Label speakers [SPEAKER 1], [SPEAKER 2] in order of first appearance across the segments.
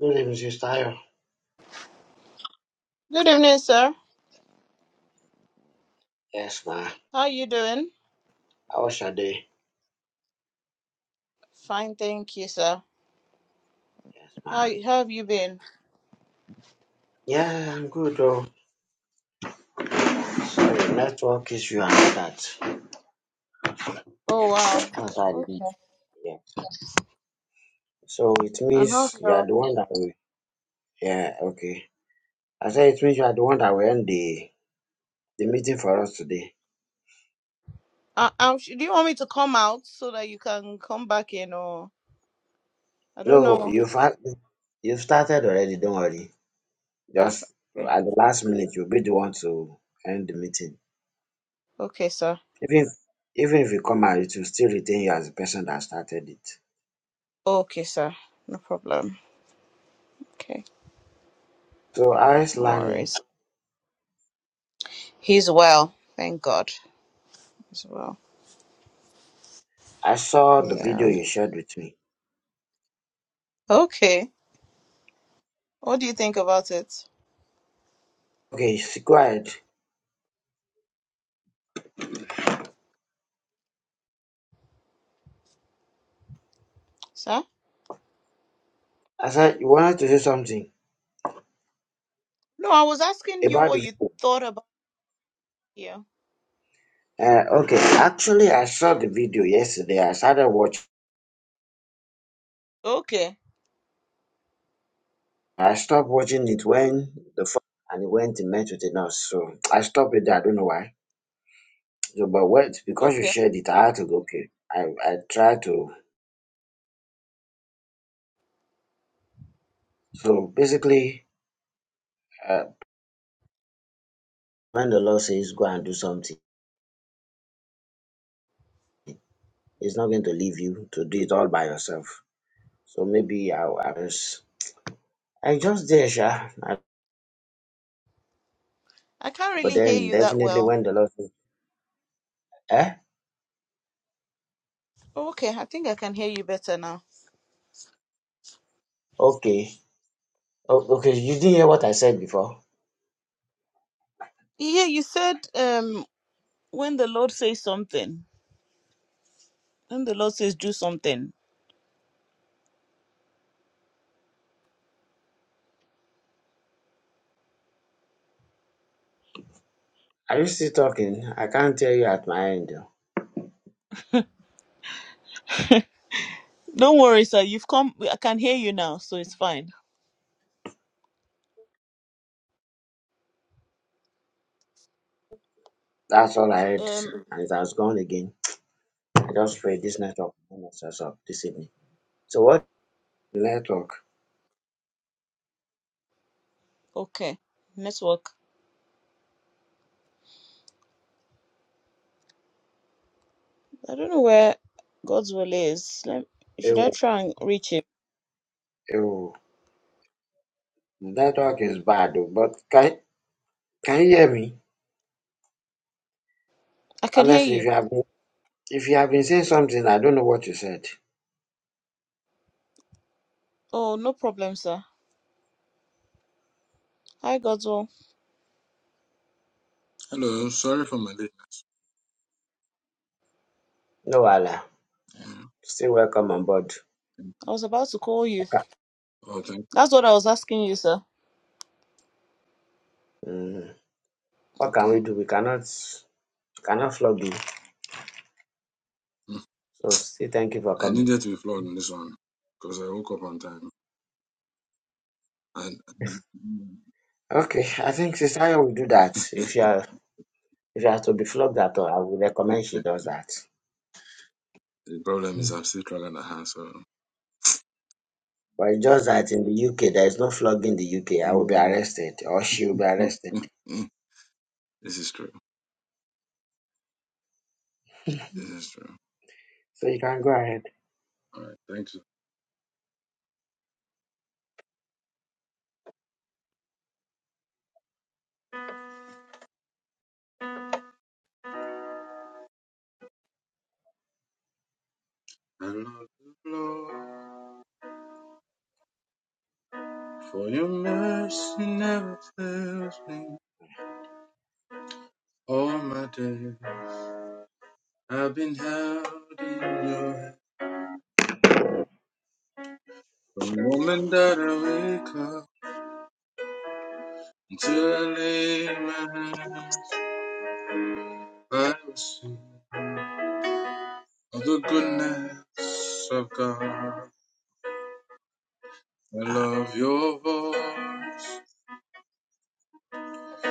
[SPEAKER 1] Good evening, Sister Ayo.
[SPEAKER 2] Good evening, sir.
[SPEAKER 1] Yes, ma.
[SPEAKER 2] How you doing?
[SPEAKER 1] How was your day?
[SPEAKER 2] Fine, thank you, sir.
[SPEAKER 1] Yes, ma.
[SPEAKER 2] How, how have you been?
[SPEAKER 1] Yeah, I'm good, though. Sorry, network issue and all that.
[SPEAKER 2] Oh wow.
[SPEAKER 1] That's why I didn't.
[SPEAKER 2] Okay.
[SPEAKER 1] Yeah. So it
[SPEAKER 2] And how's
[SPEAKER 1] means you are
[SPEAKER 2] your?
[SPEAKER 1] the one that will. Yeah, okay. I said it means you are the one that will end the, the meeting for us today.
[SPEAKER 2] Uh, um, sh- do you want me to come out so that you can come back in, or I don't
[SPEAKER 1] No,
[SPEAKER 2] know?
[SPEAKER 1] you've, had- you've started already, don't worry.
[SPEAKER 2] Ah,
[SPEAKER 1] Just
[SPEAKER 2] okay.
[SPEAKER 1] at the last minute, you'll be the one to end the meeting.
[SPEAKER 2] Okay, sir.
[SPEAKER 1] Even, even if you come out, it will still retain you as the person that started it.
[SPEAKER 2] Okay, sir. No problem. Okay,
[SPEAKER 1] So, how is
[SPEAKER 2] no
[SPEAKER 1] Lani?
[SPEAKER 2] worries. He's well, thank God. He's well.
[SPEAKER 1] I saw the video
[SPEAKER 2] Yeah.
[SPEAKER 1] you shared with me.
[SPEAKER 2] Okay. What do you think about it,
[SPEAKER 1] Okay, s- go ahead.
[SPEAKER 2] sir?
[SPEAKER 1] I said you wanted to say something
[SPEAKER 2] No, I was asking you
[SPEAKER 1] about the
[SPEAKER 2] what you
[SPEAKER 1] video.
[SPEAKER 2] thought about here.
[SPEAKER 1] Uh, okay, actually, I saw the video yesterday. I started watching.
[SPEAKER 2] Okay.
[SPEAKER 1] I stopped watching it when the phone and it went and met with a nurse. So I stopped it. there. I don't know why. So, but wait, because you
[SPEAKER 2] Okay.
[SPEAKER 1] shared it, I had to go. Okay, I I tried to. So basically, uh, when the Lord says go and do something, He's not going to leave you to do it all by yourself. So maybe I, I was I just there, sha.
[SPEAKER 2] I can't
[SPEAKER 1] But
[SPEAKER 2] really hear
[SPEAKER 1] then
[SPEAKER 2] you that
[SPEAKER 1] definitely
[SPEAKER 2] well.
[SPEAKER 1] when the Lord says, eh?
[SPEAKER 2] Oh, Okay, I think I can hear you better now.
[SPEAKER 1] Okay. O- okay, you didn't hear what I said before.
[SPEAKER 2] Yeah, you said um when the Lord says something, when the Lord says do something.
[SPEAKER 1] Are you still talking? I can't hear you at my end. oh.
[SPEAKER 2] Don't worry, sir. You've come. I can hear you now, so it's fine.
[SPEAKER 1] That's all I heard.
[SPEAKER 2] Um.
[SPEAKER 1] And it has gone again. I just pray this network will not mess us up this evening. So what network?
[SPEAKER 2] Okay. Network. I don't know where God's will is. Let, should I
[SPEAKER 1] Ew,
[SPEAKER 2] try and reach him?
[SPEAKER 1] ew. Network is bad, oh, but can can you hear me?
[SPEAKER 2] I can hear
[SPEAKER 1] Honestly, if
[SPEAKER 2] you.
[SPEAKER 1] you have been, if you have been saying something, I don't know what you said.
[SPEAKER 2] Oh, no problem, sir. Hi, God's will.
[SPEAKER 3] Hello, sorry for my late.
[SPEAKER 1] No, Allah.
[SPEAKER 3] Mm.
[SPEAKER 1] Still welcome on board.
[SPEAKER 2] I was about to call you.
[SPEAKER 1] Okay.
[SPEAKER 3] Oh, thank
[SPEAKER 2] That's what I was asking you, sir.
[SPEAKER 1] Mhm. What can
[SPEAKER 2] Okay.
[SPEAKER 1] we do? We cannot cannot flog you.
[SPEAKER 3] you. mm.
[SPEAKER 1] So say thank you for
[SPEAKER 3] I
[SPEAKER 1] coming.
[SPEAKER 3] needed to be flawed on this one because I woke up on time. And mm,
[SPEAKER 1] Okay, I think Sister Ayo will do that. If you are if you have to be flogged at all, I would recommend she does that.
[SPEAKER 3] the problem is
[SPEAKER 1] Mm.
[SPEAKER 3] I'm still struggling at her, so.
[SPEAKER 1] But it's just that in the UK there is no flog in the UK. I will be
[SPEAKER 3] Yeah.
[SPEAKER 1] arrested or she will be
[SPEAKER 3] Mm,
[SPEAKER 1] arrested.
[SPEAKER 3] mm. This is true. This is true.
[SPEAKER 1] So you can go ahead.
[SPEAKER 3] All right, thank you. I love you, Lord, for your mercy never fails me. All my days I've been held in your hand. From the moment that I wake up until I lay my hands, I will sing. of the goodness of God. I love your voice.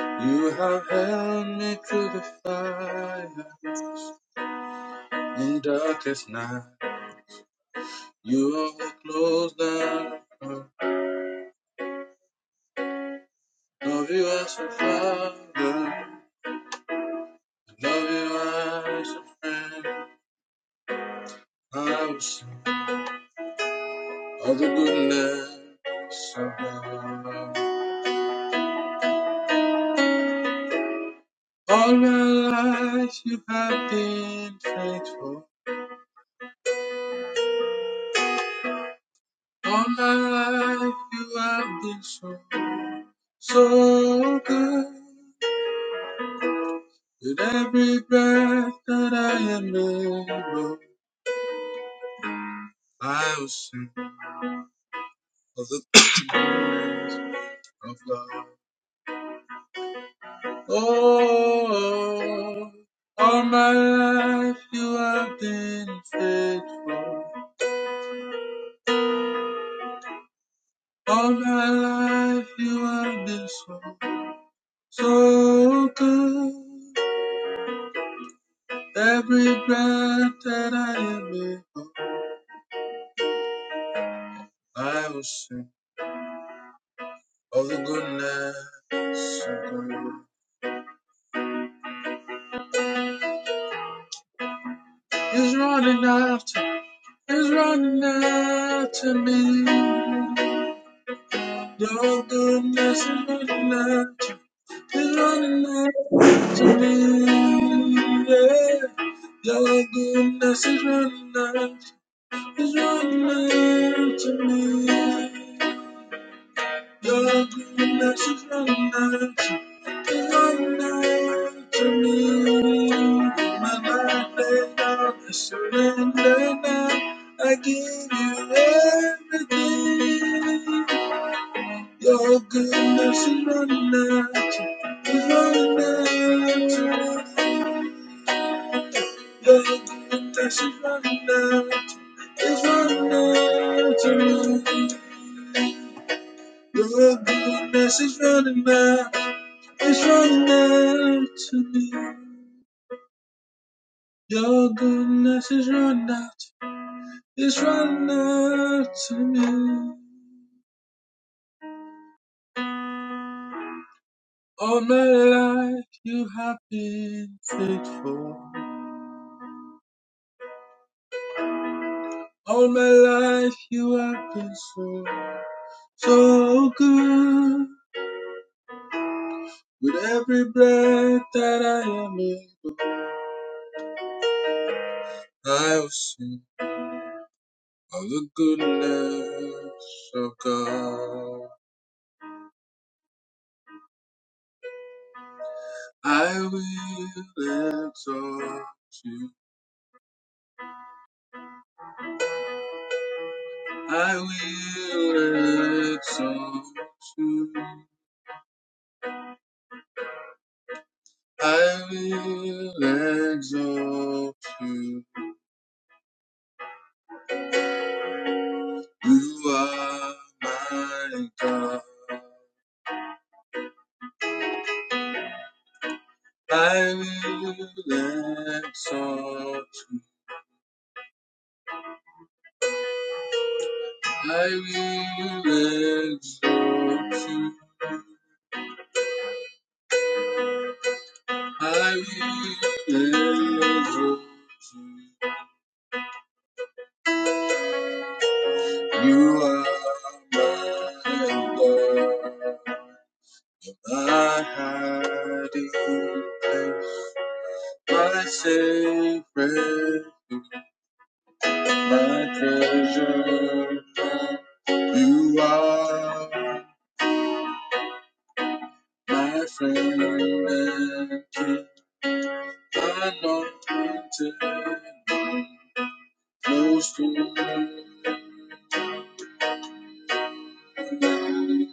[SPEAKER 3] You have held me through the fires in darkest night. You are close down. Love you as a father. Love you as a friend. I will sing of the goodness of God. All my life you have been faithful. All my life you have been so, so good. With every breath that I am able, I will sing of the goodness of God. Oh, all my life you have been faithful. All my life you have been so, so good. Every breath that I am able. I will sing of the goodness of God. He's running after, he's running after me. The goodness is running after, he's running after me. Yeah. The goodness is running after, he's running after me. Your goodness is running out to run out to me. My mind laid down, I surrender now. I give you everything. Your goodness is running out to is running out to me. Your goodness is running out, is running out to me. Your goodness is running out. It's running out to me. Your goodness is running out. It's running out to me. All my life you have been faithful. All my life you have been so, so good. With every breath that I am in, I will sing of the goodness of God. I will exalt you. I will exalt you. I will exalt you. You are my God. I will exalt you. I will exalt you. I will exalt you. You are my God. My hiding place, my safe my treasure. You are my friend and king, anointed, close to me. You're my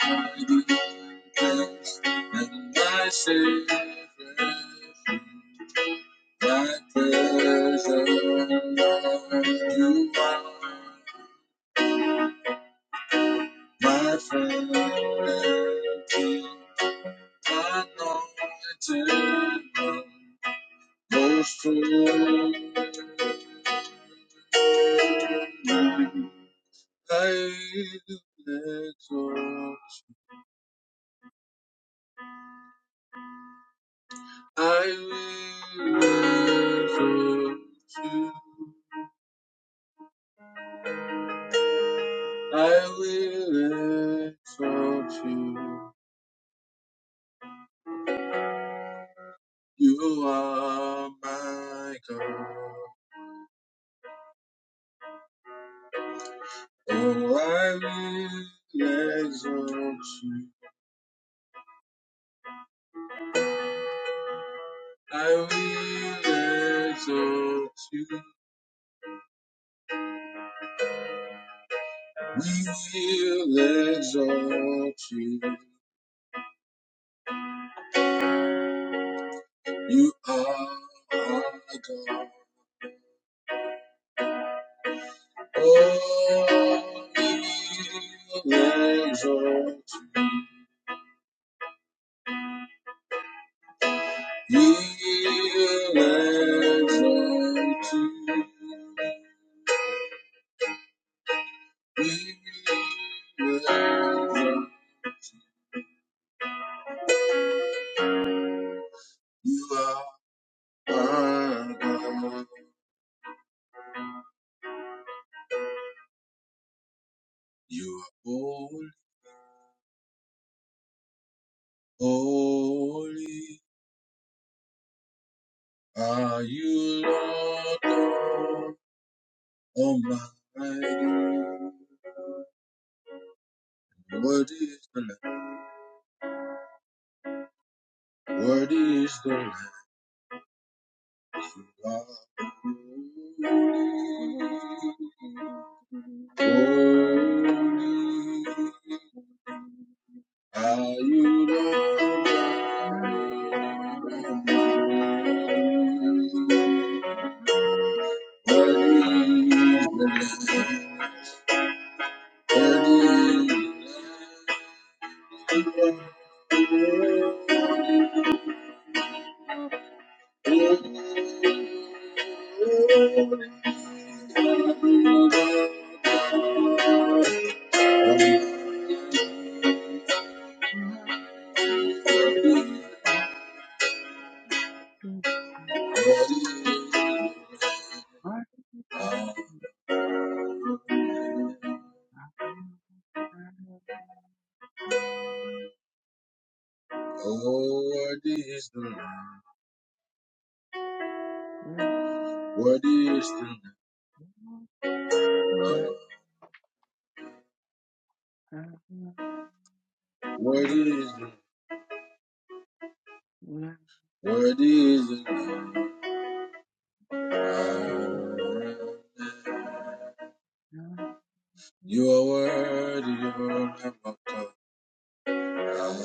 [SPEAKER 3] hiding place and my safe My treasure, a you are, my friend and King, anointed one, most holy, I exalt, I will exalt you, I will exalt you, you are my God. Oh, I will exalt you. I will exalt you. We will exalt you. You are our God. Oh, we will exalt you. We will exalt you. We will exalt you. You are our God. You are holy, holy are you, Lord God Almighty. Worthy is the Lamb, worthy is the Lamb. of God. Holy holy are you, Lord God Almighty. Worthy is the Lamb. What is the Lamb? What is the
[SPEAKER 1] Father,
[SPEAKER 3] Lamb? What is the What is the Lamb? You are worthy, you are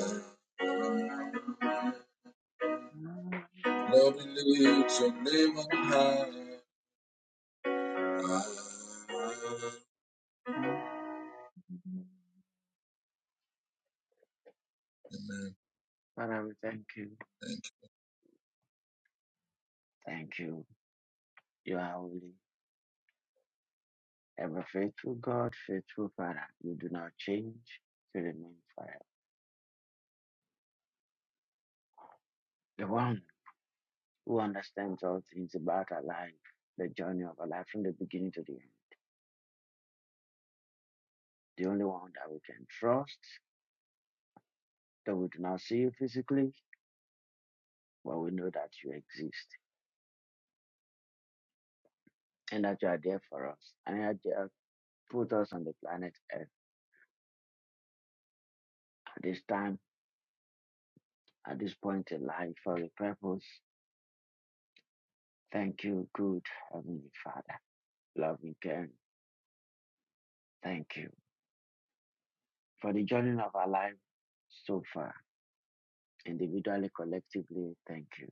[SPEAKER 3] my God. Lord, we lift your name on high. Amen.
[SPEAKER 1] we thank you.
[SPEAKER 3] Thank
[SPEAKER 1] Thank you. You are holy. Ever faithful God, faithful Father. You do not change. You remain forever. The one who understands all things about our life, the journey of our life from the beginning to the end. The only one that we can trust, That we do not see you physically, but we know that you exist and that you are there for us and that you have put us on the planet Earth at this time, at this point in life for a purpose. Thank you, good Heavenly Father, loving God. Thank you for the journey of our life so far, individually, collectively. Thank you.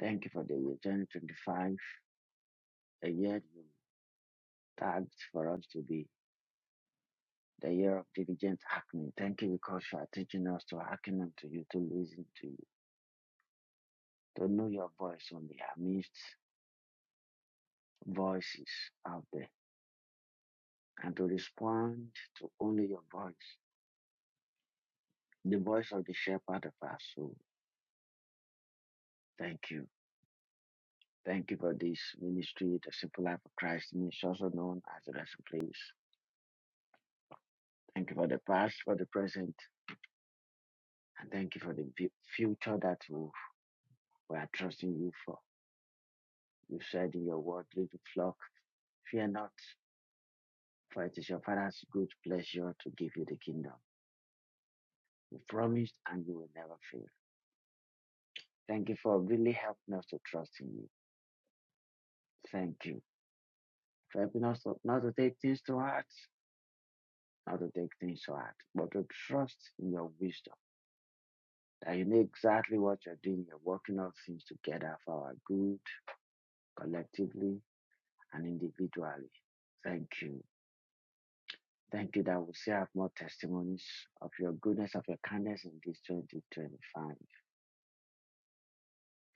[SPEAKER 1] Thank you for the year 2025, the year you tagged for us to be the year of diligent hacking. Thank you because you are teaching us to hearken unto you, to listen to you to know your voice only amidst voices out there and to respond to only your voice, the voice of the shepherd of our soul. Thank you. Thank you for this ministry, the simple life of Christ, which is also known as the resting Place. Thank you for the past, for the present, and thank you for the fu- future that we we are trusting you for. You said in your word, little flock, fear not, for it is your Father's good pleasure to give you the kingdom. You promised and you will never fail. Thank you for really helping us to trust in you. Thank you for helping us to, not to take things to heart, not to take things to heart, but to trust in your wisdom. That you know exactly what you're doing. You're working all things together for our good, collectively and individually. Thank you. Thank you that we still have more testimonies of your goodness, of your kindness in this 2025,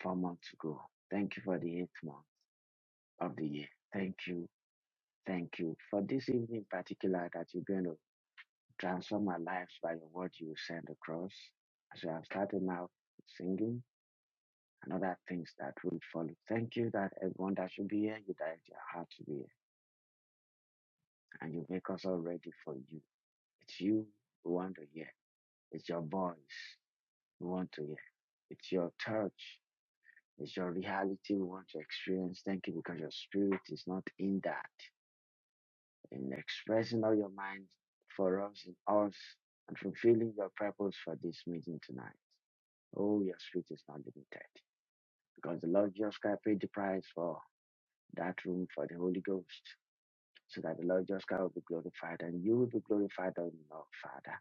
[SPEAKER 1] four months ago. Thank you for the eighth month of the year. Thank you. Thank you for this evening in particular that you're going to Transform my life by your word you will send across. As we have started now singing and other things that will follow. Thank you that everyone that should be here, you direct your heart to be here. And you make us all ready for you. It's you we want to hear. It's your voice we want to hear. It's your touch. It's your reality we want to experience. Thank you because your spirit is not in that. In expressing all your mind for us in us and fulfilling your purpose for this meeting tonight. Oh, your street is not limited because the Lord Jesus Christ paid the price for that room for the Holy Ghost so that the Lord Jesus Christ will be glorified and you will be glorified, O Lord Father.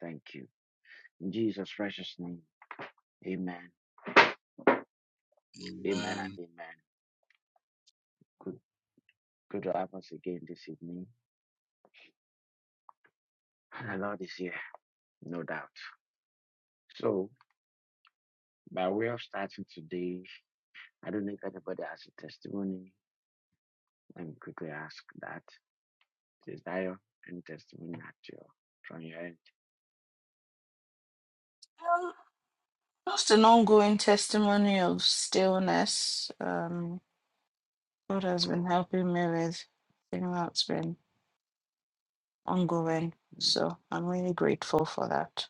[SPEAKER 1] Thank you. In Jesus' precious name, amen.
[SPEAKER 3] you.
[SPEAKER 1] Amen.
[SPEAKER 3] Amen.
[SPEAKER 1] Good, good on you. I have no doubt. So, by way of starting today, I don't need if you can quickly ask that. Desire and testimony at your, from your end.
[SPEAKER 2] Um, Just an ongoing testimony of stillness. Um. God has been
[SPEAKER 1] Oh,
[SPEAKER 2] helping me with thing that's been ongoing. So I'm really grateful for that.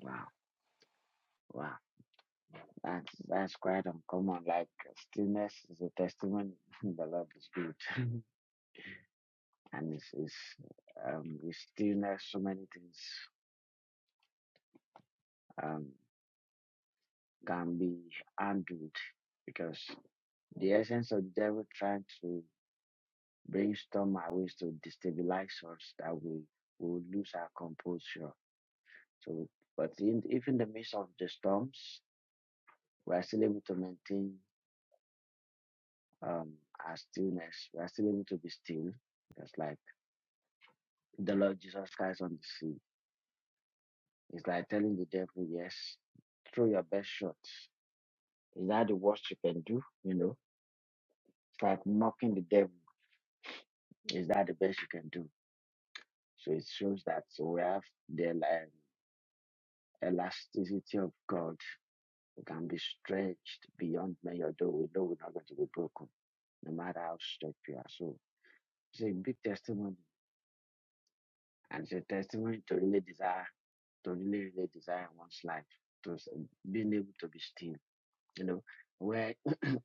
[SPEAKER 1] wow, wow. That's that's great. Um, like stillness is a testament. the love is good, and it's, it's um with stillness, so many things um can be handled because the essence of the devil trying to brainstorm our ways to destabilize us that we will lose our composure. So, but in if in the midst of the storms, we are still able to maintain um our stillness. We are still able to be still. Because like. the Lord Jesus Christ on the sea. It's like telling the devil, yes, throw your best shots. Is that the worst you can do? You know, it's like mocking the devil. Is that the best you can do? So it shows that we have the el- elasticity of God. We can be stretched beyond measure, though we know we're not going to be broken, no matter how stretched we are. So it's a big testimony, and it's a testimony to really desire, to really, really desire one's life, to s- being able to be still. You know, where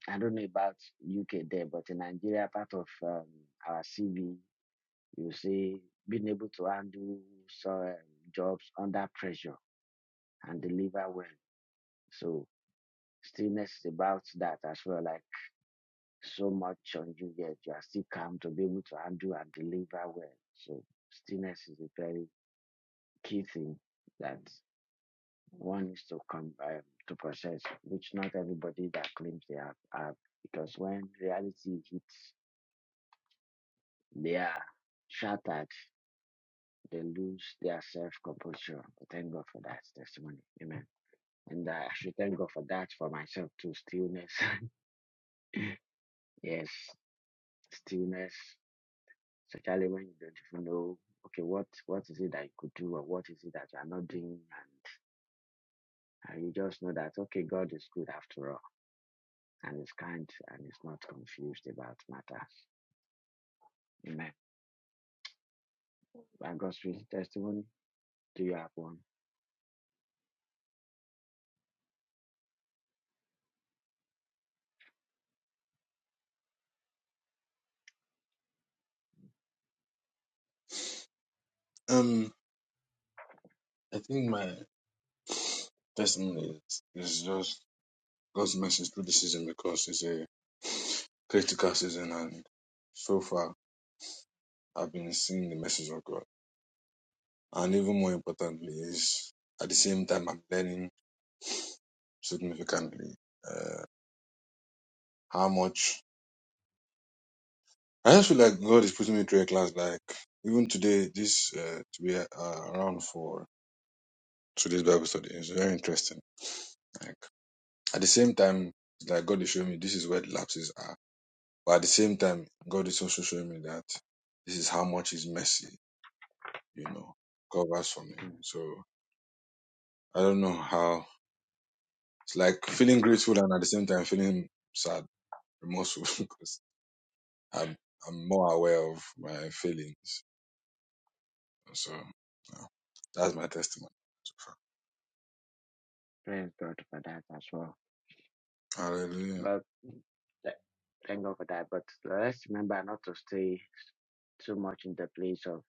[SPEAKER 1] I don't know about UK there, but in Nigeria, part of um, our CV, you see, being able to handle some jobs under pressure and deliver well. So stillness is about that as well. Like so much on you, yet you are still calm to be able to handle and deliver well. So stillness is a very key thing that one needs to come um, to process, which not everybody that claims they have have. Because when reality hits, they are shattered They lose their self composure. Thank God for that testimony. Amen. And uh, I should thank God for that for myself too. Stillness. yes, stillness. Especially when you don't even know, okay, what what is it that you could do or what is it that you are not doing and and you just know that okay, God is good after all, and is kind, and is not confused about matters. Amen. By God's wisdom, do your own.
[SPEAKER 3] Um, I think my testimony is, is just God's message through the season because it's a critical season, and so far I've been seeing the message of God. And even more importantly, is at the same time I'm learning significantly uh, how much I just feel like God is putting me through a class. Like even today, this uh, to be uh, around for. today's Bible study. It's very interesting. Like at the same time, like God is showing me this is where the lapses are. But at the same time, God is also showing me that this is how much His mercy, you know, covers for me. So I don't know how it's like feeling grateful and at the same time feeling sad, remorseful because I'm I'm more aware of my feelings. So yeah, that's my testimony so far.
[SPEAKER 1] Praise God for that as well.
[SPEAKER 3] Hallelujah.
[SPEAKER 1] But th- thank God for that. But let's remember not to stay too much in the place of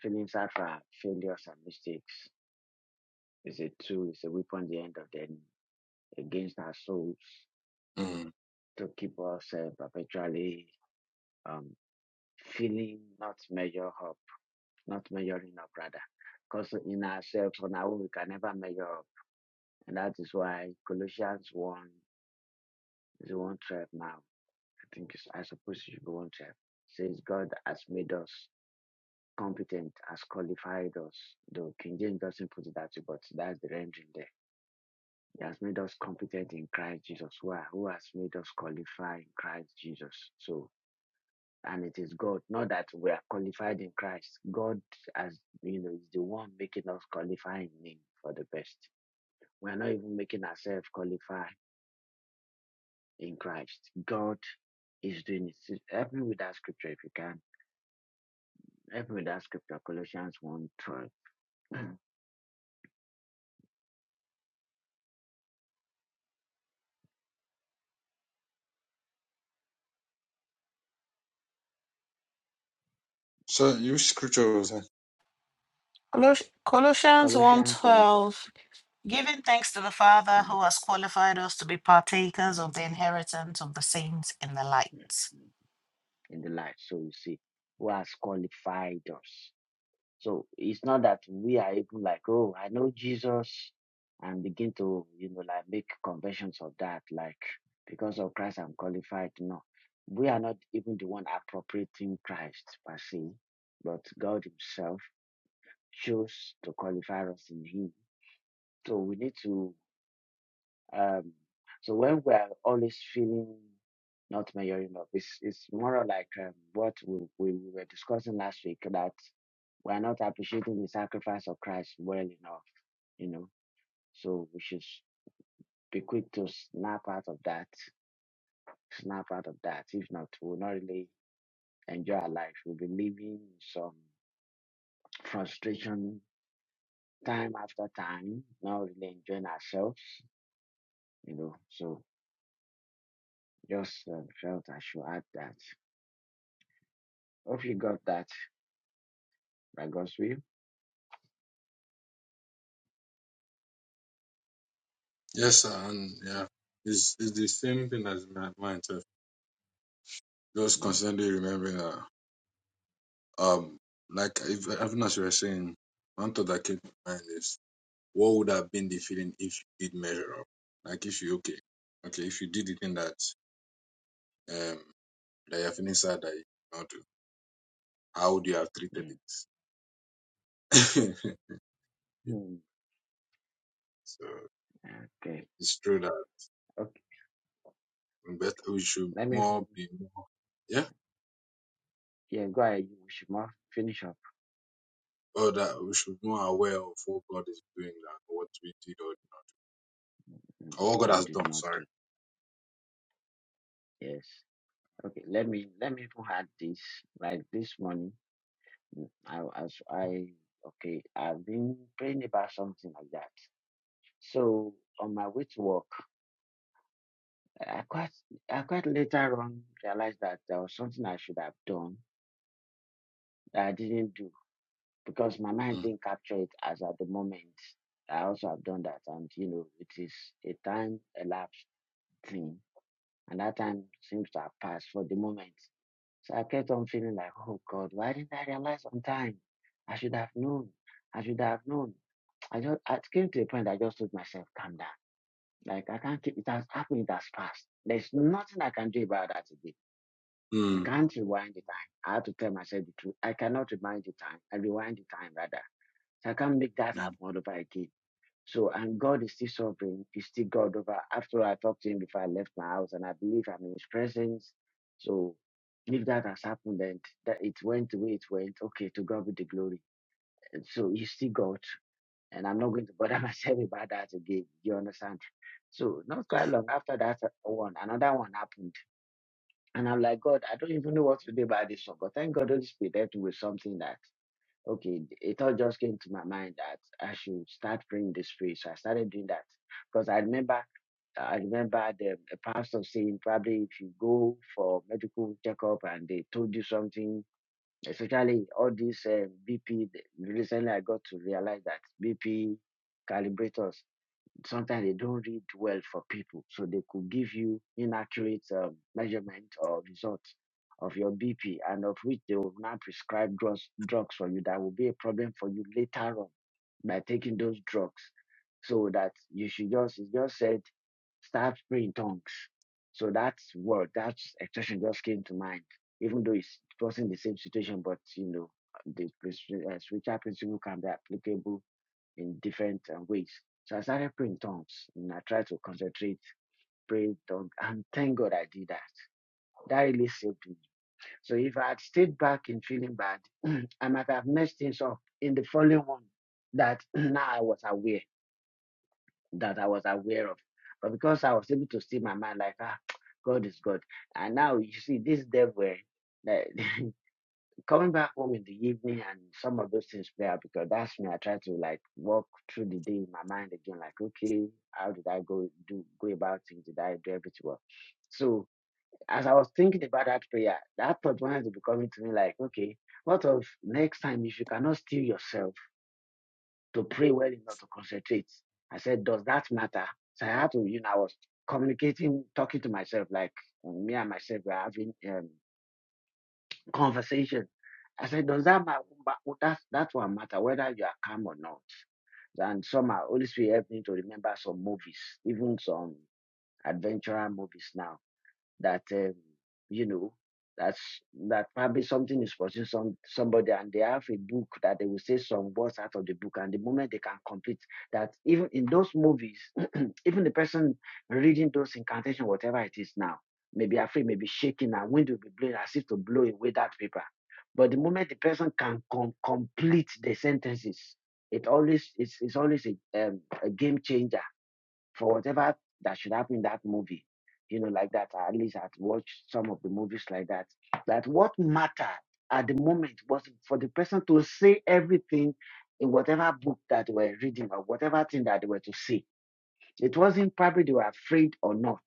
[SPEAKER 1] feeling sad for failures and mistakes. It's a tool, it's a weapon at the end of the enemy against our souls
[SPEAKER 3] Mm.
[SPEAKER 1] to keep us uh, perpetually um, feeling not measure up, not measuring up rather. Because in ourselves, on our own, we can never measure up. And that is why Colossians 1 is 1 12 now. I think it's, I suppose it should be 1 12. Says God has made us. competent has qualified us. Though King James doesn't put it that way, but that's the rendering there. He has made us competent in Christ Jesus. Who, are- who has made us qualified in Christ Jesus? So, and it is God, not that we are qualified in Christ. God, as you know, is the one making us qualify in Him for the best. We are not even making ourselves qualify in Christ. God is doing it. Help me with that scripture if you can. Help me with that scripture, Colossians one twelve.
[SPEAKER 3] So use scriptures.
[SPEAKER 2] Colos- Colossians one
[SPEAKER 1] Colossians one
[SPEAKER 2] twelve, Giving thanks to the Father
[SPEAKER 1] 12.
[SPEAKER 2] who has qualified us to be partakers of the inheritance of the saints in the light.
[SPEAKER 1] 12. in the light. So you see, who has qualified us. So it's not that we are even like, oh, I know Jesus and begin to, you know, like make conventions of that, like because of Christ I'm qualified. No. We are not even the one appropriating Christ per se, but God Himself chose to qualify us in Him. So we need to um, so when we are always feeling not measuring up, it's it's more like um, what we, we we were discussing last week that we are not appreciating the sacrifice of Christ well enough, you know. So we should be quick to snap out of that, snap out of that. If not, we'll not really enjoy our life. We'll be living in some frustration time after time, not really enjoying ourselves, you know. So just um, felt I should add that. Hope you got that. By God's will.
[SPEAKER 3] Yes, sir. And yeah, it's, it's the same thing as my mind. Sir. Just constantly remembering that, um, like if, even as you were saying, one thought that came to mind is what would have been the feeling if you did measure up? Like if you okay, okay, if you did the thing that um that you're feeling sad that you not do, how would you have treated
[SPEAKER 1] Mm.
[SPEAKER 3] it?
[SPEAKER 1] Mm.
[SPEAKER 3] so
[SPEAKER 1] Okay.
[SPEAKER 3] it's true that
[SPEAKER 1] Okay.
[SPEAKER 3] we bet we should
[SPEAKER 1] Let me.
[SPEAKER 3] more
[SPEAKER 1] even-
[SPEAKER 3] be more yeah,
[SPEAKER 1] Yeah. Go ahead. You mouth shop.
[SPEAKER 3] or that we should be more aware of what God is doing than what we did
[SPEAKER 1] Mm.
[SPEAKER 3] or what God
[SPEAKER 1] I'll
[SPEAKER 3] has done.
[SPEAKER 1] not
[SPEAKER 3] Sorry.
[SPEAKER 1] do. Yes. Okay. Let me. Let me even add this. Like this morning. I as I. Okay. I've been praying about something like that. So on my way to work, I quite. I quite later on realized that there was something I should have done that I didn't do because my mind
[SPEAKER 3] Mm.
[SPEAKER 1] didn't capture it as at the moment. I also have done that, and you know, it is a time elapsed thing And that time seems to have passed for the moment. So I kept on feeling like, oh God, why didn't I realize on time? I should have known. I should have known. I just I came to a point I just told myself, calm down. Like I can't keep it has happened, it has passed. There's nothing I can do about that today. I
[SPEAKER 3] Mm.
[SPEAKER 1] can't rewind the time. I have to tell myself the truth. I cannot rewind the time. I rewind the time rather. So I can't make that happen
[SPEAKER 3] Mm.
[SPEAKER 1] all over again. So and God is still sovereign. He's still God over. After all, I talked to him before I left my house, and I believe I'm in his presence. So if that has happened and that it went the way it went, okay, to God be the glory. And so you see God, and I'm not going to bother myself about that again. You understand? So not
[SPEAKER 3] Yeah.
[SPEAKER 1] quite long after that uh, one, another one happened, and I'm like, God, I don't even know what to do about this one. But thank God, Holy Spirit helped me with something that okay, it all just came to my mind that I should start praying this prayer. So I started doing that because I remember I remember the the pastor saying probably if you go for medical checkup and they told you something especially all these uh, BP. th- Recently, I got to realize that BP calibrators sometimes they don't read well for people, so they could give you inaccurate um, measurement or results of your BP, and of which they will now prescribe drugs drugs for you. That will be a problem for you later on by taking those drugs. So that you should just it's just said start praying in tongues. So that's what that expression just came to mind. Even though it's, it wasn't the same situation, but you know the pres- uh, spiritual principle can be applicable in different uh, ways. So I started praying in tongues, and I tried to concentrate, pray in tongues, and thank God I did that. That really saved me. So if I had stayed back in feeling bad, I might have messed things up in the following one. That now I was aware that I was aware of. But because I was able to see my mind, like, ah, God is God. And now you see this devil, eh, like, coming back home in the evening and some of those things play out because that's me. I try to like walk through the day in my mind again, like, okay, how did I go do go about things Did I do everything well? So as I was thinking about that prayer, that thought wanted to be coming to me like, okay, what of next time if you cannot steal yourself? to pray well enough to concentrate. I said, does that matter? So I had to, you know, I was communicating, talking to myself, like um, me and myself were having um, conversation. I said, does that matter? That that one matter, whether you are calm or not. And somehow, Holy Spirit helped me to remember some movies, even some adventurer movies now that um, you know that's that probably something is pursuing some somebody and they have a book that they will say some words out of the book and the moment they can complete that even in those movies even the person reading those incantation whatever it is now maybe afraid maybe shaking and wind will be blowing as if to blow away that paper but the moment the person can com- complete the sentences it always it's, it's always a, um, a game changer for whatever that should happen in that movie, you know, like that. I At least I'd watched some of the movies like that. That what mattered at the moment was for the person to say everything in whatever book that they were reading or whatever thing that they were to see. It wasn't probably they were afraid or not.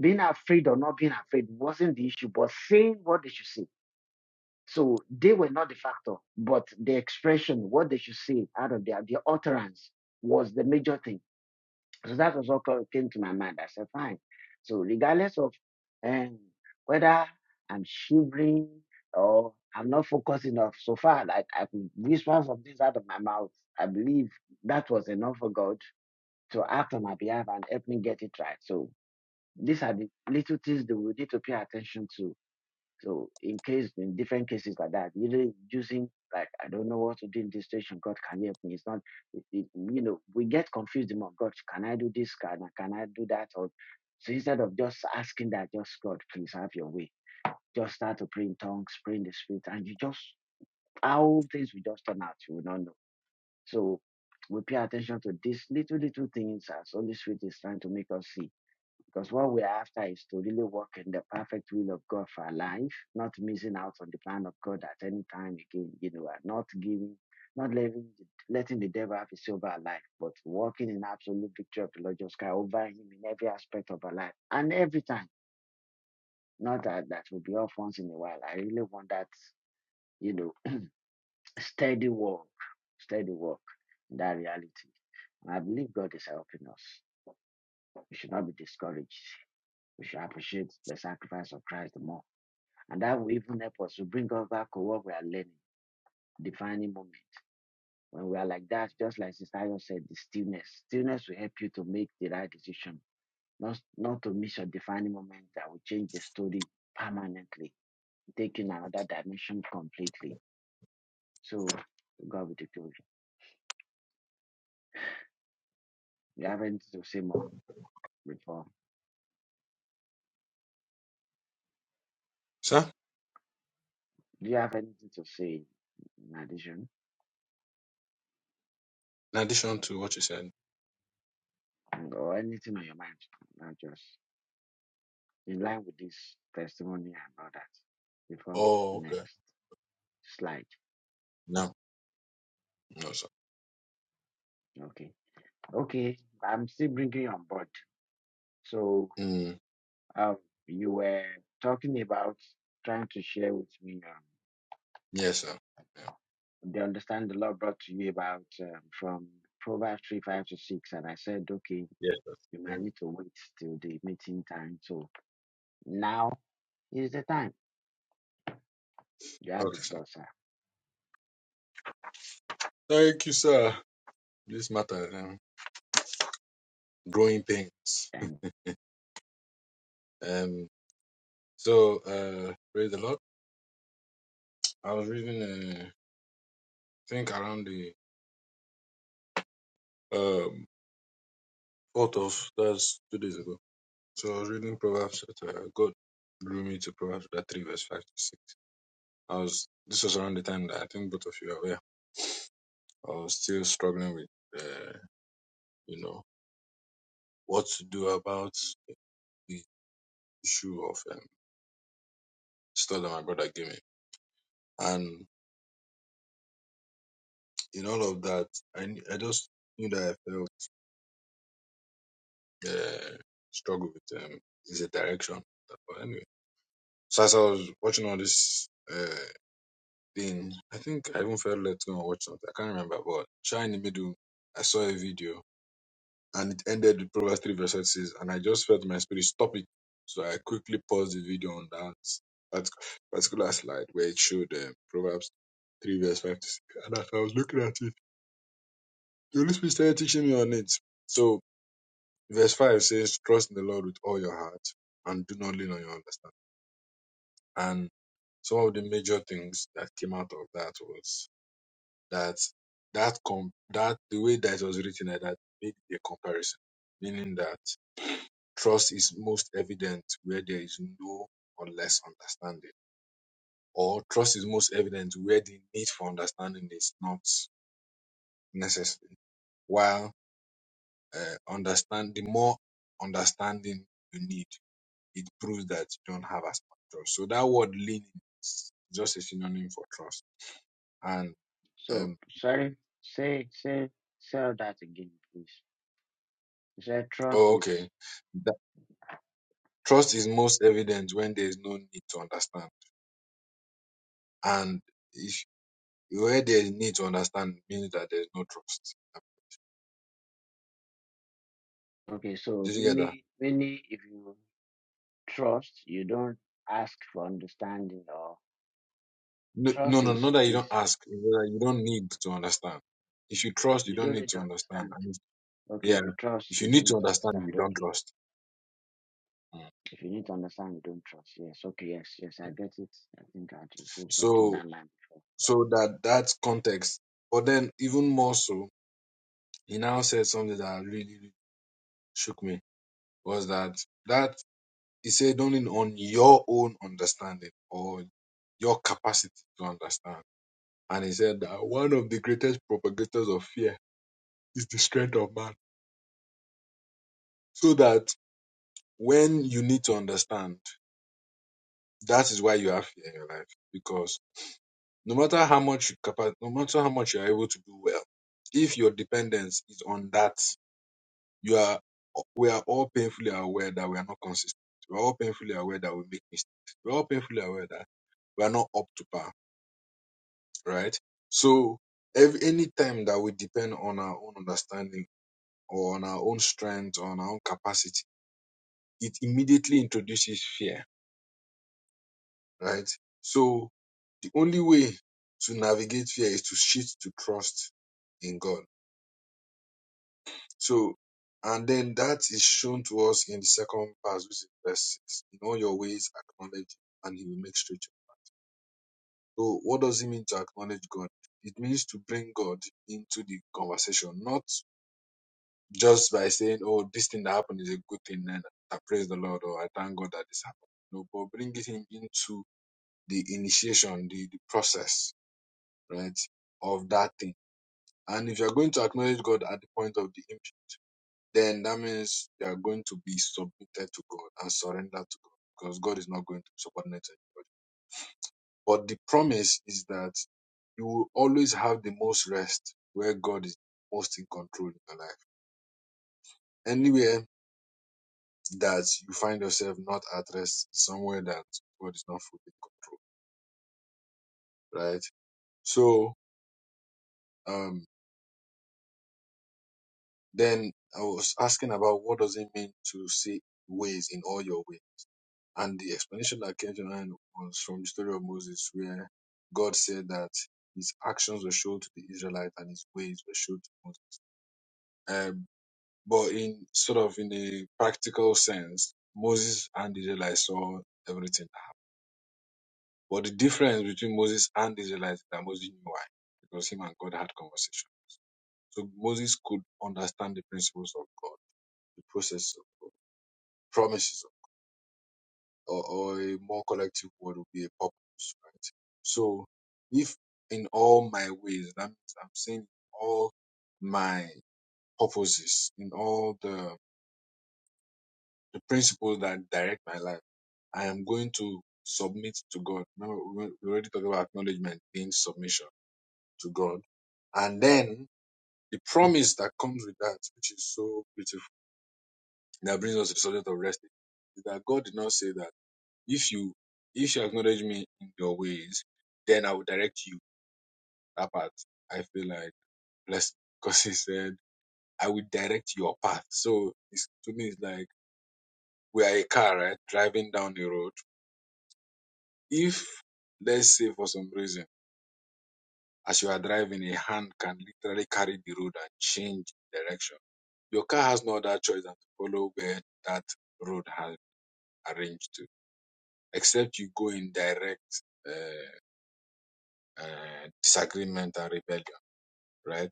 [SPEAKER 1] Being afraid or not being afraid wasn't the issue, but saying what they should say. So they were not the factor, but the expression, what they should say out of their, their utterance was the major thing so that was what co- came to my mind. I said, fine. So regardless of um, whether I'm shivering or I'm not focused enough, so far like I could whisper some things out of my mouth. I believe that was enough for God to act on my behalf and help me get it right. So these are the little things that we need to pay attention to so in case in different cases like that, usually using like I don't know what to do in this situation. God can help me. It's not it, it- you know we get confused about God. Can I do this? Can I can I do that? Or so instead of just asking that, just God please have your way. Just start to pray in tongues, pray in the spirit, and you just how things will just turn out. You will not know. So we pay attention to these little little things as Holy Spirit is trying to make us see because what we're after is to really walk in the perfect will of God for our life, not missing out on the plan of God at any time again, you know, and not giving, not letting, letting the devil have his say over our life, but walking in absolute victory of the Lord Jesus Christ over him in every aspect of our life and every time. Not that that will be off once in a while. I really want that, you know, steady walk, steady walk in that reality. And I believe God is helping us. We should not be discouraged. We should appreciate the sacrifice of Christ the more And that will even help us to bring us back to what we are learning, defining moment. When we are like that, just like Sister Ayo said, the stillness. Stillness will help you to make the right decision, not, not to miss your defining moment that will change the story permanently, taking another dimension completely. So, God with the glory. Do you have anything to say more before?
[SPEAKER 3] Sir,
[SPEAKER 1] Do you have anything to say in addition
[SPEAKER 3] in addition to what you said.
[SPEAKER 1] or anything on your mind? Not just in line with this testimony and all that. Before
[SPEAKER 3] Oh,
[SPEAKER 1] the
[SPEAKER 3] okay.
[SPEAKER 1] next slide.
[SPEAKER 3] No, no, sir.
[SPEAKER 1] Okay. Okay. I'm still bringing you on board. So,
[SPEAKER 3] Mm.
[SPEAKER 1] um, you were talking about trying to share with me um,
[SPEAKER 3] Yes, sir. Yeah.
[SPEAKER 1] the understand the Lord brought to you about um, from Proverbs 3, 5 to 6. And I said, okay,
[SPEAKER 3] Yes, sir.
[SPEAKER 1] you might need
[SPEAKER 3] Yeah.
[SPEAKER 1] to wait till the meeting time. So now is the time. You have the
[SPEAKER 3] Okay, sir.
[SPEAKER 1] floor, sir.
[SPEAKER 3] Thank you, sir. This matter, um, growing pains.
[SPEAKER 1] And
[SPEAKER 3] Um. So, uh, praise the Lord. I was reading, uh, I think around the um fourth of that's two days ago. So I was reading Proverbs that uh, God drew me to Proverbs chapter three, verse five to six. I was. This was around the time that I think both of you are aware I was still struggling with, uh, you know, what to do about the issue of um, stuff that my brother gave me. And in all of that, I, kn- I just knew that I felt uh, struggle with um, is a direction. But anyway, so as I was watching all this uh, thing, I think I even felt let to go and watch something. I can't remember, but trying in the middle, I saw a video and it ended with Proverbs 3 verse 6. And I just felt my spirit stop it. So I quickly paused the video on that, that particular slide where it showed um, Proverbs 3 verse 5 to 6. And as I was looking at it, the Holy Spirit started teaching me on it. So verse 5 says, Trust in the Lord with all your heart and do not lean on your understanding. And some of the major things that came out of that was that that com- that the way that it was written like that made a comparison, meaning that Trust is most evident where there is no or less understanding. Or trust is most evident where the need for understanding is not necessary. While uh, understand the more understanding you need, it proves that you don't have as much trust. So that word leaning is just a synonym for trust. And
[SPEAKER 1] so,
[SPEAKER 3] um,
[SPEAKER 1] sorry, say, say, say all that again, please. You said trust
[SPEAKER 3] oh,
[SPEAKER 1] is
[SPEAKER 3] okay, that trust is most evident when there is no need to understand. And if where there is need to understand means that there is no trust.
[SPEAKER 1] okay. So,
[SPEAKER 3] Did you get that?
[SPEAKER 1] many, many, if you trust you don't ask for understanding or
[SPEAKER 3] No, no,
[SPEAKER 1] trust
[SPEAKER 3] no,
[SPEAKER 1] is
[SPEAKER 3] not that you
[SPEAKER 1] is
[SPEAKER 3] don't ask, that you don't need to understand. If you trust, you
[SPEAKER 1] you
[SPEAKER 3] don't
[SPEAKER 1] don't
[SPEAKER 3] need
[SPEAKER 1] need to
[SPEAKER 3] to understand.
[SPEAKER 1] understand
[SPEAKER 3] And if,
[SPEAKER 1] okay
[SPEAKER 3] yeah,
[SPEAKER 1] if you trust
[SPEAKER 3] if
[SPEAKER 1] you
[SPEAKER 3] you need
[SPEAKER 1] don't
[SPEAKER 3] to
[SPEAKER 1] need to
[SPEAKER 3] understand, you
[SPEAKER 1] understand
[SPEAKER 3] don't
[SPEAKER 1] okay
[SPEAKER 3] trust. Mm,
[SPEAKER 1] if you need to understand you don't trust yes okay yes yes i
[SPEAKER 3] mm.
[SPEAKER 1] get it i think i just received something
[SPEAKER 3] So,
[SPEAKER 1] that line
[SPEAKER 3] so that that's context. But then, even more so, he now said something that really, really shook me was that that he said "Don't lean on your own understanding or your capacity to understand. And he said that one of the greatest propagators of fear is the strength of man. So that when you need to understand, that is why you have fear in your life. Because no matter how much you capa- no matter how much you are able to do well, if your dependence is on that, you are we are all painfully aware that we are not consistent. We're all painfully aware that we make mistakes. We're all painfully aware that we are not up to par, right? So every any time that we depend on our own understanding or on our own strength, on our own capacity, it immediately introduces fear, right? So The only way to navigate fear is to shift to trust in God. So, and then that is shown to us in the second verse, which is verse 6. In all your ways, acknowledge him, and he will make straight. So, what does it mean to acknowledge God? It means to bring God into the conversation, not just by saying, oh, this thing that happened is a good thing, and I praise the Lord, or I thank God that this happened. No, but bring it him into the initiation, the, the process, right, of that thing And if you're going to acknowledge God at the point of the image, then that means you are going to be submitted to God and surrender to God because God is not going to be subordinate to anybody. But the promise is that you will always have the most rest where God is most in control in your life. Anywhere that you find yourself not at rest, somewhere that God is not fully in control, right? So, um, then I was asking about what does it mean to say ways in all your ways? And the explanation that came to mind was from the story of Moses, where God said that his actions were shown to the Israelites and his ways were shown to Moses. Um, but in sort of in a practical sense, Moses and the Israelites saw everything that happened. But the difference between Moses and the Israelites is that Moses knew why, because him and God had conversation. So Moses could understand the principles of God, the process of God, promises. or, or a more collective word would be a purpose, right? So if in all my ways, that means I'm saying all my purposes, in all the, the principles that direct my life, I am going to submit to God. Remember, we we already talked about acknowledgement being submission to God. And then the promise that comes with that, which is so beautiful, that brings us to the subject of resting, is that God did not say that. If you if you acknowledge me in your ways, then I will direct you. That part I feel like blessed because he said I will direct your path. So it's, to me, it's like we are a car, right, driving down the road. If let's say for some reason, as you are driving, a hand can literally carry the road and change direction. Your car has no other choice than to follow where that road has arranged to, except you go in direct uh, uh, disagreement and rebellion, right?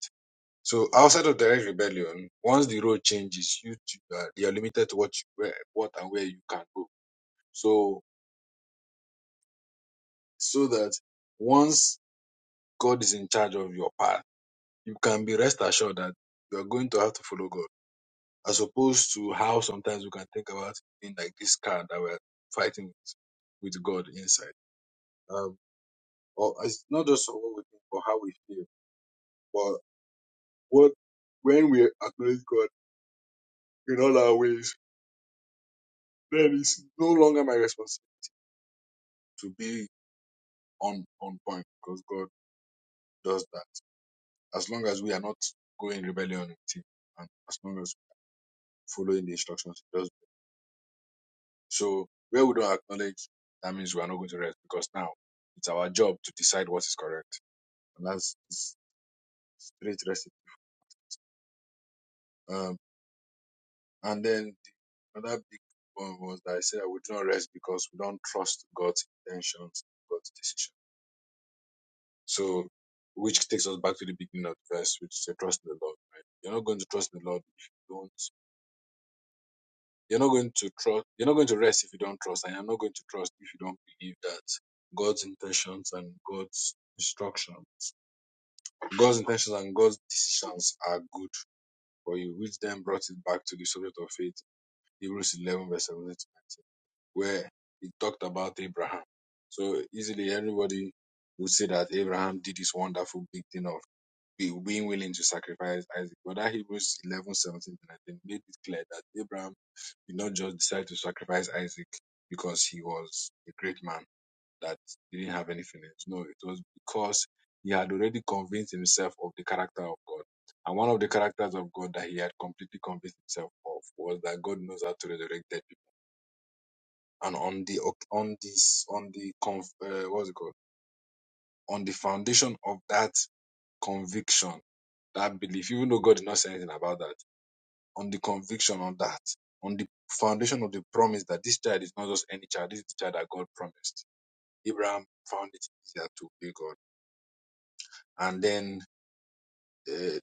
[SPEAKER 3] So outside of direct rebellion, once the road changes, you t- you are, you are limited to what you, where, what and where you can go. So so that once God is in charge of your path, you can be rest assured that you are going to have to follow God, as opposed to how sometimes we can think about in like this car that we're fighting with, with God inside. Um, or it's not just what we think, but how we feel, but what when we acknowledge God in all our ways, then it's no longer my responsibility to be on on point because God does that. As long as we are not going rebellion with Him, and as long as we're following the instructions He does. So where we don't acknowledge, that means we are not going to rest because now it's our job to decide what is correct, and that's it's straight resting. Um, and then the, another big one was that I said that we do not rest because we don't trust God's intentions, God's decision. So which takes us back to the beginning of the verse, which said trust in the Lord. Right? You're not going to trust in the Lord if you don't. You're not going to trust. You're not going to rest if you don't trust, and you're not going to trust if you don't believe that God's intentions and God's instruction, God's intentions and God's decisions are good for you, which then brought it back to the subject of faith, Hebrews 11 verse 17, to 19 where it talked about Abraham. So easily everybody would say that Abraham did this wonderful big thing of being willing to sacrifice Isaac, but that Hebrews 11 17 to 19 made it clear that Abraham did not just decide to sacrifice Isaac because he was a great man that didn't have anything else. No, it was because he had already convinced himself of the character of God. And one of the characters of God that he had completely convinced himself of was that God knows how to resurrect dead people. And on the on this on the conf, uh, what's it called? On the foundation of that conviction, that belief, even though God did not say anything about that on the conviction on that, on the foundation of the promise that this child is not just any child, this is the child that God promised. Abraham found it easier to obey God. And then, uh,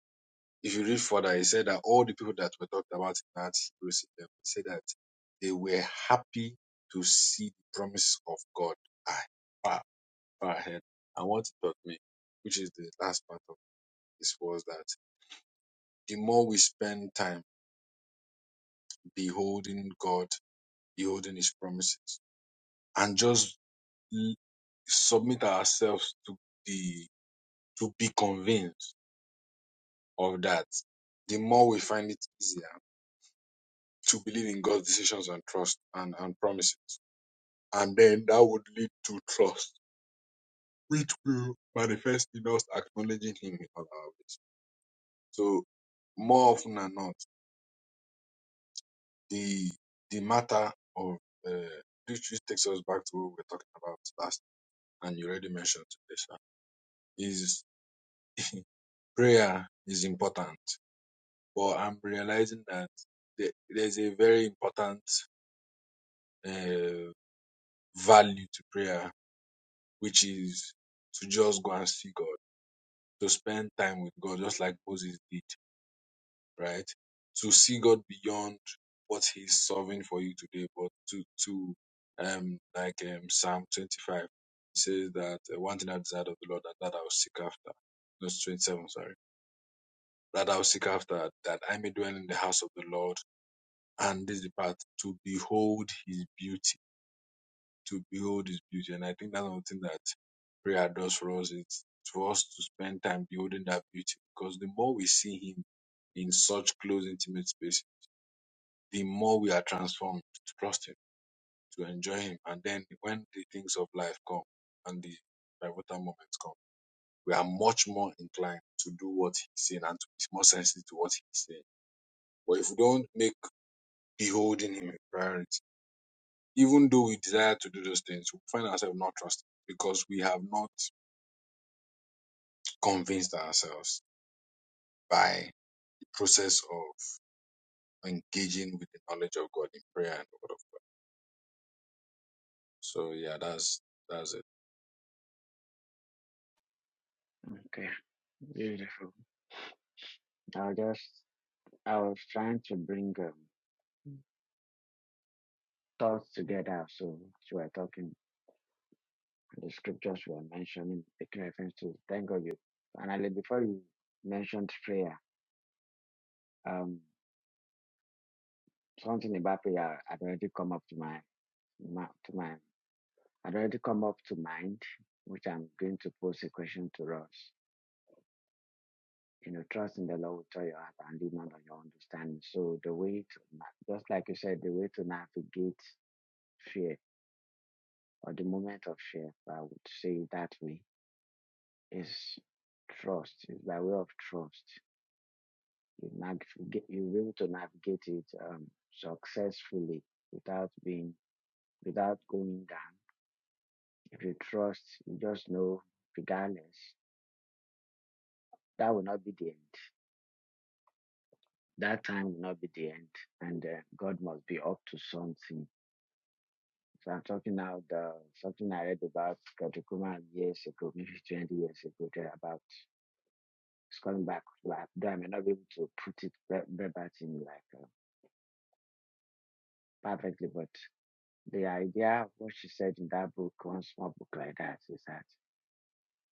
[SPEAKER 3] if you read further, he said that all the people that were talked about in that Hebrews 11, he said that they were happy to see the promise of God Ah, far, far ahead. And what it taught me, which is the last part of this, was that the more we spend time beholding God, beholding His promises, and just l- submit ourselves to the to be convinced of that, the more we find it easier to believe in God's decisions and trust and, and promises. And then that would lead to trust, which will manifest in us acknowledging Him in all our ways. So more often than not, the the matter of uh, which which takes us back to what we were talking about last, and you already mentioned today, sir, is prayer is important but I'm realizing that the- there's a very important uh, value to prayer, which is to just go and see God, to spend time with God, just like Moses did, right? To see God beyond what He's solving for you today, but to to um like um, Psalm 25 it says that uh, one thing I desire of the Lord that that I will seek after. Verse 27, sorry. That I will seek after, that I may dwell in the house of the Lord and this is the part to behold his beauty to behold his beauty and i think that's one thing that prayer does for us it's for us to spend time beholding that beauty because the more we see him in such close intimate space the more we are transformed to trust him to enjoy him and then when the things of life come and the pivotal moments come we are much more inclined to do what he's saying and to be more sensitive to what he's saying but if we don't make beholding him a priority Even though we desire to do those things, we find ourselves not trusting because we have not convinced ourselves by the process of engaging with the knowledge of God in prayer and the word of God. So yeah, that's that's it.
[SPEAKER 1] okay beautiful i'll just i was trying to bring um, thoughts together so so we're talking the scriptures were mentioning making reference to thank god you finally before you mentioned prayer um something about prayer had already come up to mind ma- to my I had already come up to mind, which I'm going to pose a question to us. You know, trust in the Lord with all your heart and lean not on your understanding. So the way to na- just like you said, the way to navigate fear or the moment of fear, if I would say it that way, is trust. It's by way of trust. You navigate you're able to navigate it um, successfully without being without going down. If you trust, you just know regardless, that will not be the That time will not be the end, and uh, God must be up to something. So I'm talking now the something I read about Katukuman years ago, maybe 20 years ago, there about it's coming back. Like, though I may not be able to put it ver- verbatim like uh, perfectly, but the idea of what she said in that book, one small book like that, is that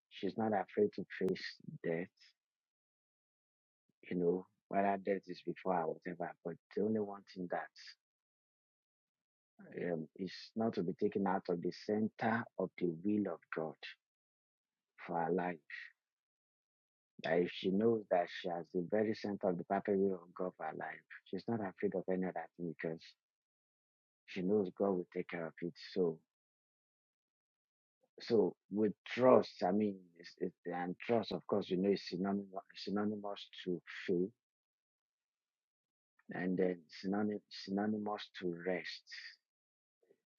[SPEAKER 1] she's not afraid to face death. You know, whether death is before her, or whatever. But the only one thing that um, is not to be taken out of the center of the will of God for her life. That if she knows that she has the very center of the perfect will of God for her life, she's not afraid of any other thing because she knows God will take care of it. So, so with trust, I mean, it's, it's, and trust, of course, you know, is synonymous, synonymous to faith and then synonym, synonymous to rest.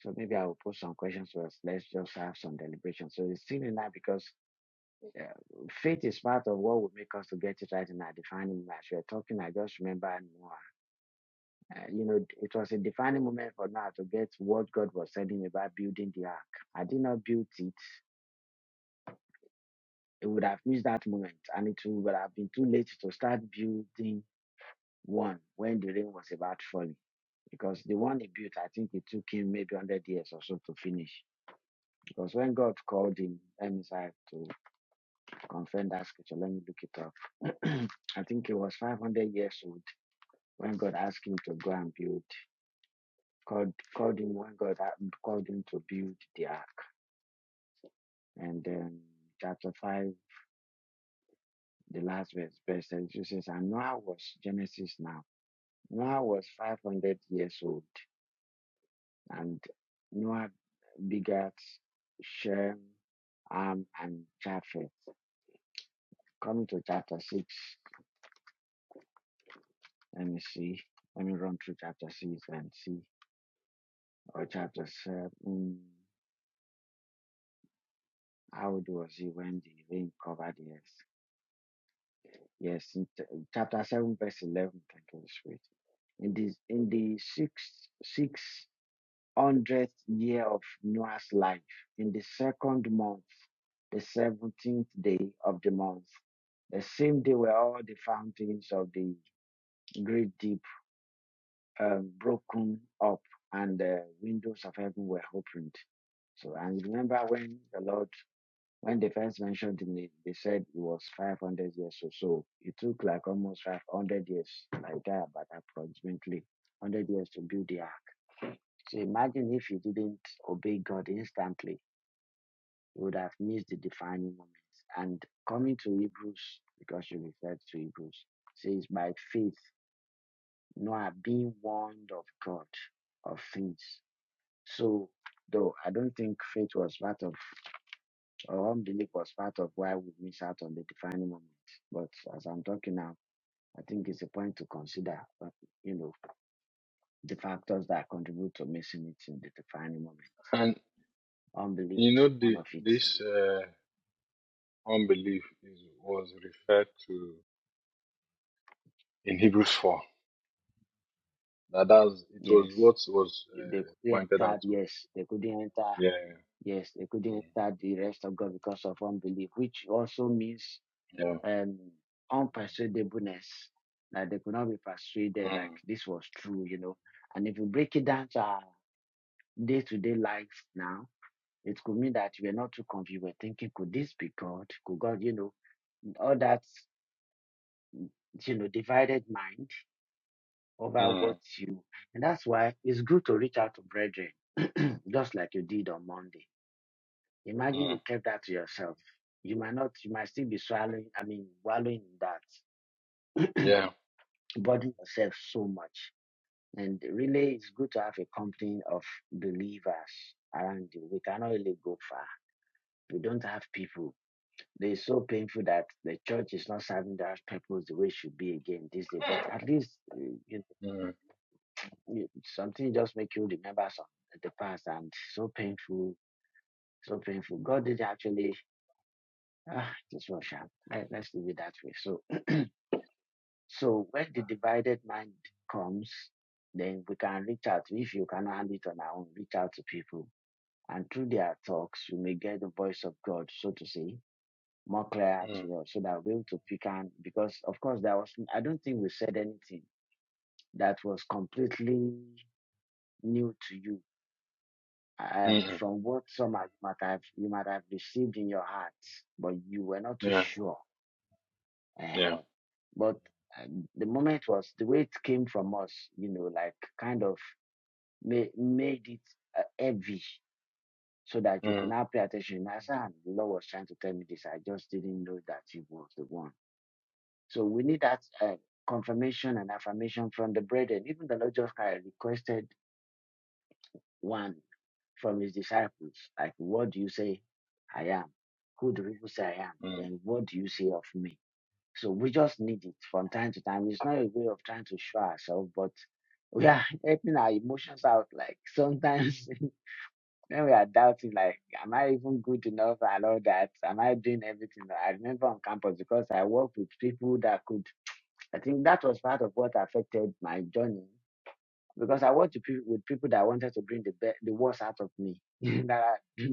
[SPEAKER 1] So maybe I will put some questions to us. Let's just have some deliberation. So it's still in that because It's part of what would make us to get it right in our defining moment. As we are talking, I just remember Noah. It was a defining moment for Noah to get what God was telling about building the ark. I did not build it. It would have missed that moment, and it would have been too late to start building one. The rain was about falling because the one he built, I think it took him maybe 100 years or so to finish. Because when God called him, let me say to confirm that scripture, let me look it up. I think he was 500 years old when God asked him to go and build God, called him one God had called him to build the ark. And then chapter 5, the last verse, verse 32 says, And Noah was Genesis now. Noah was 500 years old, and Noah begat Shem, Ham, and Japheth. Coming to chapter 6, let me see. Let me run through chapter 6 and see. Or chapter 7, how old was he when the rain covered the earth? Yes, in t- chapter 7, verse 11, thank you, Holy Spirit. in the in the six six hundredth year of Noah's life, in the second month, the seventeenth day of the month, the same day were all the fountains of the great deep um, broken up, and the windows of heaven were opened. So, and remember when the Lord, when they first mentioned the name, they said it was 500 years or so. It took like almost 500 years, like that, but approximately 100 years to build the ark So imagine if you didn't obey God instantly, you would have missed the defining moment. And coming to Hebrews, because you referred to Hebrews, says by faith Noah being warned of God of things. So though I don't think faith was part of or unbelief was part of why we miss out on the defining moment. But as I'm talking now, I think it's a point to consider uh, you know, the factors that contribute to missing it in the defining moment.
[SPEAKER 3] And
[SPEAKER 1] Unbelief
[SPEAKER 3] you
[SPEAKER 1] is
[SPEAKER 3] know,
[SPEAKER 1] one
[SPEAKER 3] the,
[SPEAKER 1] of it.
[SPEAKER 3] this uh, unbelief is, was referred to in Hebrews 4. That that's, it was
[SPEAKER 1] Yes.
[SPEAKER 3] what was
[SPEAKER 1] They
[SPEAKER 3] uh,
[SPEAKER 1] couldn't
[SPEAKER 3] pointed out
[SPEAKER 1] enter,
[SPEAKER 3] to him.
[SPEAKER 1] yes, they couldn't enter,
[SPEAKER 3] Yeah,
[SPEAKER 1] yes, they
[SPEAKER 3] yeah,
[SPEAKER 1] couldn't enter the rest of God because of unbelief, which also means
[SPEAKER 3] yeah,
[SPEAKER 1] um, unpersuadableness, that they could not be persuaded
[SPEAKER 3] mm,
[SPEAKER 1] like this was true, you know. And if you break it down to our day to day life now, it could mean that we're not too confused. We're thinking, could this be God? Could God, you know, all that, you know, divided mind over what
[SPEAKER 3] mm,
[SPEAKER 1] you. And that's why it's good to reach out to brethren, just like you did on Monday Imagine you
[SPEAKER 3] mm,
[SPEAKER 1] kept that to yourself. You might not, you might still be swallowing, I mean, wallowing in that,
[SPEAKER 3] yeah,
[SPEAKER 1] burdening yourself so much. And really, it's good to have a company of believers around you. We cannot really go far. We don't have people. They're so painful that the church is not serving that purpose the way it should be again this day. But at least eh, you,
[SPEAKER 3] mm,
[SPEAKER 1] you, something just make you remember some the past and so painful, so painful. God did actually, ah, this was sharp. Let, let's leave it that way. So So when the divided mind comes, then we can reach out. If you can handle it on our own, reach out to people. And through their talks, we may get the voice of God, so to say, more clear
[SPEAKER 3] mm, mm,
[SPEAKER 1] to us so that we're able to pick and because of course there was I don't think we said anything that was completely new to you. Um,
[SPEAKER 3] mm,
[SPEAKER 1] from what some might have you might have received in your heart, but you were not too
[SPEAKER 3] yeah,
[SPEAKER 1] sure.
[SPEAKER 3] yeah.
[SPEAKER 1] Uh, But uh, the moment was the way it came from us, you know, like kind of ma- made it uh, heavy so that you
[SPEAKER 3] Mm.
[SPEAKER 1] could not pay attention. As I said, "Ah, the Lord was trying to tell me this. I just didn't know that He was the one. So we need that uh, confirmation and affirmation from the brethren. Even the Lord just kind of requested one from His disciples, like, "What do you say I am? Who do people say I am?
[SPEAKER 3] mm,
[SPEAKER 1] Then what do you say of me?" So we just need it from time to time. It's not a way of trying to show ourselves, but we are helping our emotions out. Like sometimes when we are doubting, like, am I even good enough and all that? Am I doing everything? I remember on campus because I worked with people that could, I think that was part of what affected my journey because I worked with people, with people that wanted to bring the, be- the worst out of me. that I,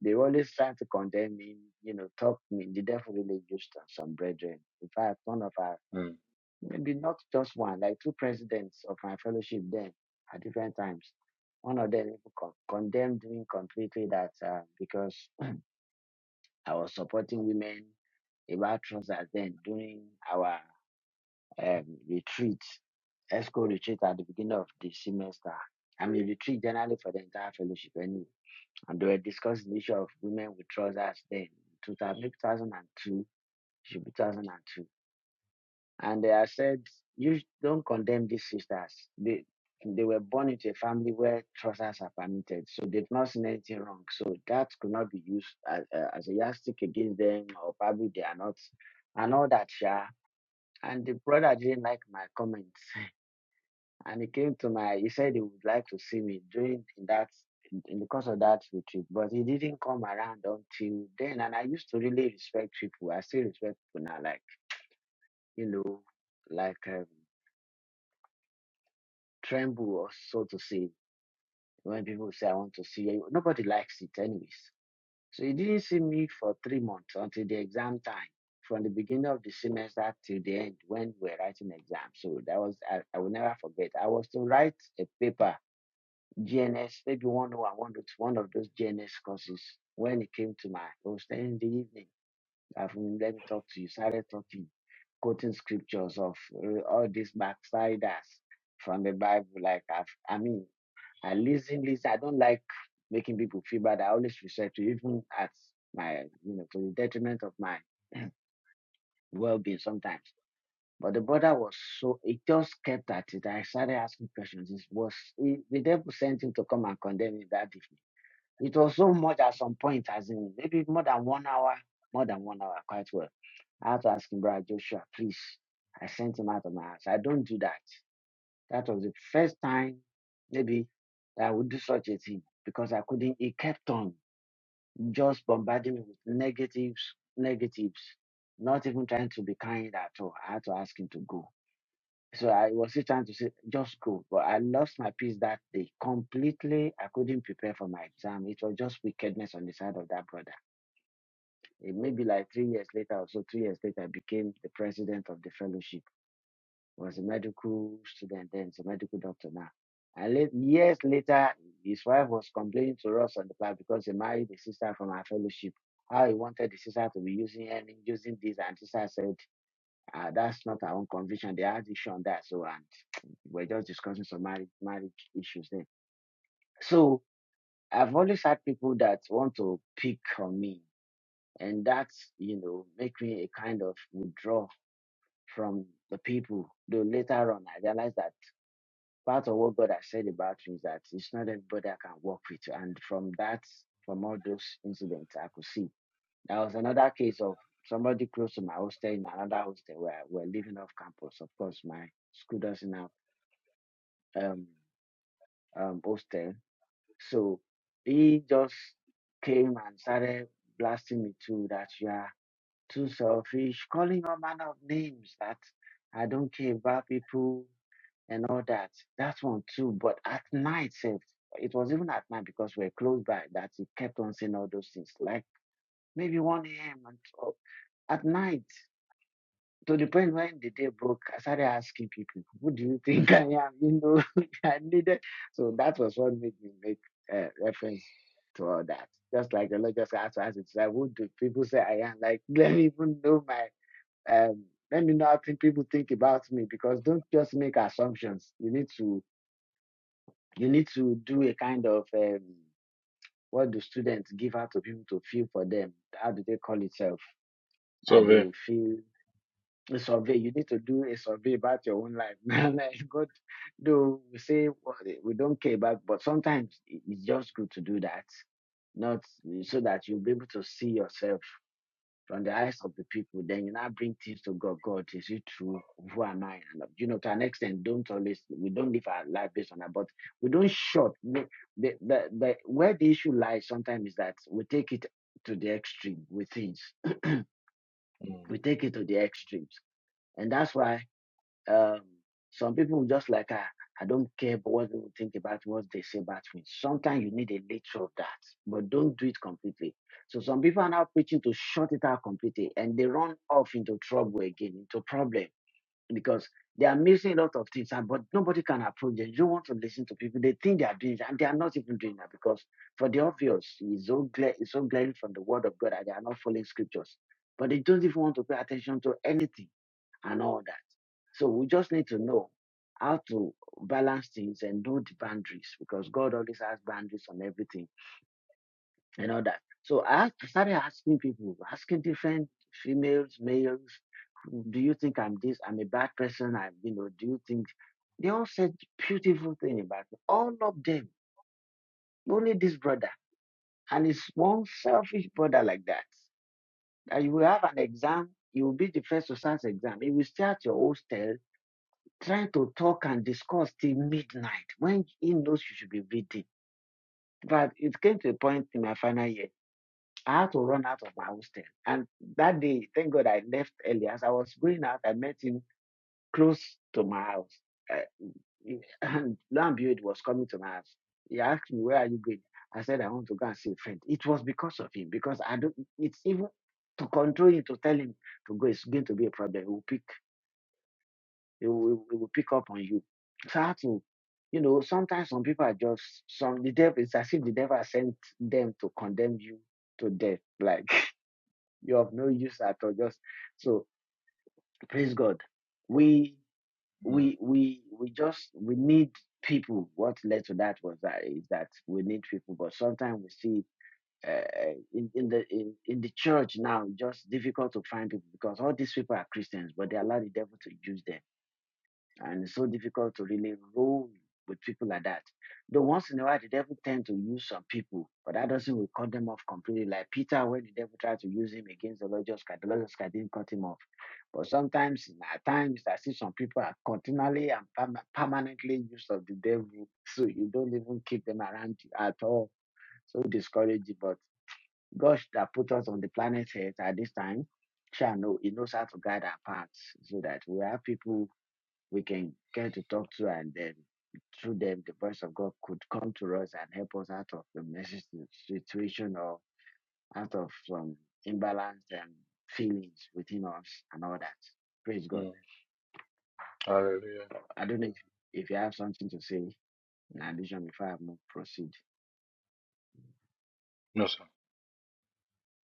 [SPEAKER 1] they always trying to condemn me, you know, talk me. The devil really used on some brethren. In fact, one of our
[SPEAKER 3] mm.
[SPEAKER 1] Maybe not just one, like two presidents of my fellowship then at different times. One of them even condemned me completely that uh, because I was supporting women about trousers then during our um, retreat, ESCO retreat at the beginning of the semester. I mean, retreat generally for the entire fellowship anyway. And they were discussing the issue of women with trousers then, 2002, should be 2002 And I said, you don't condemn these sisters. They they were born into a family where trousers are permitted, so they've not seen anything wrong. So that could not be used as, uh, as a yardstick against them, or probably they are not, and all that. Yeah. And the brother didn't like my comments, and he came to my. He said he would like to see me during in that in in the course of that retreat, but he didn't come around until then. And I used to really respect people. I still respect people now, like you know, like. Um, tremble or so to say when people say, I want to see you. Nobody likes it, anyways. So he didn't see me for three months until the exam time, from the beginning of the semester till the end when we were writing exams. So that was, I, I will never forget. I was to write a paper, GNS, maybe one or one one of one of those GNS courses. When it came to my, I was staying in the evening, I've let me talk to you, started talking, quoting scriptures of uh, all these backsliders from the Bible. Like, I've, I mean, I listen, listen. I don't like making people feel bad. I always research to even at my, you know, to the detriment of my well being sometimes. But the brother was so, it just kept at it. I started asking questions. It was, it, the devil sent him to come and condemn me that evening. It was so much at some point, as in maybe more than one hour, more than one hour, quite well. I had to ask him, brother Joshua, please. I sent him out of my house. I don't do that. That was the first time, maybe, I would do such a thing because I couldn't. It kept on just bombarding me with negatives, negatives, not even trying to be kind at all. I had to ask him to go. So I was still trying to say, just go. But I lost my peace that day completely. I couldn't prepare for my exam. It was just wickedness on the side of that brother. It may be like three years later or so, two years later, I became the president of the fellowship. was a medical student then, he's a medical doctor now. And late, years later, his wife was complaining to us on the back because he married a sister from our fellowship. How he wanted the sister to be using and using this, and sister said, ah, "That's not our own conviction. They had issue on that." So, and we're just discussing some marriage marriage issues there. So, I've always had people that want to pick on me, and that's you know make me a kind of withdraw from the people. Though later on, I realized that. part of what God has said about you is that it's not everybody I can work with. And from that, from all those incidents, I could see. There was another case of somebody close to my hostel in another hostel where we're living off campus. Of course, my school doesn't have um, um, hostel. So he just came and started blasting me too that you are too selfish, calling all manner of names that I don't care about people and all that. That's one too. But at night, sef, it was even at night because we're close by that he kept on saying all those things. Like maybe 1 a.m. and oh, at night, to the point when the day broke, I started asking people, who do you think I am? You know, I needed. So that was what made me make uh, reference to all that. Just like the Lord just asked us, it's like, who do people say I am? Like, let me even know my um let me know how think people think about me because don't just make assumptions. You need to You need to do a kind of um, what do students give out to people to feel for them? How do they call itself? That
[SPEAKER 3] So
[SPEAKER 1] they
[SPEAKER 3] there.
[SPEAKER 1] will feel a survey. You need to do a survey about your own life. like God, do we say we don't care about, but sometimes it's just good to do that. Not so that you'll be able to see yourself from the eyes of the people, then you now bring things to God. God, is it true? Who am I? And uh, you know, to an extent, don't always we don't live our life based on that, but we don't short. The, the, the, the where the issue lies sometimes is that we take it to the extreme with things.
[SPEAKER 3] Mm,
[SPEAKER 1] We take it to the extremes. And that's why um, some people just like, ah, I don't care about what people think about what they say about me. Sometimes you need a little of that, but don't do it completely. So some people are now preaching to shut it out completely and they run off into trouble again, into problem because they are missing a lot of things, and but nobody can approach them. You don't want to listen to people. They think they are doing it, and they are not even doing that because for the obvious, it's so, gla- it's so glaring from the word of God that they are not following scriptures. But they don't even want to pay attention to anything and all that. So we just need to know how to balance things and do the boundaries because God always has boundaries on everything and all that. So I started asking people, asking different females, males, do you think I'm this? I'm a bad person. I, you know, do you think? They all said beautiful thing about me. All of them, only this brother, and it's one selfish brother like that. That you will have an exam, you will be the first to start exam. He will stay at your hostel trying to talk and discuss till midnight when he knows you should be reading. But it came to a point in my final year. I had to run out of my hostel. And that day, thank God I left early. As I was going out, I met him close to my house. Uh, and Lambuid was coming to my house. He asked me, Where are you going? I said, I want to go and see a friend. It was because of him, because I don't, it's even to control him, to tell him to go, It's going to be a problem. He will pick. It will, it will pick up on you. So I had to, you know, sometimes some people are just some the devil. It's as if the devil has sent them to condemn you to death. Like you have no use at all. Just so praise God. We
[SPEAKER 3] mm,
[SPEAKER 1] we we we just we need people. What led to that was that is that we need people. But sometimes we see uh, in, in the in, in the church now, just difficult to find people because all these people are Christians, but they allow the devil to use them and it's so difficult to really roll with people like that. Though once in a while, the devil tend to use some people, but that doesn't will cut them off completely. Like Peter, when the devil tried to use him against the Lord Jesus Christ, the Lord Jesus Christ didn't cut him off. But sometimes, at times, I see some people are continually and perma- permanently used of the devil, so you don't even keep them around you at all. So discouraging. But God that put us on the planet Earth at this time, shall know He knows how to guide our paths so that we have people we can get to talk to and then through them the voice of God could come to us and help us out of the messy situation or out of some imbalanced um, feelings within us and all that. Praise God.
[SPEAKER 3] mm. Hallelujah.
[SPEAKER 1] I don't know if, if you have something to say in addition before I move proceed.
[SPEAKER 3] No, sir.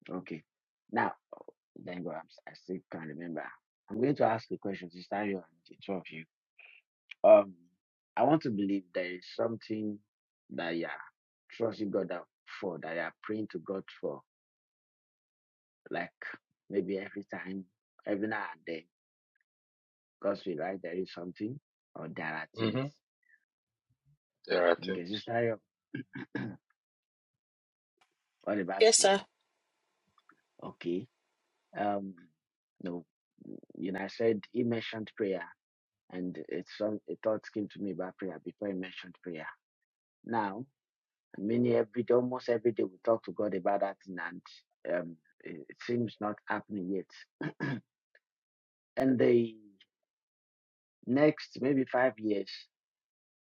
[SPEAKER 1] Okay. Now, thank God i still can not remember. I'm going to ask a question, Sister Ayo and the two of you. Um, I want to believe there is something that you are trusting God for that you are praying to God for, like maybe every time, every now and then, God's will, right? There is something or there are things.
[SPEAKER 3] hmm There are
[SPEAKER 1] Okay,
[SPEAKER 3] things.
[SPEAKER 1] Sister, Ayo, what about
[SPEAKER 2] Yes,
[SPEAKER 1] you?
[SPEAKER 2] sir.
[SPEAKER 1] Okay. Um, no, you know, I said he mentioned prayer, and it's some a thought came to me about prayer before he mentioned prayer. Now, many every day, almost every day, we talk to God about that, thing and um, it, it seems not happening yet. And the next maybe five years,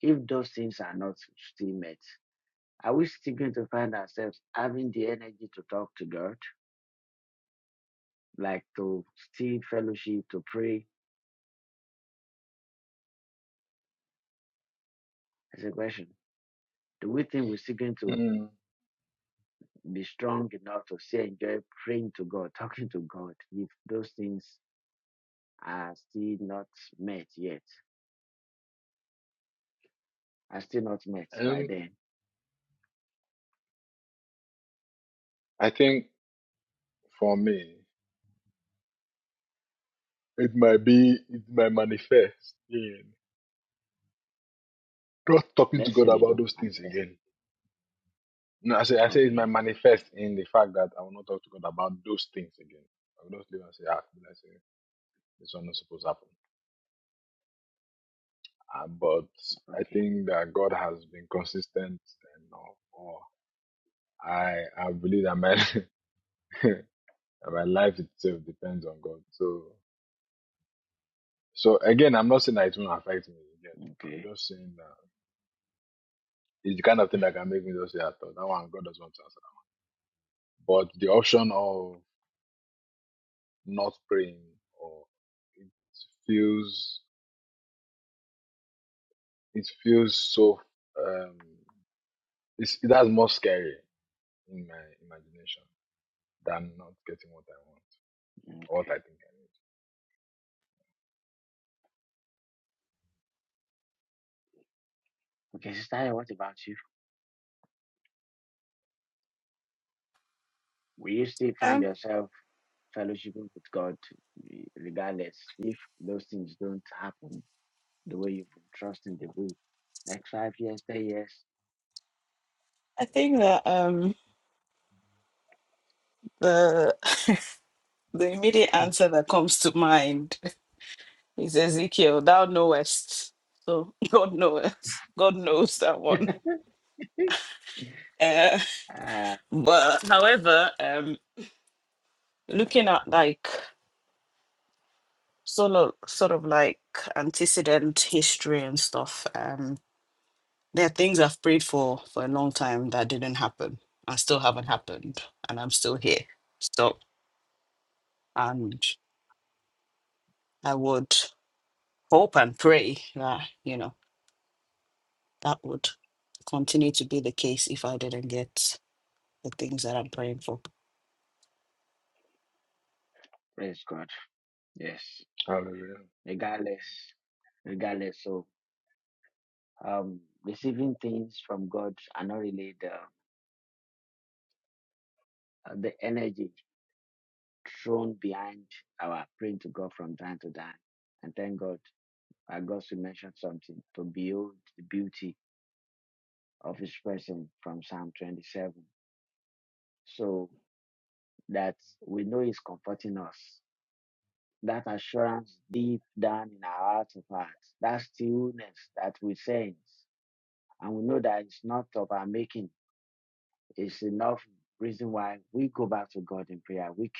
[SPEAKER 1] if those things are not still met, are we still going to find ourselves having the energy to talk to God, like to still fellowship, to pray? That's a question. Do we think we're still going to
[SPEAKER 3] Mm.
[SPEAKER 1] be strong enough to still enjoy praying to God, talking to God, if those things are still not met yet? Are still not met by
[SPEAKER 3] And
[SPEAKER 1] then?
[SPEAKER 3] I think for me, it might be, it might manifest in not talking to
[SPEAKER 1] Let's
[SPEAKER 3] God
[SPEAKER 1] say they
[SPEAKER 3] about
[SPEAKER 1] don't
[SPEAKER 3] those things
[SPEAKER 1] manifest.
[SPEAKER 3] again. No, I say, I say it might
[SPEAKER 1] Okay,
[SPEAKER 3] manifest in the fact that I will not talk to God about those things again. I will just leave and say, ah, let say this one is supposed to happen. Uh, but I
[SPEAKER 1] okay,
[SPEAKER 3] think that God has been consistent and or, or I I believe that man. And My life itself depends on God. So, so again, I'm not saying that it won't affect me. Again,
[SPEAKER 1] okay,
[SPEAKER 3] I'm just saying that it's the kind of thing that can make me just say, "I thought that one God doesn't want to answer." But the option of not praying, or it feels, it feels so. Um, it's, it has more scary in my imagination than not getting what I want or what
[SPEAKER 1] okay.
[SPEAKER 3] I think
[SPEAKER 1] Okay, Sister, what about you? Will you still find
[SPEAKER 2] Um,
[SPEAKER 1] yourself fellowshipping with God, re- regardless if those things don't happen the way you've been trusting the way. Next five years, ten years.
[SPEAKER 2] I think that um the the immediate answer that comes to mind is Ezekiel, thou knowest. So God knows. God knows that one. Uh,
[SPEAKER 1] ah,
[SPEAKER 2] but however, um looking at like sort of sort of like antecedent history and stuff um there are things i've prayed for for a long time that didn't happen and still haven't happened and i'm still here so and i would hope and pray that you know that would continue to be the case if i didn't get the things that i'm praying for
[SPEAKER 1] praise God. Yes.
[SPEAKER 3] I need.
[SPEAKER 1] Regardless. Regardless. So um receiving things from God are not really the uh, the energy thrown behind our praying to God from time to time. And thank God. I God to mention something to build the beauty of his presence from Psalm twenty seven. So that we know is comforting us. That assurance deep down in our heart of hearts. That stillness that we sense. And we know that it's not of our making. It's enough reason why we go back to God in prayer. We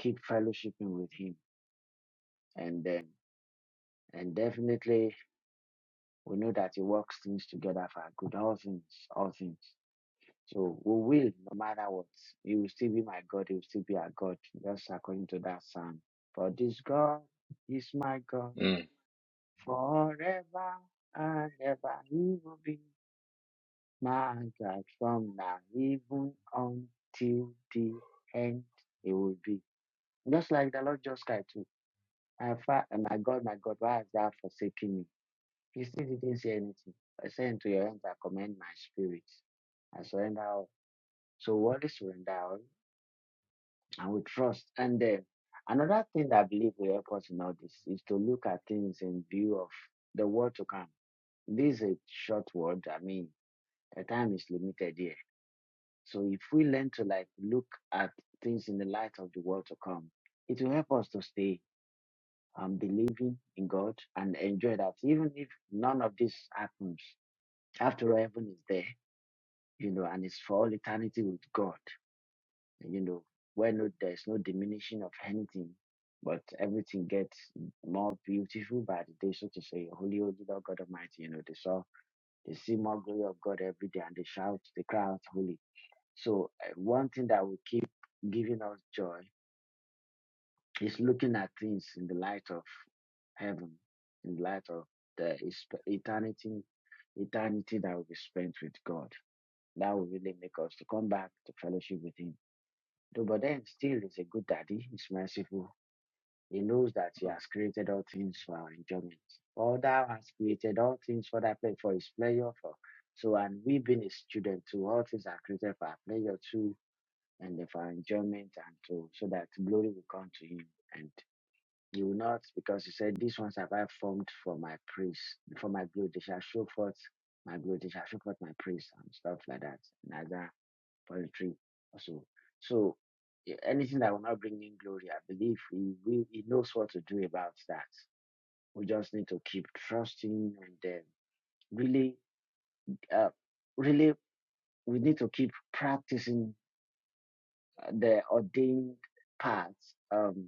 [SPEAKER 1] keep, keep fellowshipping with Him. And then, and definitely we know that He works things together for our good. All things, all things. So we will, no matter what. He will still be my God. He will still be our God. Just according to that psalm. For this God is my God
[SPEAKER 3] Hallelujah. Mm.
[SPEAKER 1] forever and ever. He will be my God from now even until the end. He will be. Just like the Lord just cried too. My, fa- my God, my God, why hast thou forsaken me? He still didn't say anything. I say unto your hands I commend my spirit. I surrender all. So what is surrender all? and we trust. And then another thing that I believe will help us in all this is to look at things in view of the world to come. This is a short word. I mean, the time is limited here. So if we learn to like look at things in the light of the world to come, it will help us to stay um, believing in God and enjoy that, even if none of this happens. After all, heaven is there, you know, and it's for all eternity with God. you know, where no there's no diminishing of anything, but everything gets more beautiful by the day, so to say, Holy, Holy Lord God Almighty. You know, they saw they see more glory of God every day, and they shout, they cry out, Holy. So uh, one thing that will keep giving us joy is looking at things in the light of heaven, in the light of the is- eternity, eternity that will be spent with God. That will really make us to come back to fellowship with Him. Though, but then still, he's a good daddy. He's merciful He knows that He has created all things for our enjoyment. All thou has created all things for that for His pleasure. For so, and we being His children too, all things are created for our pleasure too, and for our enjoyment, and to so that glory will come to Him. And He will not, because He said, "These ones have I formed for my praise, for my glory. They shall show forth my glory. They shall show forth my praise," and stuff like that. And as I poetry also, so. So yeah, anything that will not bring in glory, I believe he will, he knows what to do about that. We just need to keep trusting and then really, uh, really, we need to keep practicing uh, the ordained paths. Um,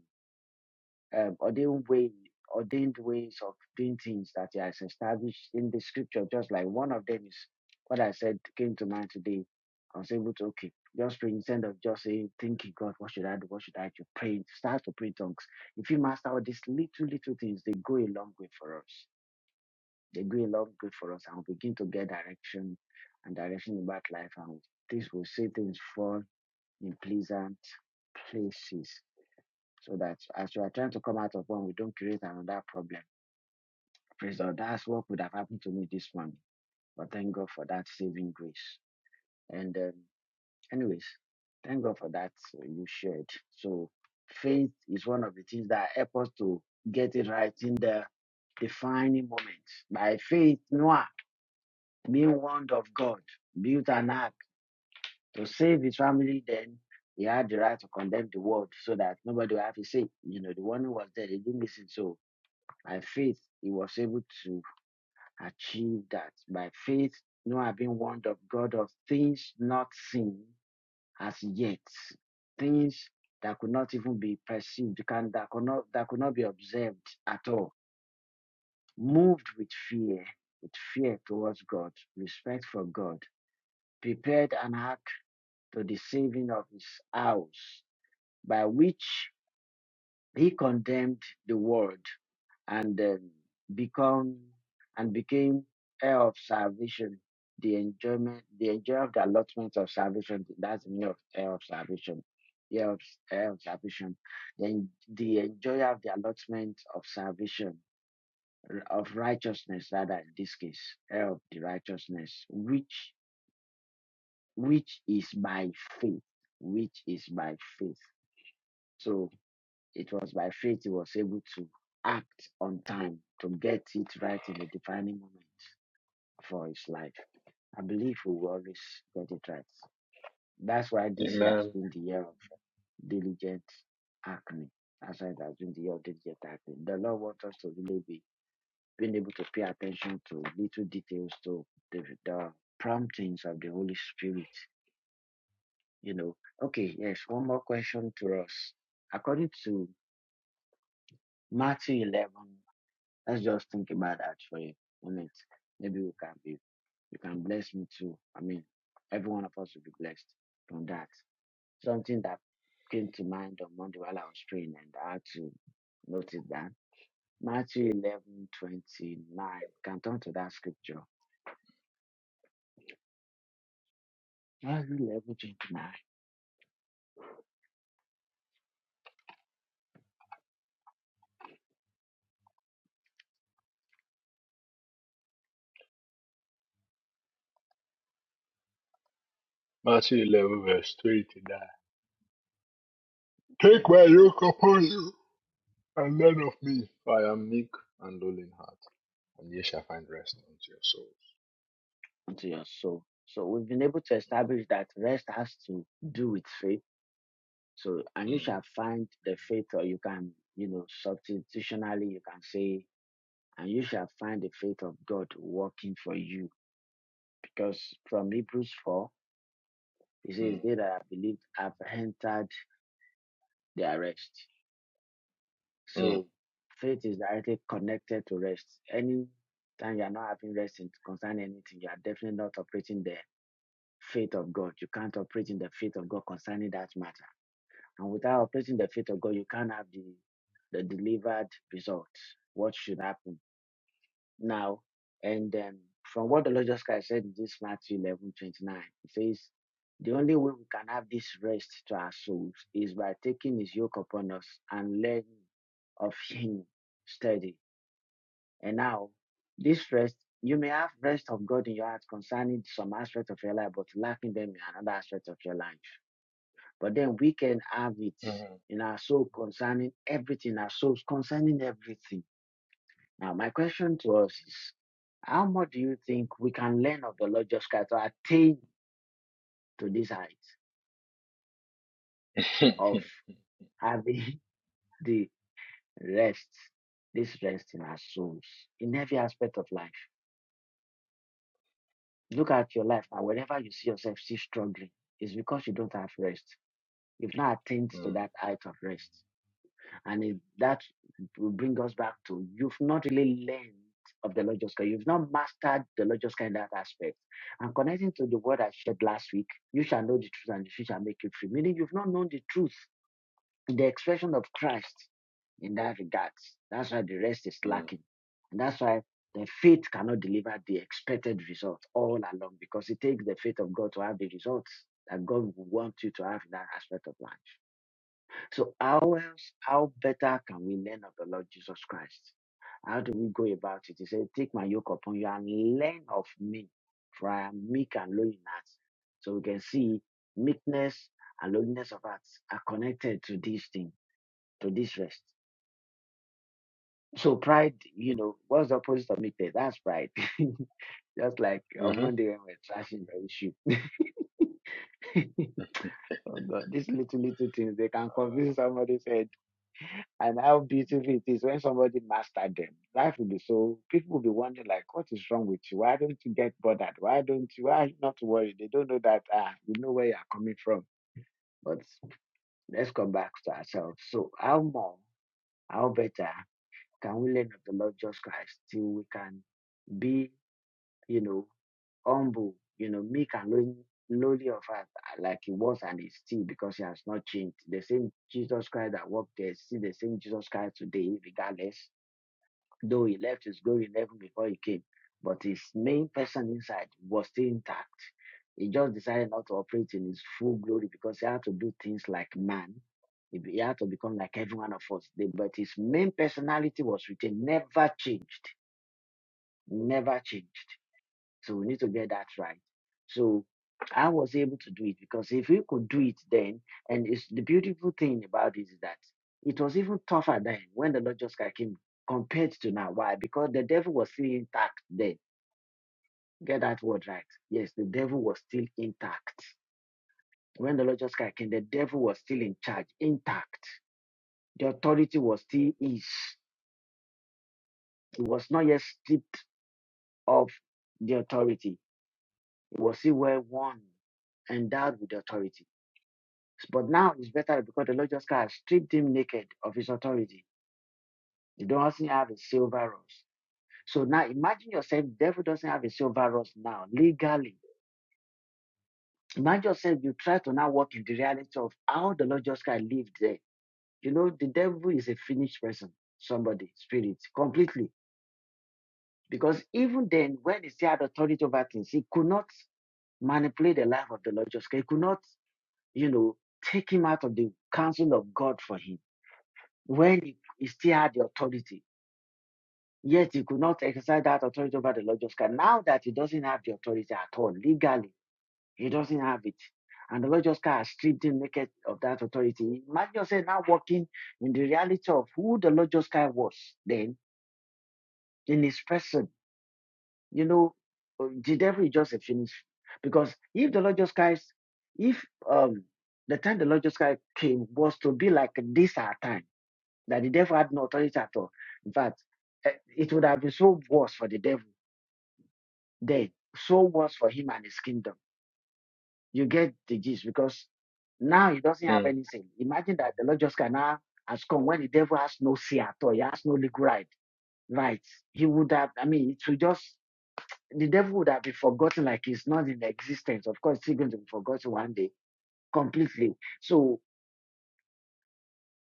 [SPEAKER 1] um, ordained way, ordained ways of doing things that he has established in the scripture. Just like one of them is what I said came to mind today. I was able to okay, just pray instead of just saying, thinking, God, what should I do? What should I do? Pray, start to pray in tongues. If you master all these little, little things, they go a long way for us. They go a long way for us and we begin to get direction and direction about life and this will see things fall in pleasant places so that as we are trying to come out of one, we don't create another problem. Praise God! That's what could have happened to me this morning. But thank God for that saving grace. And um, anyways, thank God for that uh, you shared. So faith is one of the things that help us to get it right in the defining moment. By faith, Noah, being warned of God, built an ark to save his family. Then he had the right to condemn the world so that nobody would have to say, you know, the warning was there, they didn't listen. So By faith, he was able to achieve that. By faith, Noah being warned of God of things not seen as yet, things that could not even be perceived, can, that, could not, that could not be observed at all. Moved with fear, with fear towards God, respect for God, prepared an ark to the saving of his house, by which he condemned the world and um, become and became heir of salvation, the enjoyment, the enjoy of the allotment of salvation. That's the meaning of heir of salvation. Heir of, heir of salvation. Then the enjoyer of the allotment of salvation, of righteousness, rather in this case, heir of the righteousness, which which is by faith, which is by faith. So. It was by faith he was able to act on time to get it right in the defining moment for his life. I believe we will always get it right. That's why this year has
[SPEAKER 3] Amen.
[SPEAKER 1] been the year of diligent acne. That's why it has been the year of diligent acne. The Lord wants us to really be being able to pay attention to little details, to the, the promptings of the Holy Spirit. You know, okay, yes, one more question to us. According to Matthew 11, Let's just think about that for a moment. Maybe we can be, you can bless me too. I mean, every one of us will be blessed from that. Something that came to mind on Monday while I was praying, and I had to notice that down. Matthew eleven twenty nine. Can turn to that scripture. Matthew eleven twenty nine.
[SPEAKER 3] Matthew 11 verse 29. Take
[SPEAKER 1] Yes.
[SPEAKER 3] my yoke upon you. and learn of me, for I am meek and lowly in heart, and ye shall find rest unto your souls.
[SPEAKER 1] Unto your soul. So we've been able to establish that rest has to do with faith. So, and you
[SPEAKER 3] Mm,
[SPEAKER 1] shall find the faith, or you can, you know, substitutionally, you can say and you shall find the faith of God working for you. Because from Hebrews 4, it says,
[SPEAKER 3] mm,
[SPEAKER 1] They that have believed have entered their rest.
[SPEAKER 3] mm,
[SPEAKER 1] So faith is directly connected to rest. Any time you are not having rest concerning anything, you are definitely not operating the faith of God. You can't operate in the faith of God concerning that matter. And without operating the faith of God, you can't have the, the delivered result. What should happen? now. And um, from what the Lord just Christ said in this Matthew eleven twenty nine, it says, The only way we can have this rest to our souls is by taking His yoke upon us and learning of Him steady. And now, this rest, you may have rest of God in your heart concerning some aspect of your life, but lacking them in another aspect of your life. But then we can have it
[SPEAKER 3] mm,
[SPEAKER 1] in our soul concerning everything, our souls concerning everything. Now, my question to us is how much do you think we can learn of the Lord Jesus Christ to attain to this height of having the rest, this rest in our souls, in every aspect of life? Look at your life now. Whenever you see yourself still struggling, it's because you don't have rest. You've not attained to
[SPEAKER 3] mm,
[SPEAKER 1] that height of rest. And it, that will bring us back to you've not really learned of the Lord Jesus Christ. You've not mastered the Lord Jesus Christ in that aspect. And connecting to the word I shared last week, you shall know the truth and the truth shall make you free. Meaning you've not known the truth, the expression of Christ in that regard. That's why the rest is
[SPEAKER 3] mm,
[SPEAKER 1] lacking. And that's why the faith cannot deliver the expected result all along because it takes the faith of God to have the results that God would want you to have in that aspect of life. So how else, how better can we learn of the Lord Jesus Christ? How do we go about it? He said, Take my yoke upon you and learn of me, for I am meek and lowly in heart. So we can see meekness and lowliness of heart are connected to this thing, to this rest. So pride, you know, what's the opposite of meekness? That's pride. Just like on
[SPEAKER 3] mhm.
[SPEAKER 1] Monday when we're trashing the issue. oh God, these little little things they can confuse somebody's head. and how beautiful it is when somebody mastered them. Life will be so people will be wondering like, what is wrong with you? Why don't you get bothered? Why don't you? Why not worry? They don't know that ah, you know where you are coming from. But let's come back to ourselves. So how more, how better can we learn of the Lord Jesus Christ till we can be, you know, humble, you know, meek and lowly lowly of heart uh, like he was and is still because he has not changed. The same Jesus Christ that walked there, is still the same Jesus Christ today, regardless Though he left his glory in heaven before he came, but his main person inside was still intact. He just decided not to operate in his full glory because he had to do things like man. He had to become like every one of us. But his main personality was retained, never changed, never changed. So we need to get that right. So I was able to do it because if we could do it then, and it's the beautiful thing about it is that it was even tougher then when the Lord just came compared to now. Why? Because the devil was still intact then. Get that word right. Yes, the devil was still intact. When the Lord just came, the devil was still in charge, intact. The authority was still his. It was not yet stripped of the authority. It was still well worn, endowed with authority. But now it's better because the Lord just kind stripped him naked of his authority. He doesn't have a silver rose. So now imagine yourself, The devil doesn't have a silver rose now, legally. Imagine yourself, you try to now work in the reality of how the Lord just kind lived there. You know, the devil is a finished person, somebody, spirit, completely. Because even then, when he still had authority over things, he could not manipulate the life of the Lord just He could not, you know, take him out of the counsel of God for him when he, he still had the authority. Yet he could not exercise that authority over the Lord Justice. Now that he doesn't have the authority at all, legally, he doesn't have it. And the Lord Justice has stripped him naked of that authority. Imagine yourself now walking in the reality of who the Lord Justice was then in his person. You know, uh, the devil is just a finish. Because if the Lord Justice, if um the time the Lord Justice came was to be like this our time, that the devil had no authority at all. In fact, eh, it would have been so worse for the devil dead. So was for him and his kingdom. You get the gist because now he doesn't have
[SPEAKER 3] Mm.
[SPEAKER 1] anything. Imagine that the Lord just can has come when the devil has no say at all. He has no legal right. Right. He would have, I mean, it would just, the devil would have been forgotten like he's not in existence. Of course, he's going to be forgotten one day completely. So,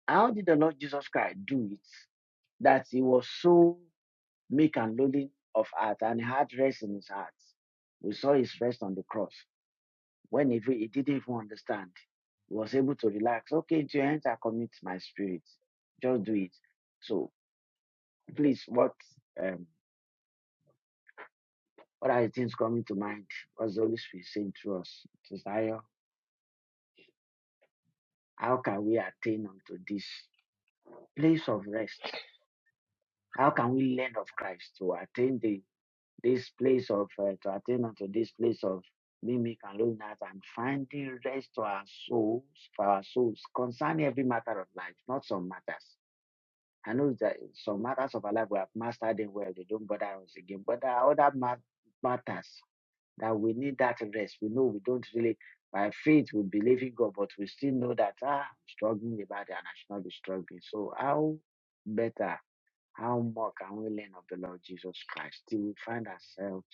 [SPEAKER 1] how did the Lord Jesus Christ do it? That he was so meek and lowly of heart and had rest in his heart. We saw his rest on the cross. When if he, he didn't even understand, he was able to relax. Okay, into your hands I commit my spirit. Just do it. So please, what um, what are the things coming to mind? What's the Holy Spirit saying to us? Sister how can we attain unto this place of rest? How can we learn of Christ to attain the this place of uh, to attain unto this place of mimic and loneliness and finding rest to our souls, for our souls, concerning every matter of life, not some matters. I know that in some matters of our life we have mastered them well. They don't bother us again. But there are other mat- matters that we need that rest. We know we don't really, by faith, we believe in God, but we still know that, ah, I'm struggling about it and I should not be struggling. So, how better, how more can we learn of the Lord Jesus Christ till we find ourselves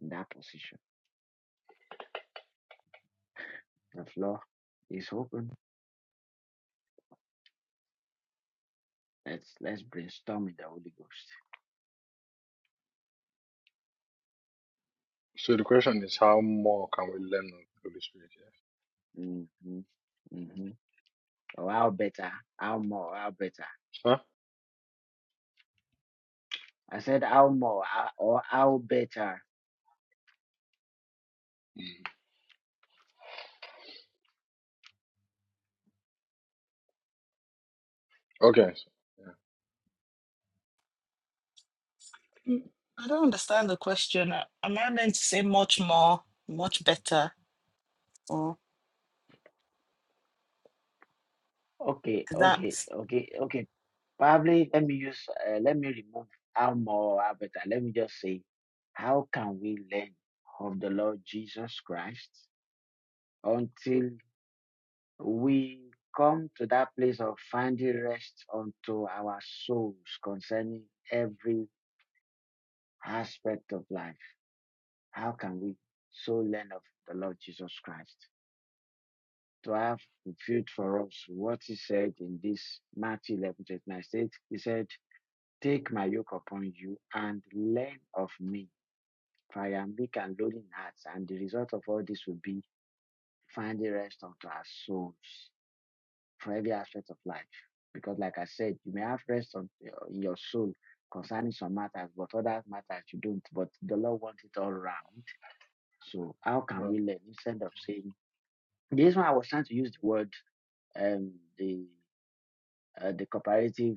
[SPEAKER 1] in that position? The floor is open. Let's let's brainstorm in the Holy Ghost.
[SPEAKER 3] So the question is, how more can we learn of the Holy Spirit? Yes.
[SPEAKER 1] hmm hmm Or how better, how more, how better.
[SPEAKER 3] Huh?
[SPEAKER 1] I said how more uh, or how better.
[SPEAKER 3] Mm. Okay. So,
[SPEAKER 2] Mm, i don't understand the question Uh, am i meant to say much more much better or
[SPEAKER 1] Okay,
[SPEAKER 2] is
[SPEAKER 1] okay,
[SPEAKER 2] that
[SPEAKER 1] okay, okay. Probably let me use, uh, let me remove how more or how better. Let me just say, how can we learn of the Lord Jesus Christ until we come to that place of finding rest unto our souls concerning every aspect of life? How can we so learn of the Lord Jesus Christ? to have fulfilled for us what he said in this Matthew 11 29. He said, Take my yoke upon you and learn of me, for I am meek and lowly in heart, and the result of all this will be finding rest unto our souls for every aspect of life. Because, like I said, you may have rest on uh, in your soul concerning some matters, but other matters you don't. But the Lord wants it all round. So, how can we learn instead of saying this one? I was trying to use the word um, the." uh, the comparative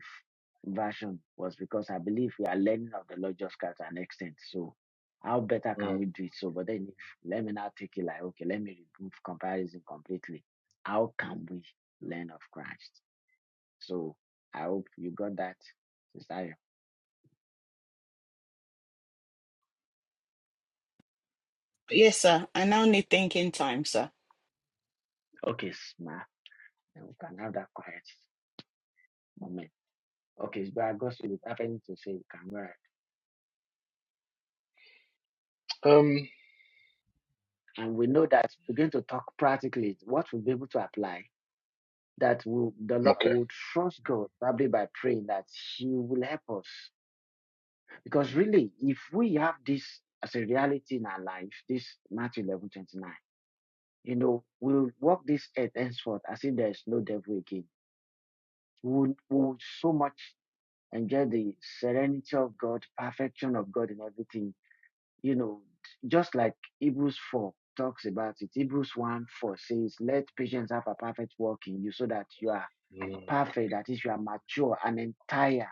[SPEAKER 1] version was because I believe we are learning of the Lord just Christ to an extent. So how better
[SPEAKER 3] yeah.
[SPEAKER 1] can
[SPEAKER 3] Mm,
[SPEAKER 1] we do it? So, but then if let me now take it like, okay, let me remove comparison completely. How can we learn of Christ? So I hope you got that, Sister.
[SPEAKER 2] Yes, sir. I now need thinking time, sir.
[SPEAKER 1] Okay, smart. Then we can have that quiet moment. Okay, but I got you have anything to say, you can go ahead.
[SPEAKER 3] mm. Um.
[SPEAKER 1] And we know that we're going to talk practically what we'll be able to apply that will the Lord
[SPEAKER 3] Okay.
[SPEAKER 1] will trust God probably by praying that He will help us. Because really, if we have this as a reality in our life, this Matthew eleven twenty nine, you know, we'll walk this earth henceforth as if there is no devil again. We'll, we'll so much enjoy the serenity of God, perfection of God in everything. You know, just like Hebrews four talks about it. Hebrews 1 4 says, Let patience have a perfect work in you so that you are
[SPEAKER 3] Mm,
[SPEAKER 1] perfect, that is, you are mature and entire,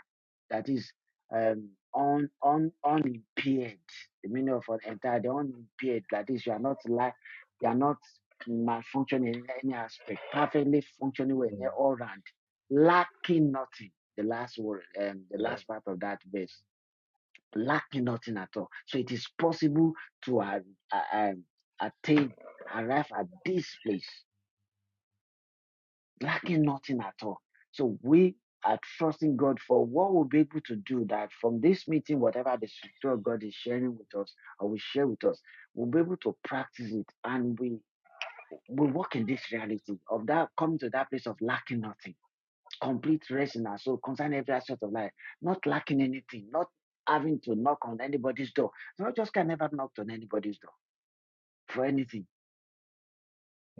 [SPEAKER 1] that is, um, un, un, unimpaired. The meaning of entire, the unimpaired, that is, you are not like, you are not malfunctioning in any aspect, perfectly functioning well in
[SPEAKER 3] mm, mm,
[SPEAKER 1] all round, lacking nothing. The last word, um, the last
[SPEAKER 3] yeah.
[SPEAKER 1] part of that verse, lacking nothing at all. So it is possible to uh, uh, um, attain, arrive at this place lacking nothing at all. So we are trusting God for what we'll be able to do that from this meeting, whatever the Spirit of God is sharing with us or will share with us, we'll be able to practice it and we we walk in this reality of that coming to that place of lacking nothing, complete rest in our soul, concerning every aspect of life, not lacking anything, not having to knock on anybody's door. So I just can never knock on anybody's door for anything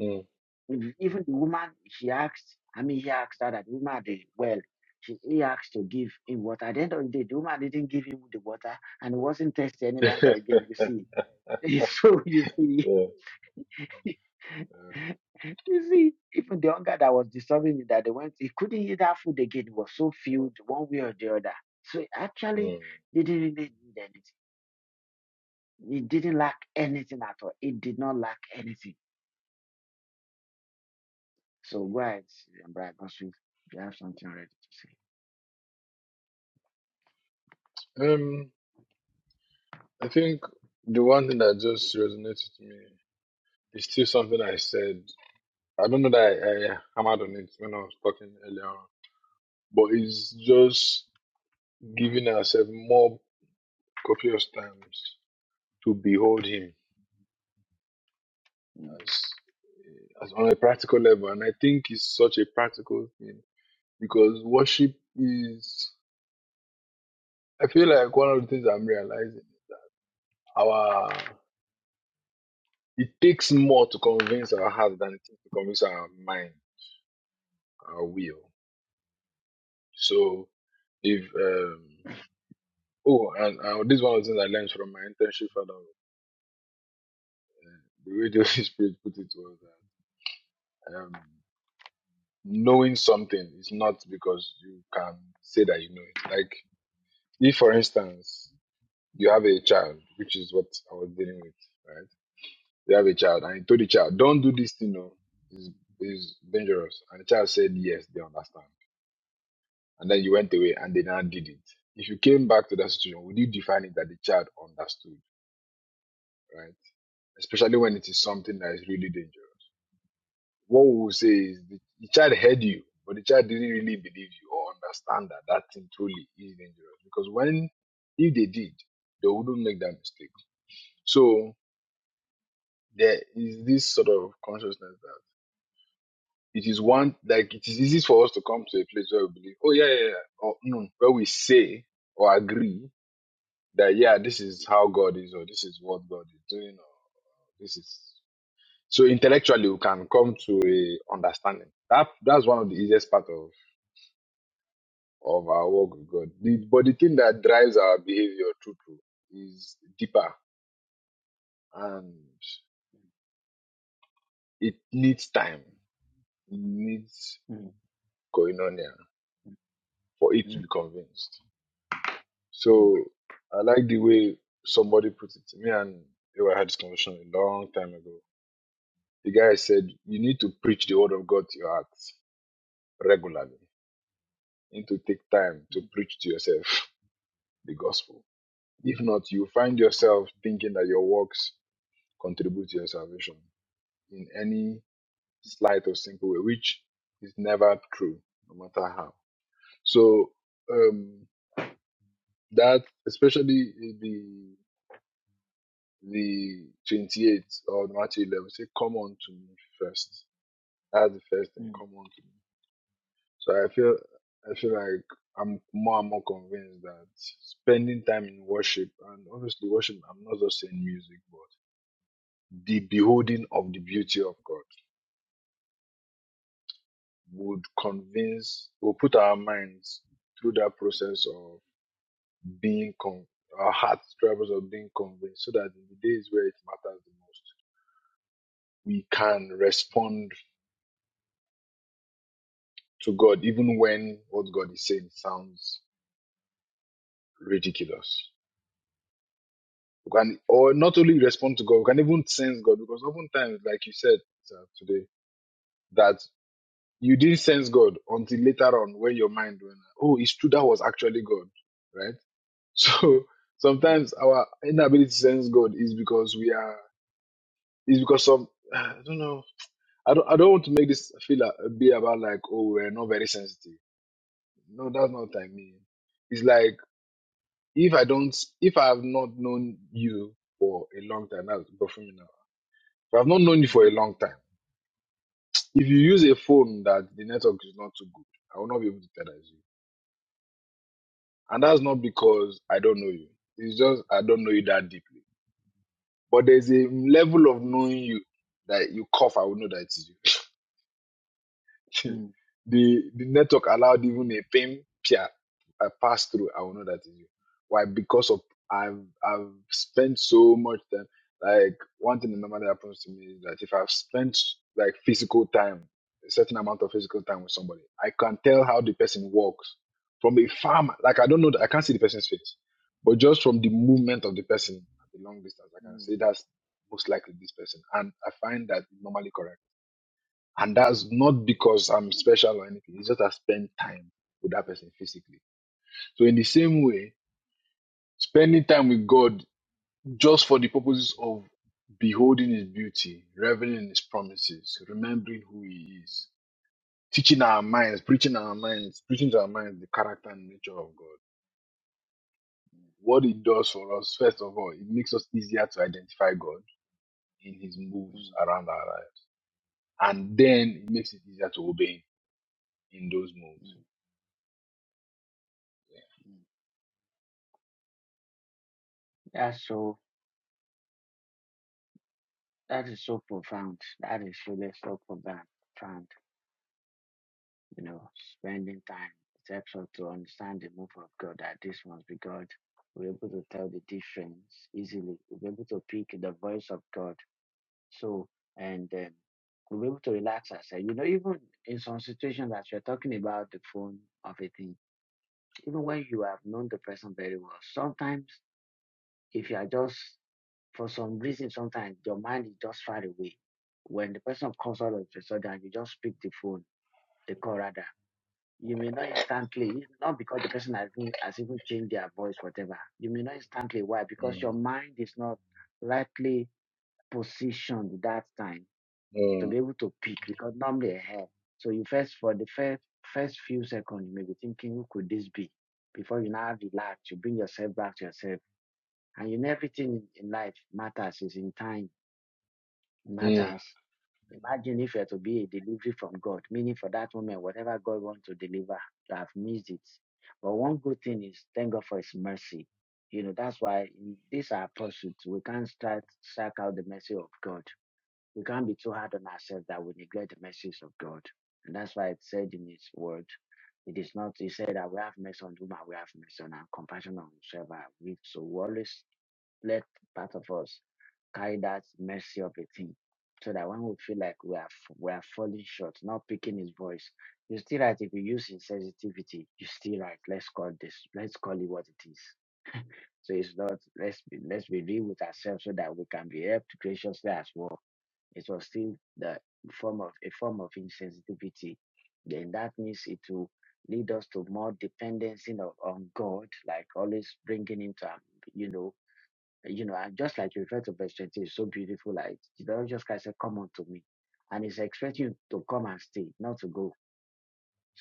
[SPEAKER 3] Mm.
[SPEAKER 1] If even the woman she asked, I mean he asked her that the woman did well. She he asked to give him water. At the end of the day, the woman didn't give him the water and he wasn't thirsty any longer
[SPEAKER 3] yeah.
[SPEAKER 1] again, you see. So you see,
[SPEAKER 3] yeah.
[SPEAKER 1] you see, even the hunger that was disturbing him that they went, he couldn't eat that food again. He was so filled one way or the other. So actually
[SPEAKER 3] Mm.
[SPEAKER 1] he didn't really need anything. He didn't lack anything at all. It did not lack anything. So go ahead, Brian Gospel, if you have something ready to say.
[SPEAKER 3] Um. I think the one thing that just resonated to me It's still something I said. I don't know that I, I hammered on it when I was talking earlier on, but it's just giving ourselves more copious times to behold Him as, as on a practical level. And I think it's such a practical thing because worship is, I feel like one of the things I'm realizing, our, it takes more to convince our heart than it takes to convince our mind, our will. So if um, Oh, and uh, this is one of the things I learned from my internship fellow. The way the Spirit put it was that um, knowing something is not because you can say that you know it. Like, if for instance, you have a child, which is what I was dealing with, right? You have a child, and you told the child, don't do this thing, no, it's, it's dangerous. And the child said, yes, they understand. And then you went away, and they now did it. If you came back to that situation, would you define it that the child understood, right? Especially when it is something that is really dangerous What we will say is the, the child heard you, but the child didn't really believe you or understand that that thing truly is dangerous. Because when, if they did, they wouldn't make that mistake. So there is this sort of consciousness that it is one, like it is easy for us to come to a place where we believe, oh yeah, yeah, yeah, or no, where we say or agree that yeah, this is how God is, or this is what God is doing, or this is so intellectually we can come to a understanding. That that's one of the easiest part of of our walk with God. The, but the thing that drives our behavior, true, true, is deeper and it needs time. It needs koinonia for it
[SPEAKER 1] Mm,
[SPEAKER 3] to
[SPEAKER 1] mm,
[SPEAKER 3] be convinced.
[SPEAKER 1] mm.
[SPEAKER 3] So I like the way somebody put it. Me and I had this conversation a long time ago. The guy said, You need to preach the word of God to your heart regularly. You need to take time to preach to yourself the gospel. If not, you find yourself thinking that your works contribute to your salvation in any slight or simple way, which is never true, no matter how. So um, that, especially the the twenty-eighth or the Matthew 11, say, "Come unto me first. That's the first thing.
[SPEAKER 1] Mm,
[SPEAKER 3] Come unto me. So I feel I feel like I'm more and more convinced that spending time in worship, and obviously worship, I'm not just saying music, but the beholding of the beauty of God would convince, will put our minds through that process of being, con- our hearts drivers of being convinced so that in the days where it matters the most, we can respond to God even when what God is saying sounds ridiculous. We can, or not only respond to God, we can even sense God because oftentimes, like you said sir, today, that you didn't sense God until later on when your mind went, oh, it's true, that was actually God, right? So sometimes our inability to sense God is because we are is because some I don't know. I don't I don't want to make this feel a, a bit about like oh we're not very sensitive. No, that's not what I mean. It's like if I don't if I have not known you for a long time, that's but for me now. If I've not known you for a long time, if you use a phone that the network is not too good, I will not be able to tell that it's you. And that's not because I don't know you. It's just I don't know you that deeply. But there's a level of knowing you that you cough, I will know that it is you. the
[SPEAKER 1] mm,
[SPEAKER 3] the network allowed even a pin peer a pass through. I will know that is you. Why? Because of I've I've spent so much time. Like one thing normal that normally happens to me is that if I've spent like physical time, a certain amount of physical time with somebody, I can tell how the person walks from a farm. Like I don't know, I can't see the person's face, but just from the movement of the person at the long distance, I can
[SPEAKER 1] mm,
[SPEAKER 3] say that's most likely this person. And I find that normally correct and that's not because I'm special or anything. It's just I spend time with that person physically. So in the same way, spending time with God just for the purposes of beholding his beauty, reveling in his promises, remembering who he is, teaching our minds, preaching our minds, preaching to our minds the character and nature of God. What it does for us, first of all, it makes us easier to identify God in his
[SPEAKER 1] mm,
[SPEAKER 3] moves
[SPEAKER 1] mm,
[SPEAKER 3] around our lives. And then it makes it easier to obey him in those moves.
[SPEAKER 1] mm. That's so, that is so profound. That is really so profound. profound, You know, spending time, it helps us to understand the move of God That this must be God. We're able to tell the difference easily. We're able to pick the voice of God. So, and um, we're able to relax ourselves. You know, even in some situations that you're talking about the phone of a thing, even when you have known the person very well, sometimes If you are just, for some reason, sometimes your mind is just far away. When the person comes out of the sudden, you just pick the phone, the call rather. You may not instantly, not because the person has even, has even changed their voice, whatever. You may not instantly. Why? Because your mind is not rightly positioned that time
[SPEAKER 3] Mm,
[SPEAKER 1] to
[SPEAKER 3] mm,
[SPEAKER 1] be able to pick because normally ahead. So you first, for the first, first few seconds, you may be thinking, who could this be? Before you now relax, you bring yourself back to yourself and in everything in life matters is in time, it
[SPEAKER 3] mm.
[SPEAKER 1] matters. Imagine if you are to be a delivery from God, meaning for that moment, whatever God wants to deliver, you have missed it. But one good thing is thank God for His mercy. You know, that's why in this our pursuit, we can't start strike out the mercy of God. We can't be too hard on ourselves that we neglect the mercies of God. And that's why it said in His word, it is not, He said that we have mercy on whom we have mercy on and compassion on whosoever. we- have. So we always let part of us carry that mercy of a thing so that when we feel like we are f- we are falling short, not picking his voice, you're still right. If you use insensitivity, you're still right. Let's call this, let's call it what it is. So it's not let's be let's be real with ourselves so that we can be helped graciously as well. It was still the form of a form of insensitivity. Then that means it will lead us to more dependency of, on God, like always bringing him to, our- you know, you know, and just like you refer to verse 20, it's so beautiful. Like the Lord just Christ said, Come unto me. And he's expecting you to come and stay, not to go.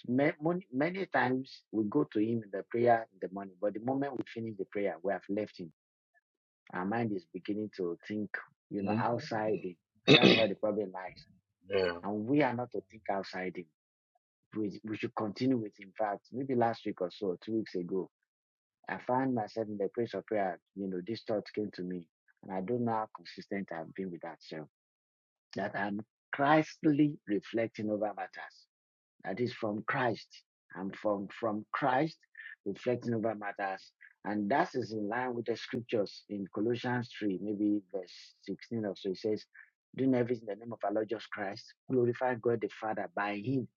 [SPEAKER 1] Ma- Many times we go to him in the prayer in the morning, but the moment we finish the prayer, we have left him. Our mind is beginning to think, you know,
[SPEAKER 3] Mhm.
[SPEAKER 1] outside him. That's why the
[SPEAKER 3] yeah.
[SPEAKER 1] problem lies. And we are not to think outside him. We, we should continue with, in fact, maybe last week or so, two weeks ago, I found myself in the place of prayer. You know, this thought came to me, and I don't know how consistent I've been with that. So that I'm Christly reflecting over matters. That is from Christ. I'm from from Christ reflecting over matters, and that is in line with the scriptures in Colossians three, maybe verse sixteen or so. It says, "Doing everything in the name of our Lord Jesus Christ, glorify God the Father by Him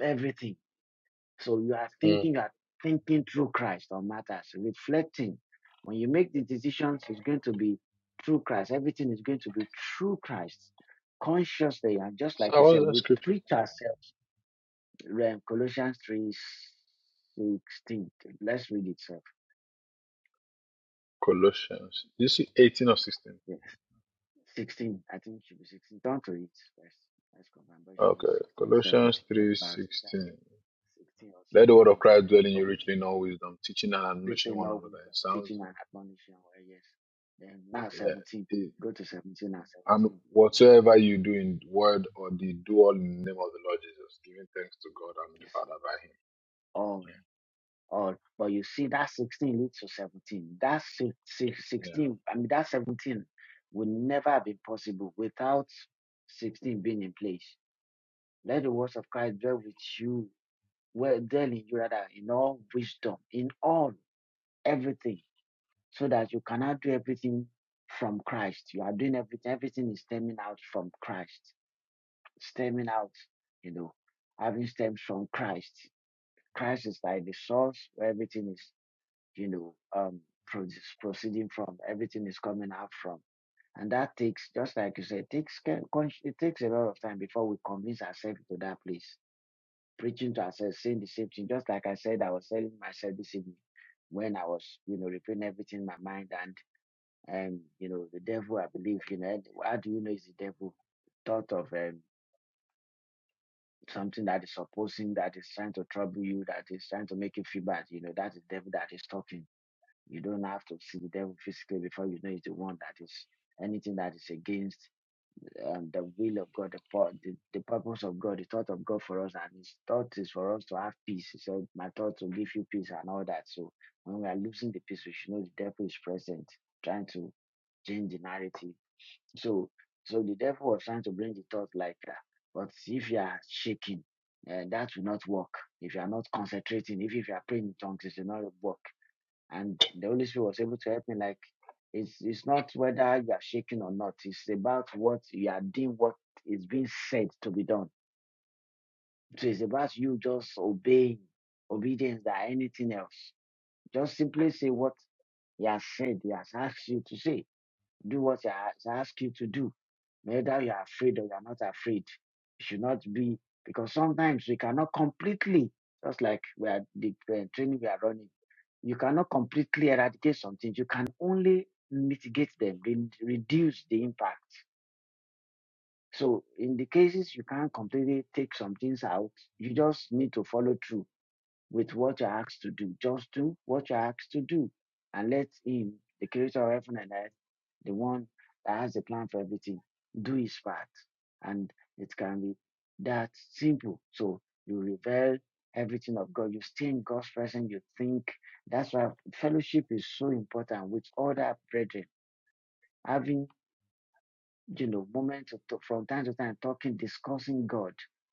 [SPEAKER 1] everything." So you are
[SPEAKER 3] Mm.
[SPEAKER 1] thinking, you are thinking through Christ on matters, reflecting. When you make the decisions, it's going to be through Christ. Everything is going to be through Christ. Consciously, and just like you
[SPEAKER 3] So what
[SPEAKER 1] said,
[SPEAKER 3] is that
[SPEAKER 1] we
[SPEAKER 3] scripture?
[SPEAKER 1] treat ourselves. Read Colossians three sixteen. Let's read it, sir.
[SPEAKER 3] Colossians. You see eighteen of sixteen.
[SPEAKER 1] Yeah. 16. I think it should be 16. Don't read it first. Let's confirm, but it should be
[SPEAKER 3] Okay.
[SPEAKER 1] 16 or 17.
[SPEAKER 3] Colossians
[SPEAKER 1] Yeah,
[SPEAKER 3] three
[SPEAKER 1] About Yeah,
[SPEAKER 3] sixteen.
[SPEAKER 1] 16 or
[SPEAKER 3] Let the
[SPEAKER 1] 17.
[SPEAKER 3] word of Christ dwell in
[SPEAKER 1] Okay.
[SPEAKER 3] you richly in all wisdom, teaching and admonishing
[SPEAKER 1] literally
[SPEAKER 3] one
[SPEAKER 1] know we
[SPEAKER 3] another in sounds.
[SPEAKER 1] teaching and admonishing where yes, then now
[SPEAKER 3] Yeah.
[SPEAKER 1] 17,
[SPEAKER 3] It-
[SPEAKER 1] go to 17 and
[SPEAKER 3] and
[SPEAKER 1] 17.
[SPEAKER 3] whatsoever you do in word or deed, do all in the name of the Lord Jesus, giving thanks to God and
[SPEAKER 1] You
[SPEAKER 3] the
[SPEAKER 1] see,
[SPEAKER 3] Father
[SPEAKER 1] all, all. But you see, that 16 leads to 17. That si- si- 16, I mean, that 17 would never have been possible without 16 being in place. Let the words of Christ dwell with you, well, dwell in you rather, in all wisdom, in all, everything, so that you cannot do everything from Christ. You are doing everything, everything is stemming out from Christ stemming out, you know, having stems from Christ. Christ is like the source where everything is, you know, um, pro- proceeding from. Everything is coming out from, and that takes, just like you said, it takes care- it takes a lot of time before we convince ourselves to that place, preaching to ourselves, saying the same thing. Just like I said, I was telling myself this evening when I was, you know, replaying everything in my mind, and um, you know, the devil, I believe, you know, how do you know it's the devil? Thought of um, something that is opposing, that is trying to trouble you, that is trying to make you feel bad. You know, that is devil that is talking. You don't have to see the devil physically before you know it's the one that is anything that is against um, the will of God, the, pur- the the purpose of God, the thought of God for us, and His thought is for us to have peace. He said, "My thoughts will give you peace," and all that. So when we are losing the peace, we should know the devil is present, trying to change the narrative, so, so the devil was trying to bring the thought like, uh, but if you are shaking, uh, that will not work. If you are not concentrating, if, if you are praying in tongues, it will not work. And the Holy Spirit was able to help me like, it's it's not whether you are shaking or not. It's about what you are doing, what is being said to be done. So it's about you just obeying, obedience than anything else. Just simply say what he has said, he has asked you to say. Do what I as I ask you to do. Whether you are afraid or you are not afraid, you should not be, because sometimes we cannot completely, just like we are the uh, training we are running, you cannot completely eradicate something. You can only mitigate them, re- reduce the impact. So in the cases you can't completely take some things out, you just need to follow through with what you're asked to do. Just do what you're asked to do and let him, the creator of heaven and earth, the one that has a plan for everything, do his part. And it can be that simple. So you reveal everything of God. You stay in God's presence. You think. That's why fellowship is so important with other brethren. Having, you know, moments of t- from time to time talking, discussing God.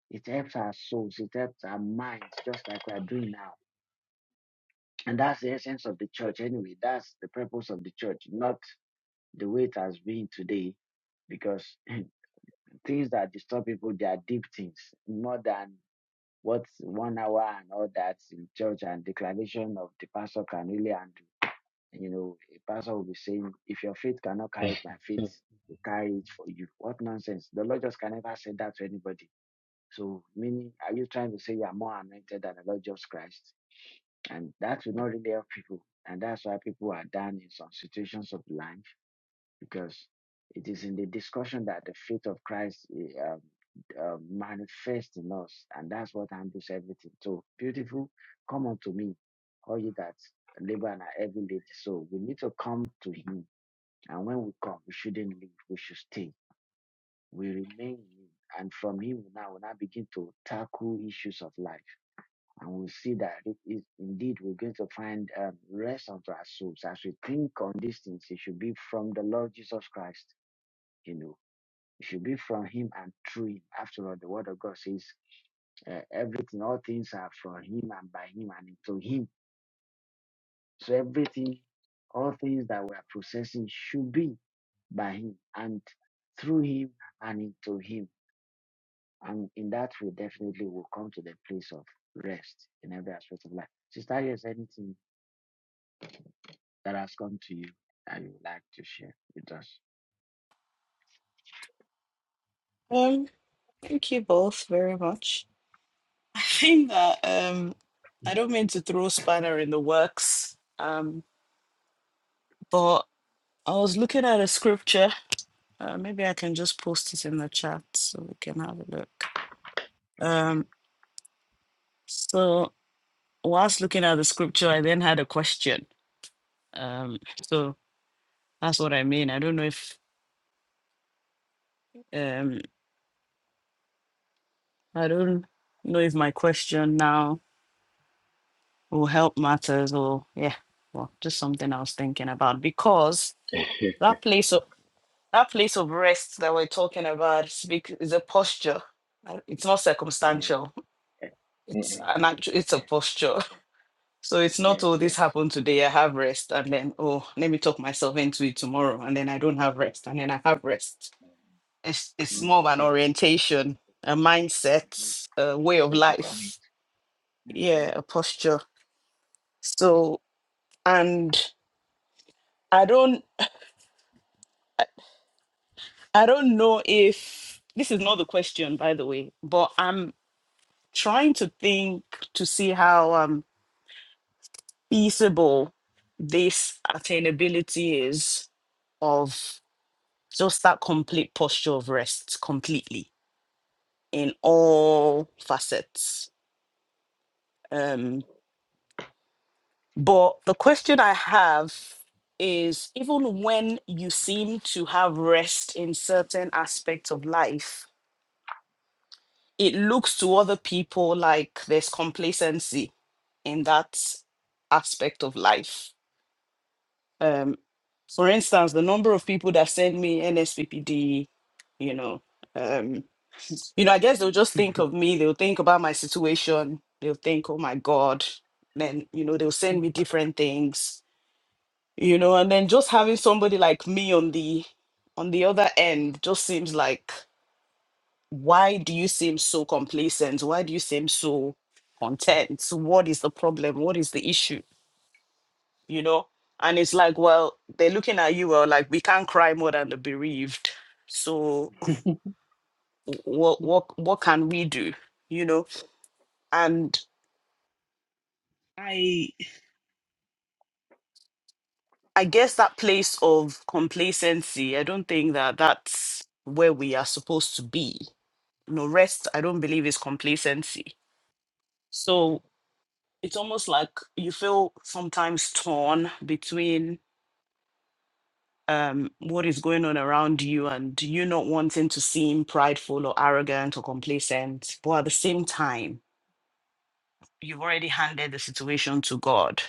[SPEAKER 1] It helps our souls. It helps our minds, just like we are doing now. And that's the essence of the church anyway. That's the purpose of the church, not the way it has been today because things that disturb people, they are deep things, more than what one hour and all that in church and declaration of the pastor can really handle. You know, a pastor will be saying, if your faith cannot
[SPEAKER 3] by
[SPEAKER 1] carry it, my faith
[SPEAKER 3] Him. Yeah. yeah.
[SPEAKER 1] will carry it for you. What nonsense. The Lord just can never say that to anybody. So, meaning, are you trying to say you are more anointed than the Lord Jesus Christ? And that will not really help people. And that's why people are down in some situations of life because it is in the discussion that the faith of Christ eh, um, uh, manifests in us, and that's what handles everything. So beautiful, come unto me, all you that labor and are heavy laden. So we need to come to Him, and when we come, we shouldn't leave. We should stay. We remain in Him, and from Him we now we now begin to tackle issues of life, and we see that it is indeed we're going to find um, rest unto our souls as we think on these things. It should be from the Lord Jesus Christ. You know it should be from him and through him. After all, the word of God says uh, everything, all things are from him and by him and into him. So everything, all things that we are processing should be by him and through him and into him. And in that way, definitely will come to the place of rest in every aspect of life. Sister, is there anything that has come to you that you would like to share with us?
[SPEAKER 2] Um, thank you both very much. I think that um I don't mean to throw spanner in the works, um, but I was looking at a scripture. Uh, maybe I can just post it in the chat so we can have a look. Um, so whilst looking at the scripture, I then had a question. Um, so that's what I mean. I don't know if um I don't know if my question now will help matters or yeah well just something i was thinking about because that place of that place of rest that we're talking about speak is a posture Uh, it's not
[SPEAKER 3] Mm.
[SPEAKER 2] circumstantial it's
[SPEAKER 1] Mhm.
[SPEAKER 2] an actual it's a
[SPEAKER 1] Yes,
[SPEAKER 2] posture so it's not
[SPEAKER 1] yes.
[SPEAKER 2] oh this happened today i have rest and then oh let me talk myself into it tomorrow and then i don't have rest and then i have rest it's, it's
[SPEAKER 1] mm
[SPEAKER 3] Mm-mm.
[SPEAKER 2] more of an
[SPEAKER 1] mm
[SPEAKER 2] orientation a
[SPEAKER 1] mm.
[SPEAKER 2] mindset a
[SPEAKER 1] The
[SPEAKER 2] way of
[SPEAKER 1] place you come in.
[SPEAKER 2] life yeah a
[SPEAKER 1] Mm-hmm.
[SPEAKER 2] posture so and I don't. I don't know if this is not the question, by the way, but I'm trying to think to see how um, feasible this attainability is of just that complete posture of rest completely in all facets. Um, but the question I have is even when you seem to have rest in certain aspects of life, it looks to other people like there's complacency in that aspect of life. Um, for instance, the number of people that send me NSPPD, you know, um, you know, I guess they'll just think of me. They'll think about my situation. They'll think, oh my god. Then you know they'll send me different things, you know, and then just having somebody like me on the on the other end just seems like why do you seem so complacent? Why do you seem so content? What is the problem? What is the issue? you know and it's like well they're looking at you well like we can't cry more than the bereaved so what what what can we do you know and i i guess that place of complacency i don't think that that's where we are supposed to be No rest i don't believe is complacency so it's almost like you feel sometimes torn between um, what is going on around you and you not wanting to seem prideful or arrogant or complacent but at the same time you've already handed the situation to god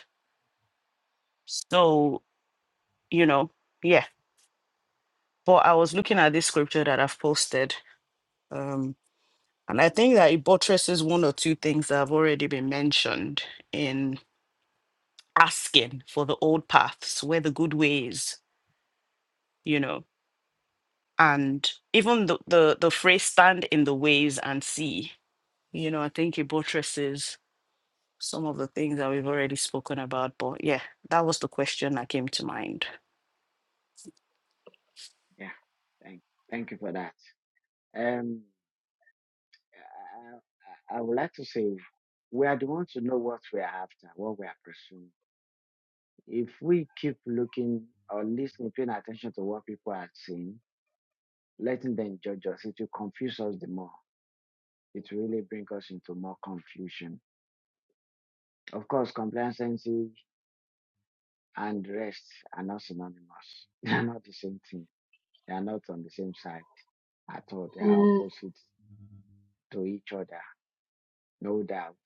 [SPEAKER 2] so you know yeah but i was looking at this scripture that i've posted um, and i think that it buttresses one or two things that have already been mentioned in asking for the old paths where the good ways you know and even the, the the phrase stand in the ways and see You know, I think it buttresses some of the things that we've already spoken about. But yeah, that was the question that came to mind.
[SPEAKER 1] Yeah. Thank, thank you for that. Um, I, I I would like to say we are the ones who know what we are after, what we are pursuing. If we keep looking or listening, paying attention to what people are saying, letting them judge us, it will confuse us the more. It will really bring us into more confusion. Of course, complacency and rest are not synonymous. They are not the same thing. They are not on the same side at all. They are
[SPEAKER 3] Mm.
[SPEAKER 1] opposite to each other, no doubt.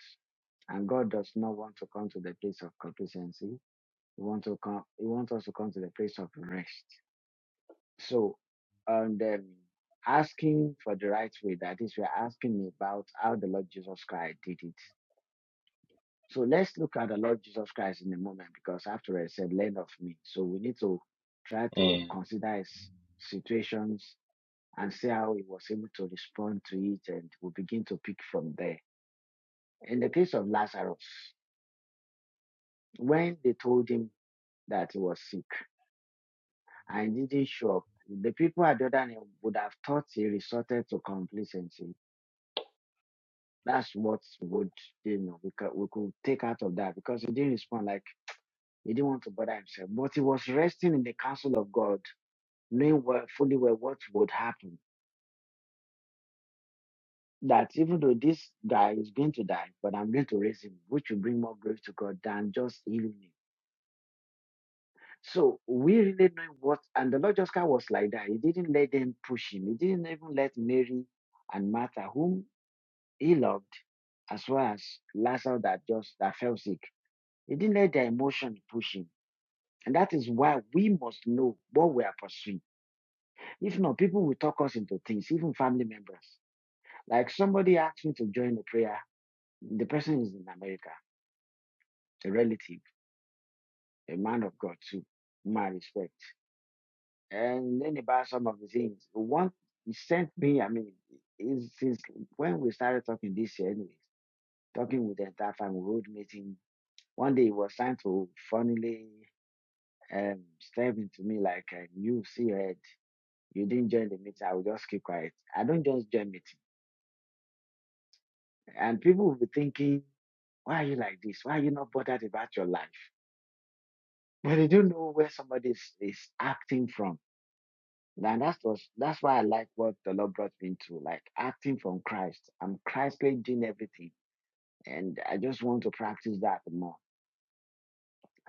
[SPEAKER 1] And God does not want to come to the place of complacency. He wants to come. He wants us to come to the place of rest. So, and um, asking for the right way. That is, we are asking about how the Lord Jesus Christ did it. So let's look at the Lord in a moment, because after I said, "Learn of me." So we need to try to
[SPEAKER 3] Mm.
[SPEAKER 1] consider his situations and see how he was able to respond to it, and we begin to pick from there. In the case of Lazarus, when they told him that he was sick I didn't show up. The people at the other end would have thought he resorted to complacency. That's what would you know we could, we could take out of that because he didn't respond like he didn't want to bother himself. But he was resting in the counsel of God, knowing well, fully well what would happen. That even though this guy is going to die, but I'm going to raise him, which will bring more glory to God than just healing him. So we really know what, and the Lord just kind of was like that. He didn't let them push him. He didn't even let Mary and Martha, whom He as well as Lazarus that just that fell sick. He didn't let their emotion push him. And that is why we must know what we are pursuing. If not, people will talk us into things, even family members. Like somebody asked me to join the prayer. The person is in America, a relative, a man of God too, my respect. And then about some of the things. One he sent me, I mean, since when we started talking this year anyways, talking with the entire family, road meeting, One day it was time to finally um step into me like um, you see your head. You didn't join the meeting, I will just keep quiet. I don't just join meeting. And people will be thinking, why are you like this? Why are you not bothered about your life? But they don't know where somebody is, is acting from. And that was that's why I like what the Lord brought me into, like acting from Christ. I'm Christly doing everything. And I just want to practice that more.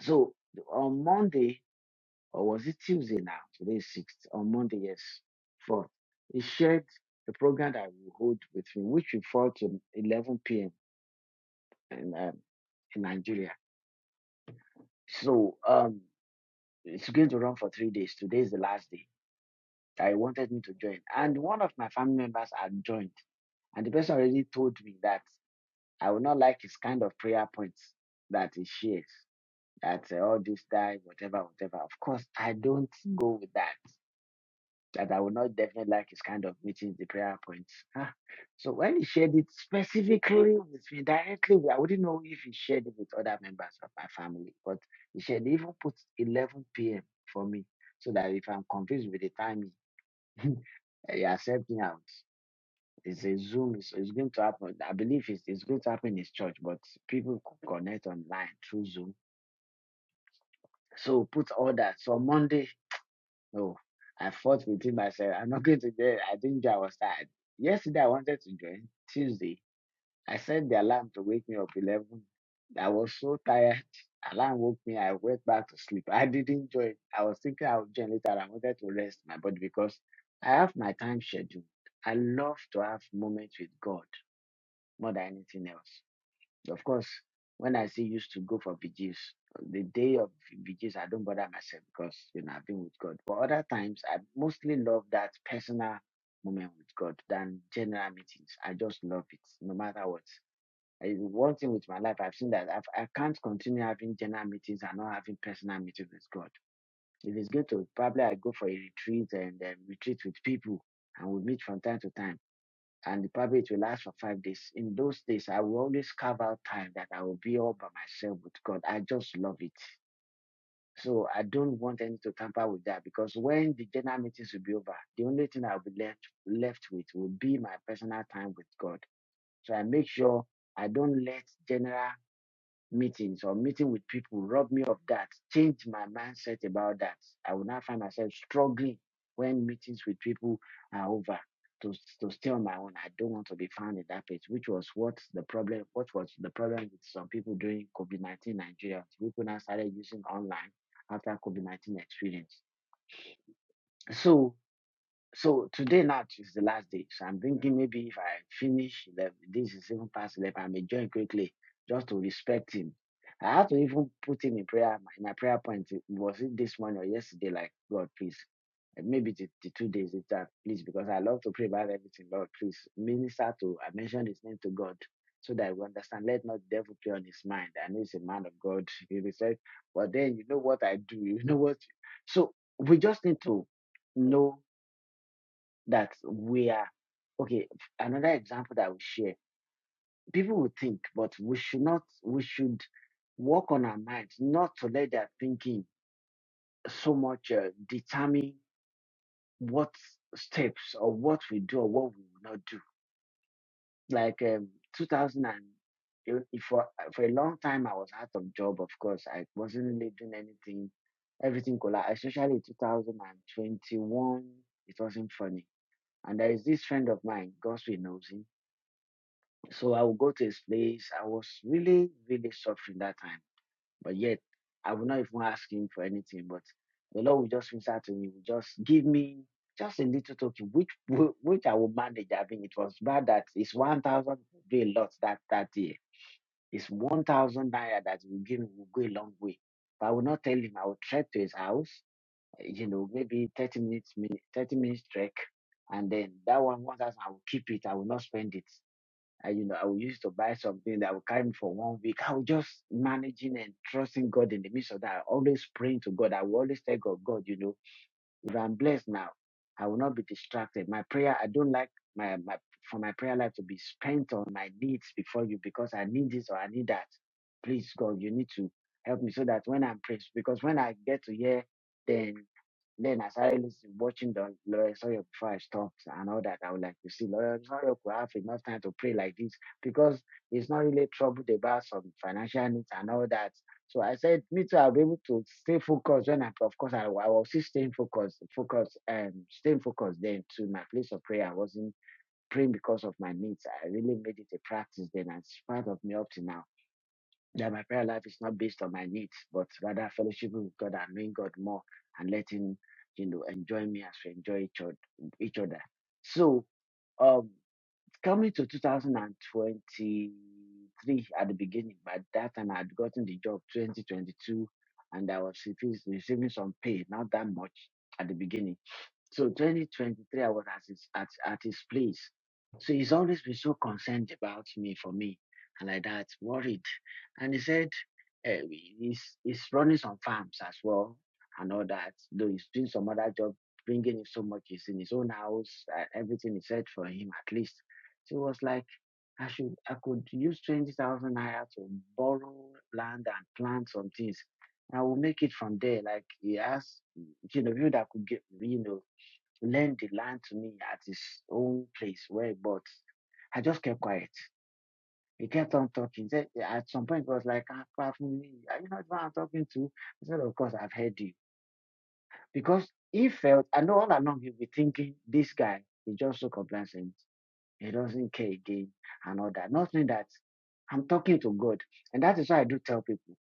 [SPEAKER 1] So on Monday, or was it Tuesday now? Today is sixth. On Monday, yes, fourth. He shared a program that we hold with him, which will fall to 11 p.m. in um, in Nigeria. So um, it's going to run for three days. Today is the last day. I wanted me to join, and one of my family members had joined, and the person already told me that I would not like his kind of prayer points that he shares. That uh, all this die, whatever, whatever. Of course, I don't go with that. that I would not definitely like is kind of meeting the prayer points. Huh? So when he shared it specifically with me directly, I wouldn't know if he shared it with other members of my family, but he shared he even put 11 p.m. for me so that if I'm confused with the timing, eh, he accept me out. It's a Zoom, so it's going to happen. I believe it's, it's going to happen in his church, but people could connect online through Zoom. So put all that. So on Monday No, I fought within myself. I'm not going to join. I didn't join. I was tired. Yesterday, I wanted to join. Tuesday, I set the alarm to wake me up 11. I was so tired. Alarm woke me. I went back to sleep. I didn't join. I was thinking I would join later. I wanted to rest my body because I have my time scheduled. I love to have moments with God more than anything else. Of course, when I say used to go for vigils, the day of vigils, I don't bother myself because you know I've been with God. But other times, I mostly love that personal moment with God than general meetings. I just love it, no matter what. I, one thing with my life, I've seen that I've, I can't continue having general meetings and not having personal meetings with God. If it's good to, probably I go for a retreat and then retreat with people and we meet from time to time and probably it will last for five days. In those days, I will always carve out time that I will be all by myself with God. I just love it. So I don't want any to tamper with that because when the general meetings will be over, the only thing I'll be left left with will be my personal time with God. So I make sure I don't let general meetings or meeting with people rob me of that, change my mindset about that. I will now find myself struggling when meetings with people are over to, to stay on my own. I don't want to be found in that place, which was what the problem, what was the problem with some people during COVID-19 Nigeria. People now started using online after COVID-19 experience. So so today now is the last day. So I'm thinking maybe if I finish the, this is even past eleven, I may join quickly just to respect him. I had to even put him in prayer. In my prayer point eh, was it this morning or yesterday? Like God, please, and maybe the, the two days later, please, because I love to pray about everything. Lord, please minister to. I mentioned his name to God so that we understand. Let not the devil play on his mind. I know he's a man of God. He said, but then you know what I do. You know what. So we just need to know that we are okay. Another example that we share, people will think, but we should not. We should work on our minds, not to let their thinking so much uh, determine what steps or what we do or what we will not do. Like um, 2000 and it- it- for for a long time, I was out of job. Of course, I wasn't really doing anything. Everything collapsed, especially 2021. It wasn't funny. And there is this friend of mine, Gospel knows him So I would go to his place. I was really, really suffering that time. But yet, I would not even ask him for anything. But the Lord would just reach out to me, would just give me just a little token, which whi- which I will manage. I mean, it was bad that it's 1,000 would be a lot that, that year. It's 1,000 naira that will give me will go a long way. But I will not tell him. I will trek to his house, eh, you know, maybe 30 minutes, mi- 30 minutes trek. And then that one, 1,000, I will keep it. I will not spend it. I, you know, I would used to buy something that I would carry me for one week. I was just managing and trusting God in the midst of that. I always praying to God. I will always tell God, God, you know, if I'm blessed now, I will not be distracted. My prayer, I don't like my, my for my prayer life to be spent on my needs before you because I need this or I need that. Please, God, you need to help me so that when I'm praying, because when I get to here, then then I started listening, watching the Lawrence Oyor before I and all that. I would like to see Lawrence Oyor could have enough time to pray like this because he's not really troubled about some financial needs and all that. So I said, me too, I'll be able to stay focused when I, of course, I, I was still staying focused, focused, and staying focused then to my place of prayer. I wasn't praying because of my needs. I really made it a practice then. and It's part of me up to now that my prayer life is not based on my needs, but rather fellowshipping with God and knowing God more and letting you know enjoy me as we enjoy each other. Each other. So um, coming to 2023 at the beginning, by that time I had gotten the job 2022, and I was receiving receiving some pay, not that much at the beginning. So 2023, I was at his, at, at his place. So he's always been so concerned about me, for me, and like that, worried. And he said uh, he's, he's running some farms as well and all that, though he's doing some other job, bringing in so much. He's in his own house, uh, everything is set for him at least. So he was like, I should, I could use 20,000 naira to borrow land and plant some things. I will make it from there. Like he asked, you know, people that could get, you know, lend the land to me at his own place where he bought. I just kept quiet. He kept on talking. Said, "Yeah, at some point, he was like, "Ah, are you not what I'm talking to? I said, Of course, I've heard you. Because he felt, I know all along he'll be thinking, this guy is just so complacent. He doesn't care again and all that. Not that I'm talking to God. And that is why I do tell people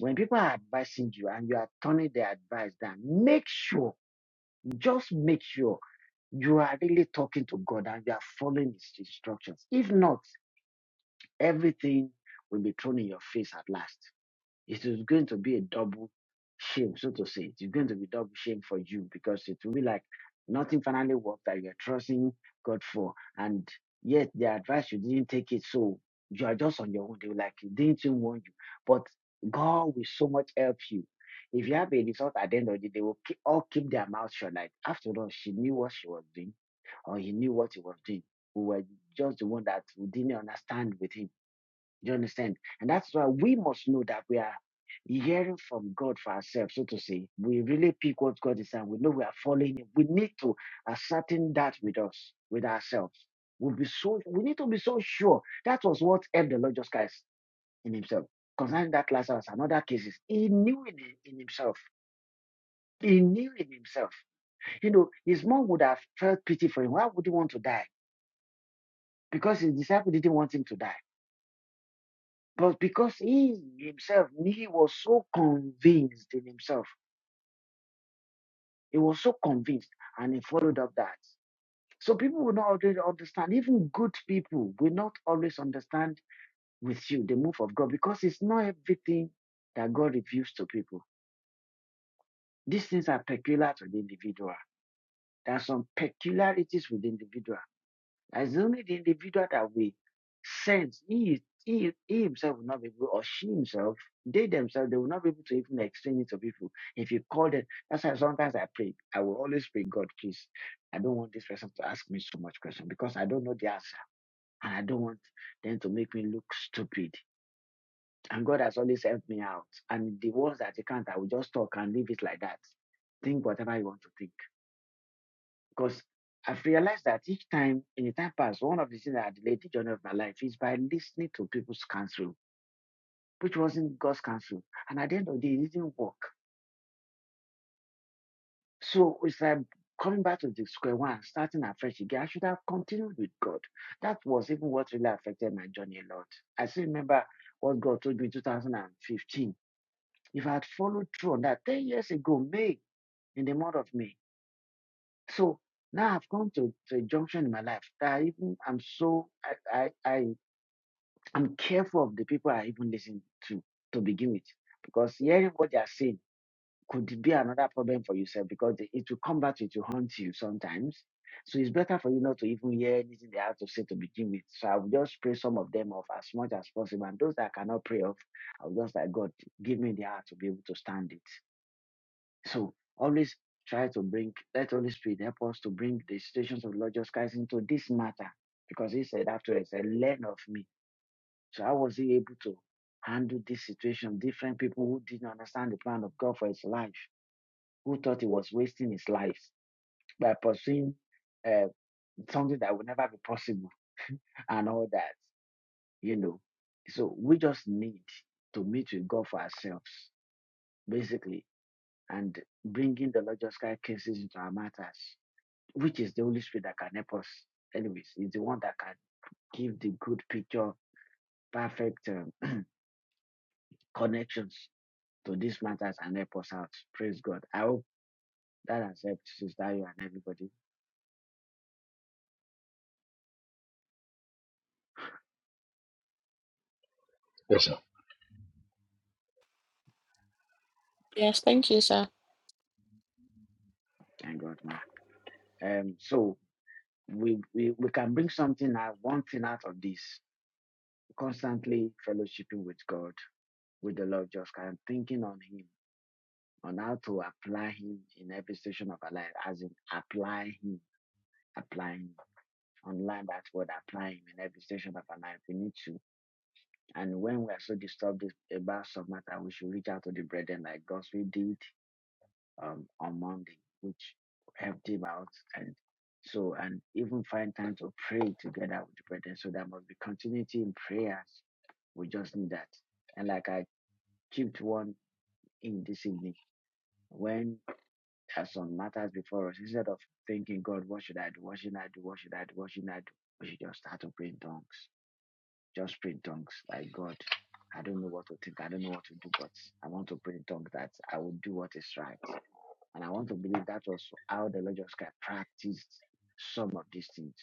[SPEAKER 1] when people are advising you and you are turning their advice down, make sure, just make sure you are really talking to God and you are following His instructions. If not, everything will be thrown in your face at last. It is going to be a double shame, so to say. It's going to be double shame for you because it will be like nothing finally worked that you're trusting God for. And yet, the advice you didn't take it, so you are just on your own. They were like, didn't even warn you. But God will so much help you. If you have a result at the end of the day, they will keep, all keep their mouth shut. Like, after all, she knew what she was doing or he knew what he was doing. We were just the one that we didn't understand with him. Do You understand? And that's why we must know that we are hearing from God for ourselves, so to say. We really pick what God is saying. We know we are following him. We need to ascertain that with us, with ourselves. We'll be so we need to be so sure. That was what helped the Lord Jesus Christ in himself. Concerning that Lazarus and other cases, he knew in, in himself. He knew in himself. You know, his mom would have felt pity for him. Why would he want to die? because his disciple didn't want him to die. But because he himself, he was so convinced in himself, he was so convinced, and he followed up that. So people will not always understand. Even good people will not always understand with you the move of God because it's not everything that God reveals to people. These things are peculiar to the individual. There are some peculiarities with the individual As the only the individual that we sense, he, is- he, is- he himself will not be able, or she himself, they themselves, they will not be able to even explain it to people. If you call them, that's why sometimes I pray. I will always pray, God, please, I don't want this person to ask me so much question because I don't know the answer. And I don't want them to make me look stupid. And God has always helped me out. And the ones that you can't, I will just talk and leave it like that. Think whatever you want to think because I've realized that each time, in the time past, one of the things that I delayed the journey of my life is by listening to people's counsel, which wasn't God's counsel. And at the end of the day, it didn't work. So it's like coming back to the square one, starting afresh again. I should have continued with God. That was even what really affected my journey a lot. I still remember what God told me in 2015. If I had followed through on that 10 years ago, May, in the month of May, So now I've come to, to a junction in my life that I even I'm so I, I I I'm careful of the people I even listen to to begin with because hearing what they are saying could be another problem for yourself because they- it will come back to it to haunt you sometimes. So it's better for you not to even hear anything they have to say to begin with. So I will just pray some of them off as much as possible. And those that I cannot pray off, I'll just like God give me the heart to be able to stand it. So always try to bring, let Holy Spirit help us to bring the situations of Lord Jesus Christ into this matter. Because he said afterwards, "I learn of me. So how was he able to handle this situation? Different people who didn't understand the plan of God for his life, who thought he was wasting his life by pursuing uh, something that would never be possible and all that, you know. So we just need to meet with God for ourselves, basically, and bringing the Lord Jesus Christ cases into our matters which is the Holy Spirit that can help us. Anyways, it's the one that can give the good picture, perfect um, connections to these matters and help us out. Praise God. I hope that has helped Sister you and everybody.
[SPEAKER 3] Yes, sir.
[SPEAKER 2] Yes, thank you, sir.
[SPEAKER 1] Thank God, ma. Um, so we, we we can bring something out, one thing out of this. Constantly fellowshipping with God, with the Lord, just kind of thinking on Him, on how to apply Him in every station of our life, as in apply Him, applying. online that word applying in every station of our life. We need to. And when we are so disturbed about some matter, we should reach out to the brethren like Gospel did um, on Monday, which helped him out. And so, and even find time to pray together with the brethren. So there must be continuity in prayers. We just need that. And like I kept one in this evening, when there's some matters before us, instead of thinking, God, what should I do? What should I do? What should I do? What should I do? We should just start to pray in tongues just pray in tongues. Like God, I don't know what to think. I don't know what to do, but I want to pray in tongues that I will do what is right. And I want to believe that was how the Lord Jesus Christ practiced some of these things.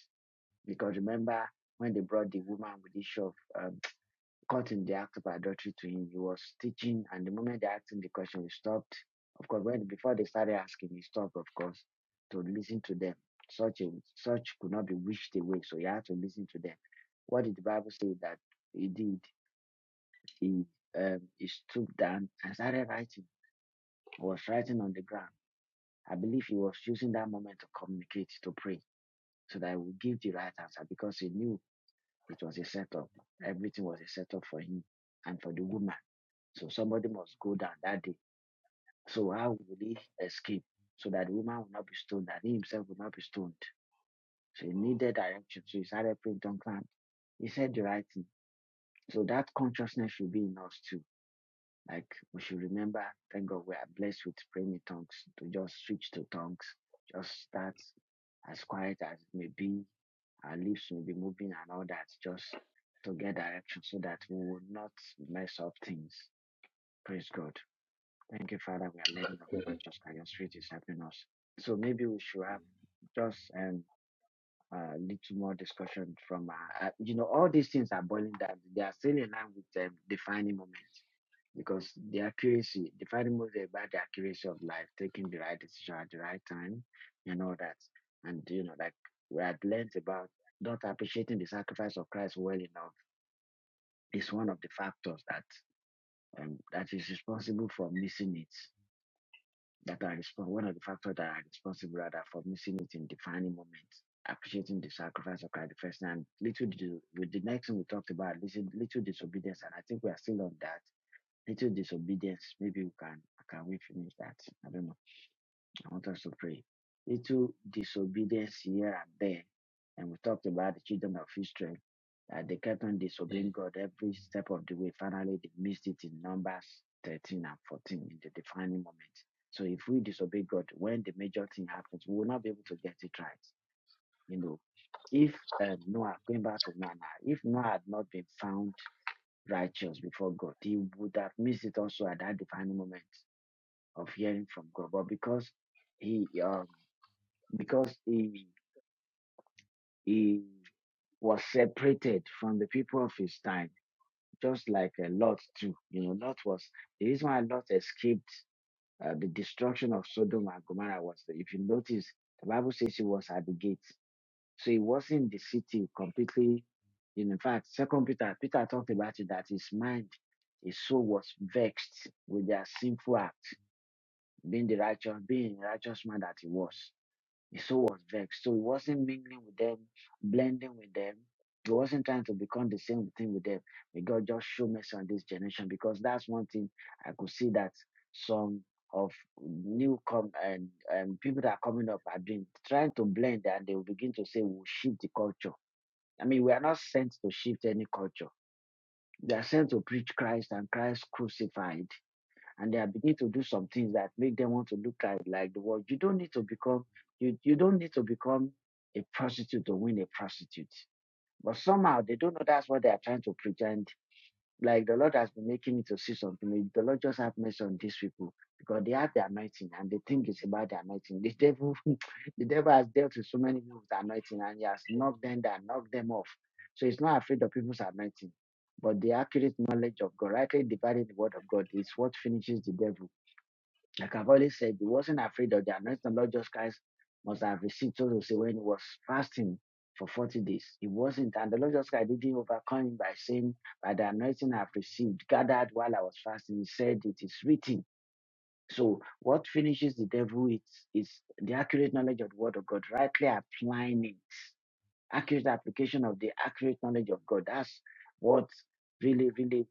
[SPEAKER 1] Because remember when they brought the woman with the issue of um, caught in the act of adultery to him, he was teaching, and the moment they asked him the question, he stopped. Of course, when before they started asking, he stopped, of course, to listen to them. Such a such could not be wished away, so he had to listen to them. What did the Bible say that he did? He um he stooped down and started writing. I was writing on the ground. I believe he was using that moment to communicate, to pray, so that he would give the right answer because he knew it was a setup. Everything was a setup for him and for the woman. So somebody must go down that day. So how will he escape? So that the woman will not be stoned, and he himself will not be stoned. So he needed direction. So he started praying on ground. He said the right thing. So that consciousness should be in us too Like we should remember, thank God we are blessed with praying in tongues to just switch to tongues, just start as quiet as it may be. Our lips may be moving and all that, just to get direction so that we will not mess up things. Praise God. Thank you, Father. We are learning of the Lord just by your spirit is helping us. So maybe we should have just um, a little more discussion from, uh, uh, you know, all these things are boiling down. They are still in line with the defining moment because the accuracy, the fighting moves are about the accuracy of life, taking the right decision at the right time and all that. And you know, like we had learned about not appreciating the sacrifice of Christ well enough is one of the factors that um, that is responsible for missing it. That are respons- one of the factors that are responsible rather for missing it in defining moments. Appreciating the sacrifice of Christ the first time. Little did- with the next thing we talked about, little, little disobedience, and I think we are still on that little disobedience. Maybe we can can we finish that? I don't know. I want us to pray. Little disobedience here and there. And we talked about the children of Israel. That they kept on
[SPEAKER 3] Mm.
[SPEAKER 1] disobeying God every step of the way. Finally they missed it in Numbers 13 and 14 in the defining moment. So if we disobey God, when the major thing happens, we will not be able to get it right. You know, if um, Noah, going back to Noah, now, if Noah had not been found righteous before God. He would have missed it also at that defining moment of hearing from God. But because he um because he he was separated from the people of his time, just like a Lot too. You know, Lot was the reason why Lot escaped uh, the destruction of Sodom and Gomorrah was that if you notice, the Bible says he was at the gate. So he was in the city completely. in fact, Second Peter, Peter talked about it that his mind, his soul was vexed with their sinful act, being the righteous, being the righteous man that he was so was vexed. So he wasn't mingling with them, blending with them. He wasn't trying to become the same thing with them. May God just show mercy on this generation because that's one thing I could see that some of new come and, and people that are coming up are doing trying to blend and they will begin to say we'll shift the culture. I mean, we are not sent to shift any culture. We are sent to preach Christ and Christ crucified and they are beginning to do some things that make them want to look like, like the world. You don't need to become you you don't need to become a prostitute to win a prostitute. But somehow they don't know that's what they are trying to pretend. Like the Lord has been making me to see something. The Lord just have mercy on these people because they have the anointing and they think it's about the anointing. The devil, the devil has dealt with so many people with the anointing and he has knocked them down, knocked them off. So he's not afraid of people's anointing. But the accurate knowledge of God, rightly dividing the word of God, is what finishes the devil like I've always said, he wasn't afraid of the anointing. of Lord Jesus Christ must have received so to say when he was fasting for 40 days. He wasn't, and the Lord Jesus Christ didn't overcome him by saying, By the anointing I've received, gathered while I was fasting, he said, It is written. So what finishes the devil is, is the accurate knowledge of the word of God, rightly applying it accurate application of the accurate knowledge of God. That's what really, really,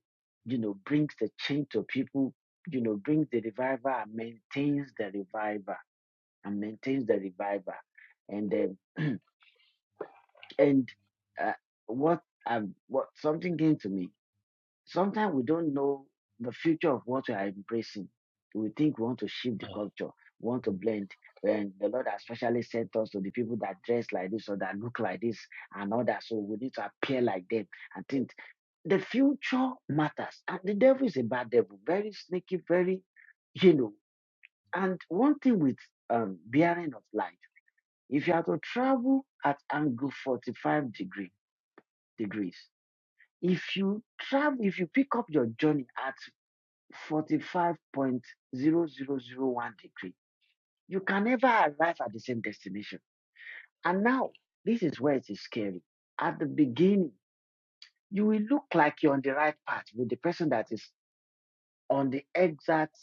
[SPEAKER 1] you know, brings the change to people, you know, brings the revival and maintains the revival and maintains the revival. And then, and uh, what, um, what something came to me Sometimes we don't know the future of what we are embracing. We think we want to shift the culture, we want to blend. And the Lord has specially sent us to the people that dress like this or that look like this and all that. So we need to appear like them and think. The future matters. And the devil is a bad devil, very sneaky, very, you know. And one thing with um, bearing of light, if you are to travel at angle 45 degree, degrees, if you travel, if you pick up your journey at 45.0001 degree. You can never arrive at the same destination. And now, this is where it is scary. At the beginning, you will look like you're on the right path with the person that is on the exact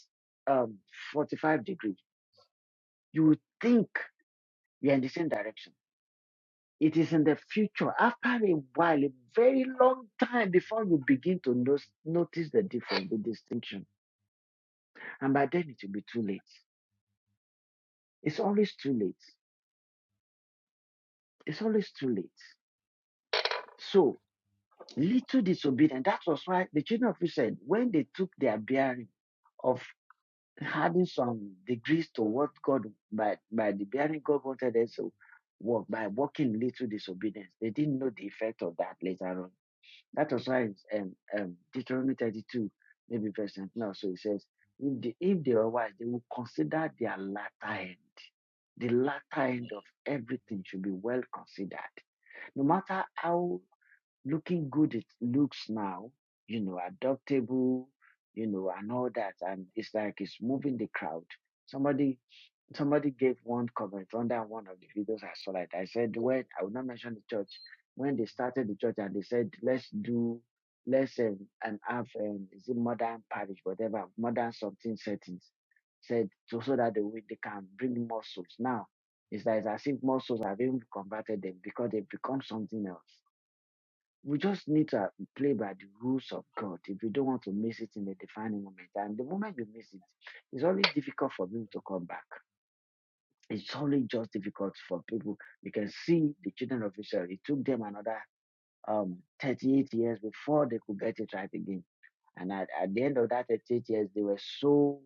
[SPEAKER 1] um, 45 degree. You will think you're in the same direction. It is in the future, after a while, a very long time before you begin to no- notice the difference, the distinction. And by then, it will be too late. It's always too late. It's always too late. So little disobedient. That was why the children of Israel, said, when they took their bearing of having some degrees to what God by by the bearing God wanted them to walk by walking little disobedience, they didn't know the effect of that later on. That was why it's, um, um, Deuteronomy 32, maybe verse 19 or so, it says, if they, if they are wise, they would consider their latter end. The latter end of everything should be well considered. No matter how looking good it looks now, you know, adoptable, you know, and all that. And it's like it's moving the crowd. Somebody somebody gave one comment under one of the videos I saw like that. I said when I will not mention the church, when they started the church and they said let's do let's um, and have um, is it modern parish, whatever, modern something settings. Said so, so that they, will- they can bring more souls. Now it's like it's as if more souls have even converted them because they've become something else we just need to uh, play by the rules of God if we don't want to miss it in the defining moment. And the moment you miss it, it's always difficult for people to come back. It's only just difficult for people. You can see the children of Israel. It took them another um, 38 years before they could get it right again. And at, at the end of that 38 years, they were so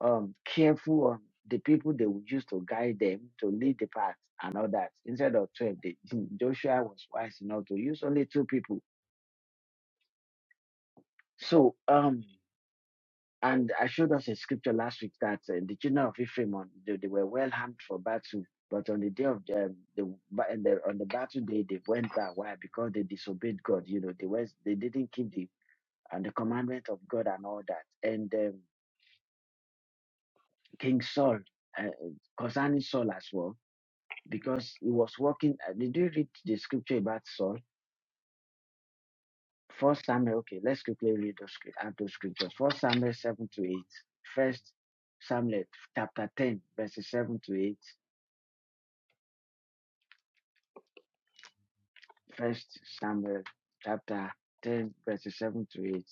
[SPEAKER 1] um, careful on the people they would use to guide them, to lead the path, and all that. Instead of 12, they, Joshua was wise enough to use only two people. So, um, And I showed us a scripture last week that uh, the children of Ephraim, on, they, they were well armed for battle, but on the day of the, the, ba- and the on the battle day, they went back. Why? Because they disobeyed God. You know, they was they didn't keep the and the commandment of God and all that. And um, King Saul, uh, concerning Saul as well, because he was walking. Uh, did you read the scripture about Saul? First Samuel. Okay, let's quickly read those scrip- out those scriptures. First Samuel seven to eight. First Samuel chapter ten, verses seven to eight. First Samuel chapter 10, verses 7 to 8.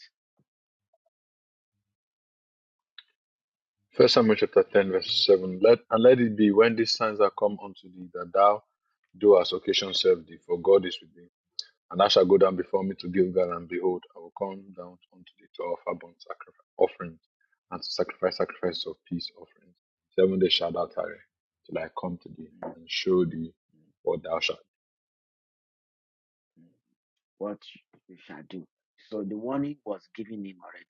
[SPEAKER 3] First Samuel chapter 10, verse 7. Let, and let it be when these signs are come unto thee, that thou do as occasion serve thee, for God is with thee. And thou shalt go down before me to Gilgal, and behold, I will come down unto thee to offer burnt sacrifice offerings, and to sacrifice sacrifices of peace offerings. Seven days shalt thou tarry, till I come to thee, and show thee what thou shalt.
[SPEAKER 1] What you shall do. So the warning was given him already.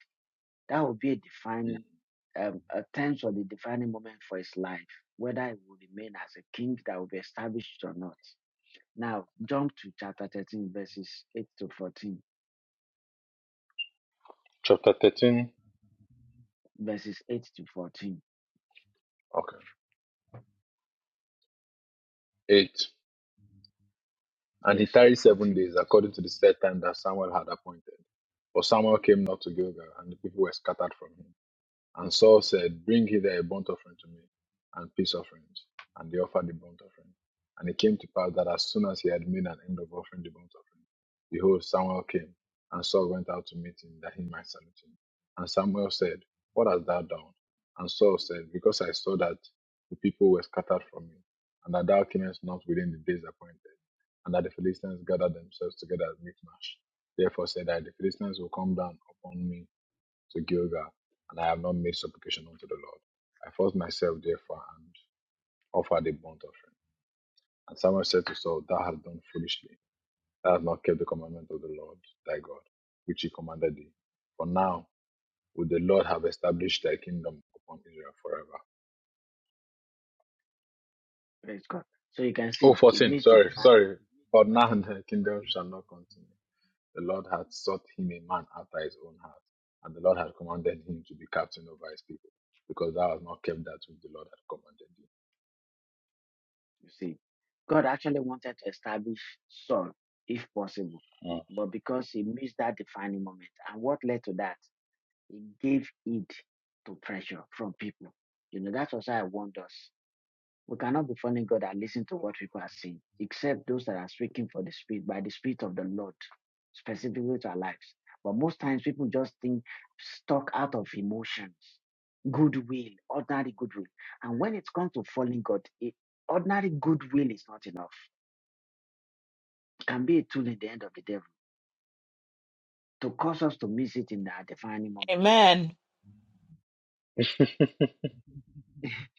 [SPEAKER 1] That will be a
[SPEAKER 3] do. Mm.
[SPEAKER 1] defining, um, a tense or the defining moment for his life, whether he will remain as a king that will be established or not. Now jump to chapter 13, verses 8 to 14.
[SPEAKER 3] Chapter 13,
[SPEAKER 1] Verses 8 to 14.
[SPEAKER 3] okay, 8. And he
[SPEAKER 1] Yes, to
[SPEAKER 3] tarried seven
[SPEAKER 1] 14.
[SPEAKER 3] days, according to the set time that Samuel had appointed. But Samuel came not to Gilgal, and the people were scattered from him. And Saul said, Bring hither a burnt offering to me, and peace offerings. And they offered the burnt offering. And it came to pass that as soon as he had made an end of offering the burnt offering, behold, Samuel came, and Saul went out to meet him, that he might salute him. And Samuel said, What hast thou done? And Saul said, Because I saw that the people were scattered from me, and that thou camest not within the days appointed, and that the Philistines gathered themselves together at Michmash. Therefore said I, The Philistines will come down upon me to Gilgal, and I have not made supplication unto the Lord. I forced myself therefore and offered a burnt offering. And Samuel said to Saul, Thou hast done foolishly. Thou hast not kept the commandment of the Lord thy God, which he commanded thee. For now would the Lord have established thy kingdom upon Israel forever.
[SPEAKER 1] Praise God. So you can
[SPEAKER 3] Oh,
[SPEAKER 1] see it
[SPEAKER 3] 14,
[SPEAKER 1] meets the
[SPEAKER 3] sorry,
[SPEAKER 1] defining.
[SPEAKER 3] sorry. For
[SPEAKER 1] but
[SPEAKER 3] now thy
[SPEAKER 1] okay.
[SPEAKER 3] kingdom shall not continue. The Lord hath sought him a man after his own heart, and the Lord hath commanded him to be captain over his people, because thou hast not kept that which the Lord hath commanded
[SPEAKER 1] You see, God actually wanted to establish Saul, if possible,
[SPEAKER 3] thee.
[SPEAKER 1] but because he missed that defining moment, and what led to that, he gave it to pressure from people. You know, that's what I wonder. We cannot be following God and listen to what people are saying, except those that are speaking for the Spirit, by the Spirit of the Lord, specifically to our lives. But most times people just think stuck out of emotions, goodwill, ordinary goodwill. And when it comes to following God, it, ordinary goodwill is not enough. It can be a tool in the end of the devil to cause us to miss it in our defining moment.
[SPEAKER 2] Amen.
[SPEAKER 3] It's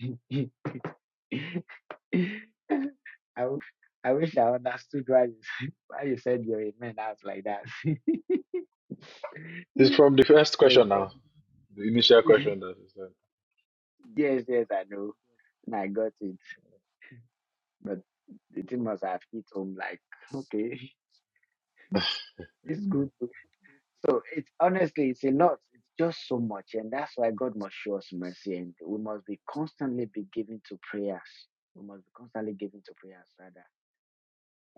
[SPEAKER 1] I, w- I wish I understood why you, why you said your amen out like that. Praise
[SPEAKER 3] from the first question
[SPEAKER 1] God.
[SPEAKER 3] now, the initial question that you said.
[SPEAKER 1] yes, yes, I know. And I got it. But the thing must have hit home like, okay, it's good. So it's honestly, it's a lot. It's just so much. And that's why God must show us mercy. And we must be constantly be giving to prayers. We must be constantly giving to prayers, rather.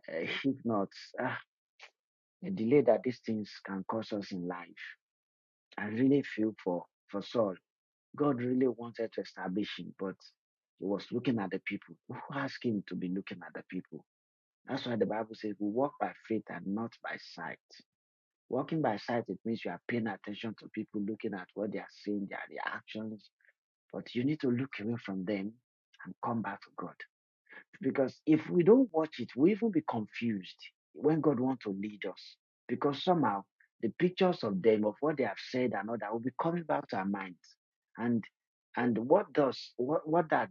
[SPEAKER 1] Uh, if not, ah, the delay that these things can cause us in life. I really feel for, for Saul. God really wanted to establish him, but he was looking at the people. Who asked him to be looking at the people? That's why the Bible says we walk by faith and not by sight. Walking by sight, it means you are paying attention to people, looking at what they are saying, their reactions, but you need to look away from them and come back to God because if we don't watch it, we even be confused when God wants to lead us. Because somehow the pictures of them, of what they have said and all that will be coming back to our minds. And and what does what what that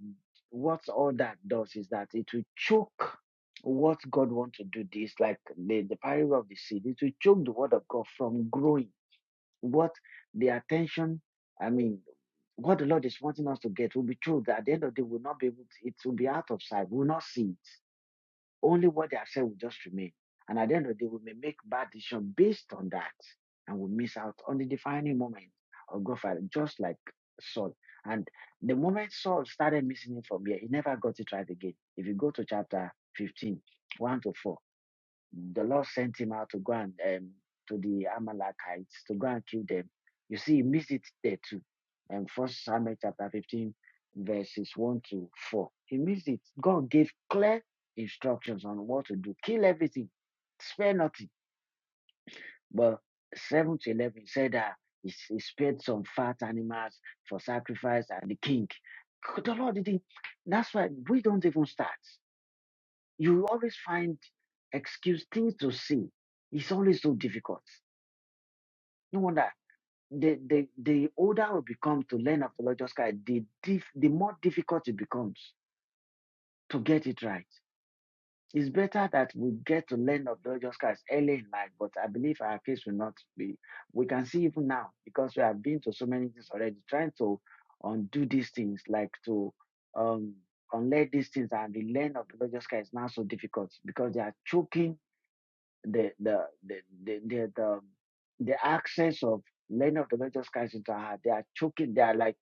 [SPEAKER 1] what all that does is that it will choke what God wants to do this, like the, the parable of the seed, it will choke the word of God from growing what the attention, I mean, what the Lord is wanting us to get will be true. That at the end of the day, we'll not be able to, it will be out of sight. We'll not see it. Only what they have said will just remain. And at the end of the day, we may make bad decisions based on that and we miss out on the defining moment of God, just like Saul. And the moment Saul started missing it from here, he never got it right again. If you go to chapter 15, 1 to 4, the Lord sent him out to go and um, to the Amalekites to go and kill them. You see, he missed it there too. And um, First Samuel chapter 15, verses 1 to 4. He missed it. God gave clear instructions on what to do. Kill everything, spare nothing. But 7 to 11 said that he, he spared some fat animals for sacrifice and the king. The Lord didn't. That's why we don't even start. You will always find excuse things to say. It's always so difficult. No wonder the the, the older we become to learn apologetics, the dif- the more difficult it becomes to get it right. It's better that we get to learn apologetics early in life, but I believe our case will not be. We can see even now because we have been to so many things already, trying to undo these things, like to um unlearn these things and the learn apologetics is now so difficult because they are choking the the the the the, the, the access of many of the major skies into our heart. They are choking. They are like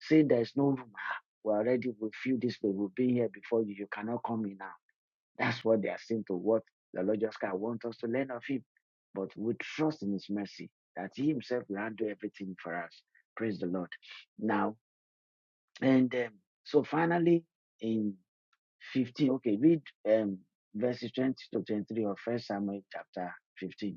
[SPEAKER 1] saying there is no room. Ah, we already we feel this way. We've been here before you. You cannot come in now. That's what they are saying to what the Lord Jesus Christ wants us to learn of Him. But we trust in His mercy that He Himself will handle everything for us. Praise the Lord. Now and um, so finally in 15. Okay, read um, verses 20 to 23 of First Samuel chapter 15.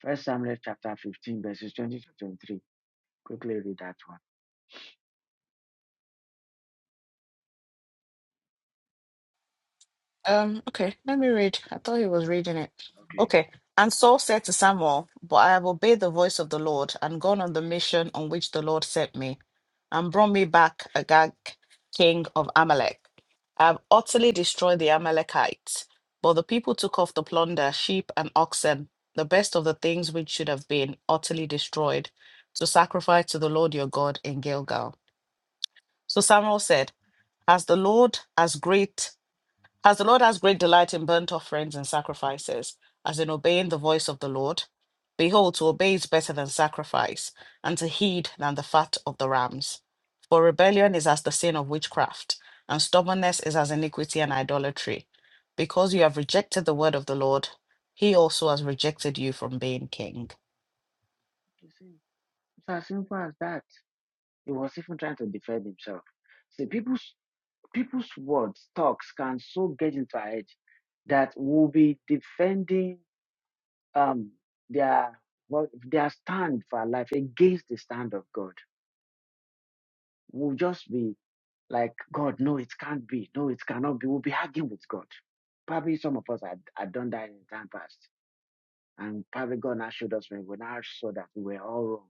[SPEAKER 1] First Samuel chapter 15, verses 20 to 23. Quickly read that one.
[SPEAKER 2] Um, okay, let me read. I thought he was reading it.
[SPEAKER 1] Okay.
[SPEAKER 2] Okay. And Saul said to Samuel, But I have obeyed the voice of the Lord and gone on the mission on which the Lord sent me. and brought me back Agag, king of Amalek. I have utterly destroyed the Amalekites. But the people took off the plunder, sheep and oxen, the best of the things which should have been utterly destroyed, to sacrifice to the Lord your God in Gilgal. So Samuel said, As the Lord as great as the Lord has great delight in burnt offerings and sacrifices, as in obeying the voice of the Lord, behold, to obey is better than sacrifice, and to heed than the fat of the rams. For rebellion is as the sin of witchcraft, and stubbornness is as iniquity and idolatry. Because you have rejected the word of the Lord, he also has rejected you from being king.
[SPEAKER 1] You see, It's as simple as that. He was even trying to defend himself. See, people's people's words, talks can so get into our head that we'll be defending um their what their stand for our life against the stand of God. We'll just be like, God, no, it can't be. No, it cannot be. We'll be arguing with God. Probably some of us had, had done that in the time past And probably God now showed us when we now saw that we were all wrong.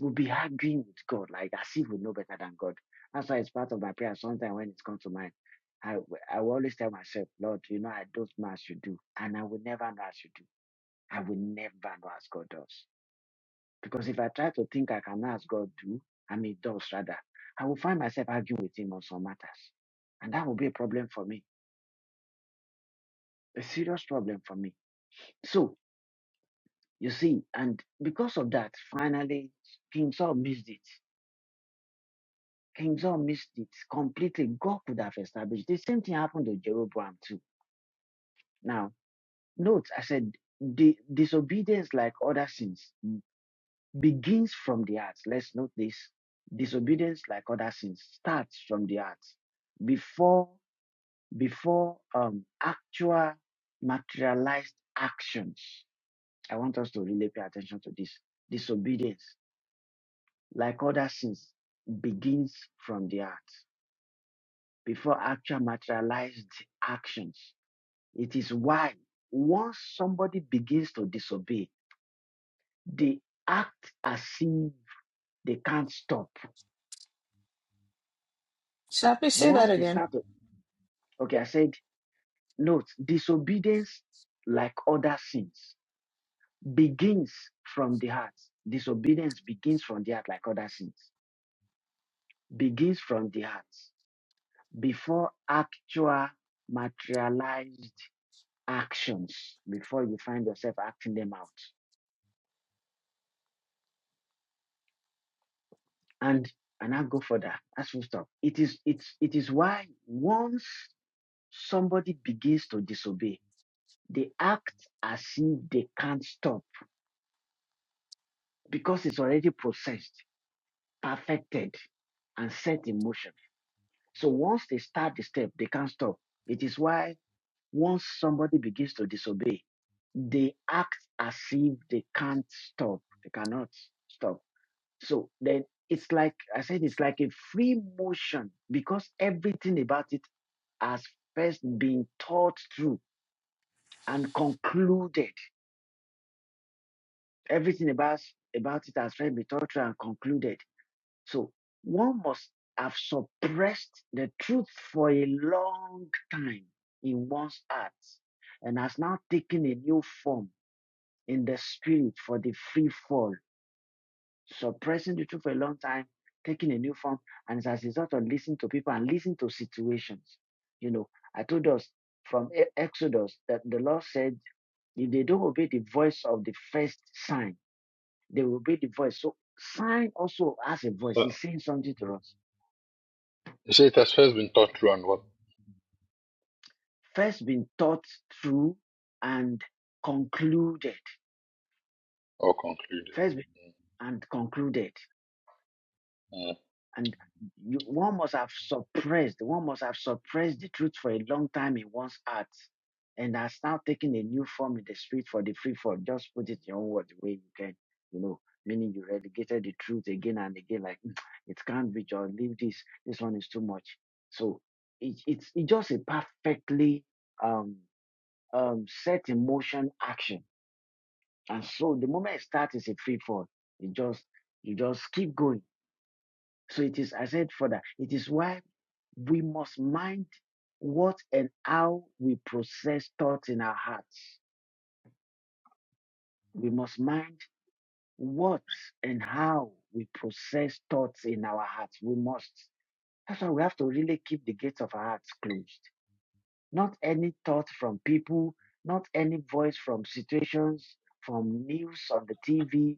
[SPEAKER 1] We'll be arguing with God, like as if we know better than God. That's why it's part of my prayer. Sometimes when it comes to mind, I, I will always tell myself, Lord, you know, I don't know as you do, and I will never know as you do. I will never know as God does. Because if I try to think I can know as God do, I mean, does rather, I will find myself arguing with Him on some matters. And that will be a problem for me, a serious problem for me. So You see, and because of that, finally, King Saul missed it. King Saul missed it completely. God could have established. The same thing happened to Jeroboam too. Now, note, I said the disobedience, like other sins, begins from the heart. Let's note this. Disobedience, like other sins, starts from the heart before before um, actual materialized actions. I want us to really pay attention to this disobedience like other sins, begins from the heart before actual materialized actions. It is why once somebody begins to disobey, they act as if they can't stop.
[SPEAKER 2] Shall we say that
[SPEAKER 1] Once they
[SPEAKER 2] again?
[SPEAKER 1] start to, okay, I said, note, disobedience, like other sins, begins from the heart. Disobedience begins from the heart, like other sins, begins from the heart before actual materialized actions before you find yourself acting them out. And and I go further. That's full stop. It is it's it is why once somebody begins to disobey, they act as if they can't stop because it's already processed, perfected, and set in motion. So once they start the step, they can't stop. It is why once somebody begins to disobey, they act as if they can't stop. They cannot stop So then it's like I said, it's like a free motion because everything about it has first been thought through and concluded. Everything about about it has first been thought through and concluded. So one must have suppressed the truth for a long time in one's heart and has now taken a new form in the spirit for the free fall suppressing the truth for a long time, taking a new form, and it's as a result of listening to people and listening to situations. You know, I told us from E- Exodus that the Lord said, if they don't obey the voice of the first sign, they will obey the voice. So sign also has a voice.
[SPEAKER 3] So,
[SPEAKER 1] He's saying something to us.
[SPEAKER 3] you say it has first been taught through and what
[SPEAKER 1] First been thought through and concluded.
[SPEAKER 3] or concluded.
[SPEAKER 1] First been and concluded.
[SPEAKER 3] Mm.
[SPEAKER 1] and you, one must have suppressed one must have suppressed the truth for a long time in one's heart and has now taken a new form in the street for the free fall just put it in your own word the way you can you know meaning you relegated the truth again and again like "Mm, it can't be just leave this this one is too much so it, it's it's just a perfectly um um set in motion action and so the moment it starts it's a free fall you just you just keep going so it is, I said further, it is why we must mind what and how we process thoughts in our hearts. We must mind what and how we process thoughts in our hearts. We must. That's why we have to really keep the gates of our hearts closed. Not any thought from people, not any voice from situations, from news on the TV.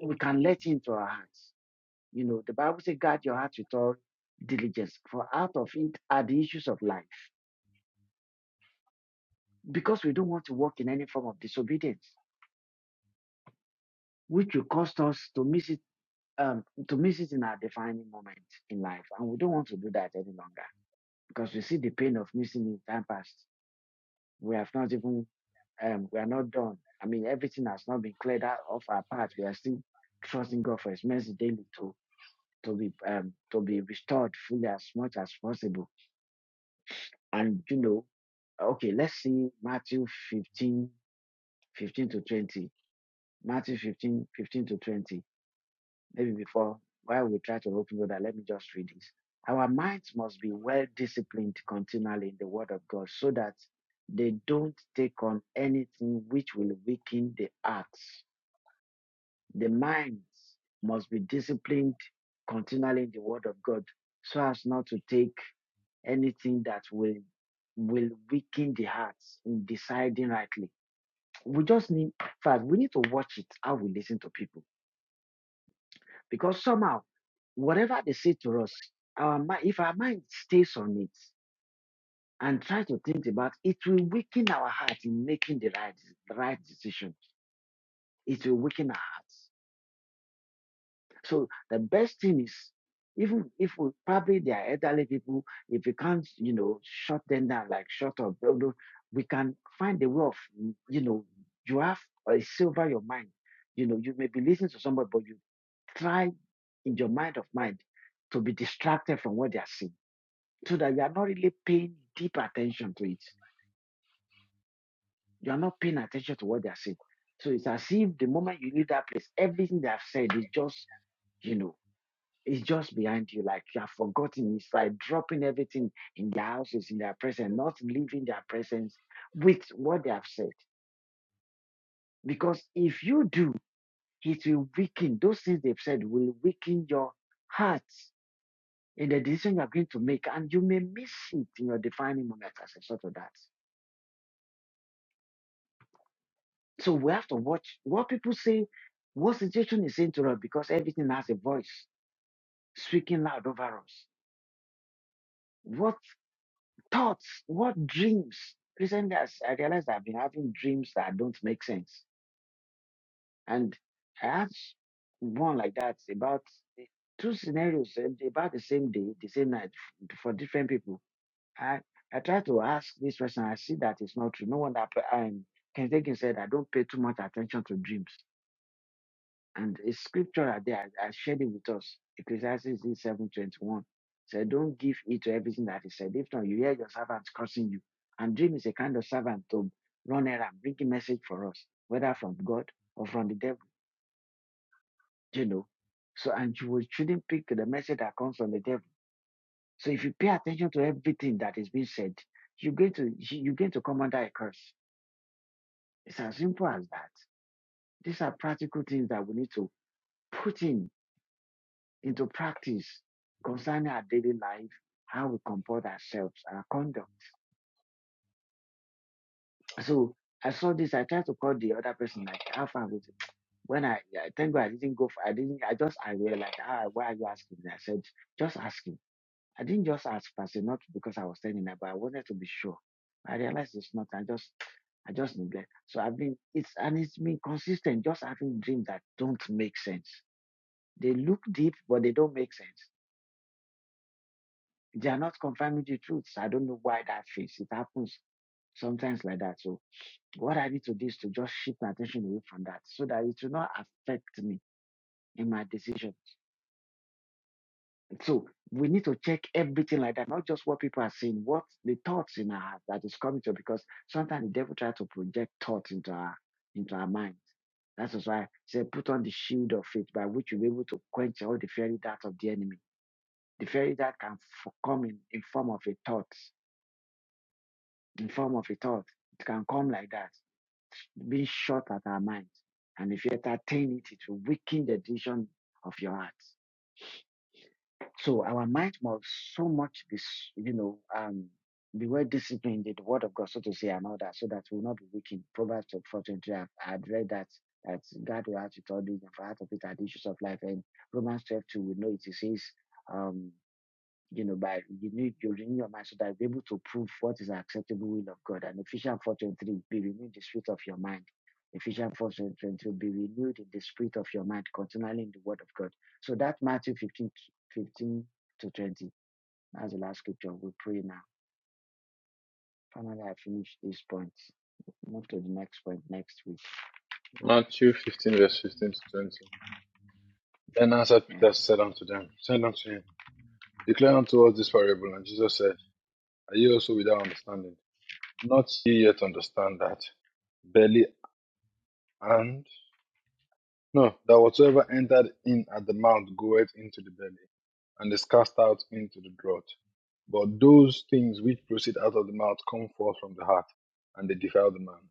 [SPEAKER 1] We can let into our hearts. You know, the Bible says, guard your heart with all diligence, for out of it are the issues of life. Because we don't want to walk in any form of disobedience, which will cost us to miss it, um, to miss it in our defining moment in life. And we don't want to do that any longer because we see the pain of missing in time past. We have not even, um, we are not done. I mean, everything has not been cleared out of our path. We are still trusting God for His mercy daily to to be um, to be restored fully as much as possible And you know, okay, let's see Matthew 15, 15 to 20. Matthew 15, 15 to 20. Maybe before, while we try to open that, let me just read this. Our minds must be well disciplined continually in the Word of God so that they don't take on anything which will weaken the hearts the minds must be disciplined continually in the word of God so as not to take anything that will will weaken the hearts in deciding rightly. We just need in fact we need to watch it how we listen to people because somehow whatever they say to us, our mind if our mind stays on it and try to think about it it will weaken our heart in making the right the right decision. It will weaken our hearts. So the best thing is, even if we probably they are elderly people, if we can't, you know, shut them down, like shut up, no, no, we can find a way of, mm, you know, you have a silver your mind. You know, you may be listening to somebody, but you try in your mind of mind to be distracted from what they are saying so that you are not really paying deep attention to it. You are not paying attention to what they are saying. So it's as if the moment you leave that place, everything they have said is just, you know. He's just behind you, like you have forgotten. It's like dropping everything in their houses, in their presence, not leaving their presence with what they have said. Because if you do, it will weaken. Those things they've said will weaken your heart in the decision you're going to make, and you may miss it in your defining moment as a sort of that. So we have to watch what people say, what situation is saying to us, because everything has a voice speaking loud over us. What Thoughts, what dreams? Recently, I s- I realized I've been having dreams that don't make sense. And I had s- one like that about the- two scenarios eh, about the same day, the same night f- for different people. I, I tried to ask this person, I see that it's not true. No wonder I, um, Ken Jenkins said I don't pay too much attention to dreams. And a scripture out there, I I shared it with us. Ecclesiastes 7.21 said, don't give heed to everything that is said. If not, you hear your servants cursing you. And dream is a kind of servant to run around, bring a message for us, whether from God or from the devil, you know. So, and you will- shouldn't pick the message that comes from the devil. So if you pay attention to everything that is being said, you're going to, you- you're going to come under a curse. It's as simple as that. These are practical things that we need to put in into practice concerning our daily life, how we comport ourselves, our conduct. So I saw this. I tried to call the other person, like, how far was it? When I, I thank God I didn't go for, I didn't, I just, I were like, ah, why are you asking me? I said, just ask him. I didn't just ask, per not because I was telling her, but I wanted to be sure. I realized it's not, I just, I just neglect. So I've been, it's, and it's been consistent, just having dreams that don't make sense. They look deep, but they don't make sense. They are not confirming the truth. So, I don't know why that fits. It happens sometimes like that. So what I need to do is to just shift my attention away from that so that it will not affect me in my decision. So we need to check everything like that, not just what people are saying, what the thoughts in our heart that is coming to us, because sometimes the devil tries to project thoughts into our into our minds. That is why he said, put on the shield of faith by which you'll be able to quench all the fiery darts of the enemy. The fiery dart can f- come in, in form of a thought. in form of a thought. It can come like that, being shot at our minds. And if you entertain it, it will weaken the decision of your heart. So our mind must so much be, you know, um, be well disciplined in the word of God, so to say, and all that, so that we will not be weakened. Proverbs 423, I've, I've read that, that God will add to all these, and for out of it are the issues of life. And Romans 12:2, we know it, it says, um, you know, by you need you renew your mind so that you're able to prove what is an acceptable will of God. And Ephesians four twenty three, be renewed in the spirit of your mind. Ephesians four twenty three, be renewed in the spirit of your mind, continually in the word of God. So that Matthew 15 15 to twenty. That's the last scripture. We pray now. Finally, I finish this point. Move to the next point next week.
[SPEAKER 3] Matthew 15, verse 15 to 20. Then answered
[SPEAKER 1] Yes.
[SPEAKER 3] Peter, said unto them, said unto him, Declare unto us this parable. And Jesus said, Are ye also without understanding? Not ye yet understand that belly and. No, that whatsoever entered in at the mouth goeth into the belly, and is cast out into the draught. But those things which proceed out of the mouth come forth from the heart, and they defile the man.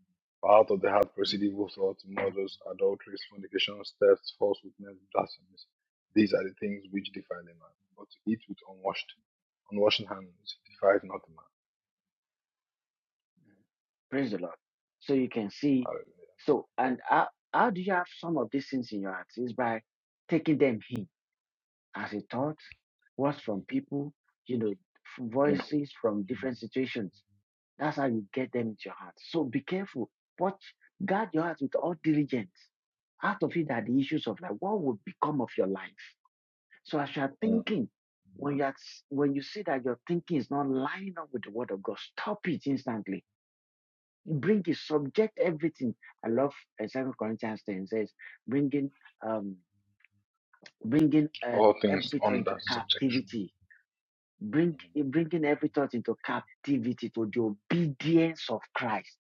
[SPEAKER 3] For out of the heart
[SPEAKER 1] Mm.
[SPEAKER 3] proceed evil thoughts, murders, adulteries, fornications, thefts, false witness, blasphemies. These are the things which defile a man. But to eat with unwashed, unwashed hands defiles not a
[SPEAKER 1] Praise the Lord. So you can see. So and how, how do you have some of these things in your heart? Is by taking them in as a thought, words from people, you know, f-
[SPEAKER 3] man. Hallelujah.
[SPEAKER 1] voices from different situations. That's how you get them into your heart. So be careful. Watch, guard your heart with all diligence. Out of it are the issues of life. What would become of your life? So as you are
[SPEAKER 3] Mm, mm.
[SPEAKER 1] thinking, when you are, s- when you see that your thinking is not lining up with the word of God, stop it instantly. Bring it, subject everything. I love uh, 2 Corinthians 10 says, bringing um, bringing um,
[SPEAKER 3] All things
[SPEAKER 1] every thought into
[SPEAKER 3] under subjection.
[SPEAKER 1] captivity bring
[SPEAKER 3] Mhm,
[SPEAKER 1] bringing every thought into captivity to the obedience of Christ.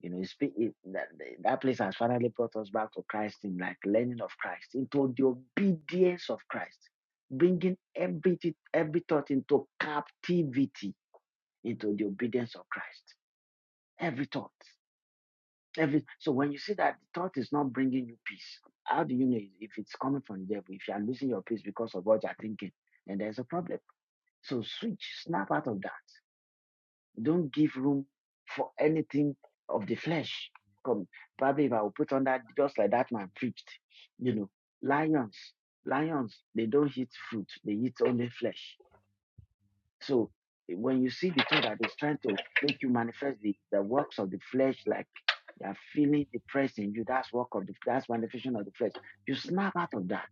[SPEAKER 1] You know, it's, it, that, that place has finally brought us back to Christ in like learning of Christ, into the obedience of Christ, bringing every every thought into captivity, into the obedience of Christ. Every thought, every so when you see that the thought is not bringing you peace, how do you know if it's coming from the devil? If you are losing your peace because of what you are thinking, then there's a problem. So switch, snap out of that Don't give room for anything of the flesh. Come, probably if I will put on that, just like that man preached, you know, lions, lions, they don't eat fruit, they eat only flesh. So when you see the thought that is trying to make you manifest the, the works of the flesh, like they are feeling depressed in you, that's work of the, that's manifestation of the flesh. You snap out of that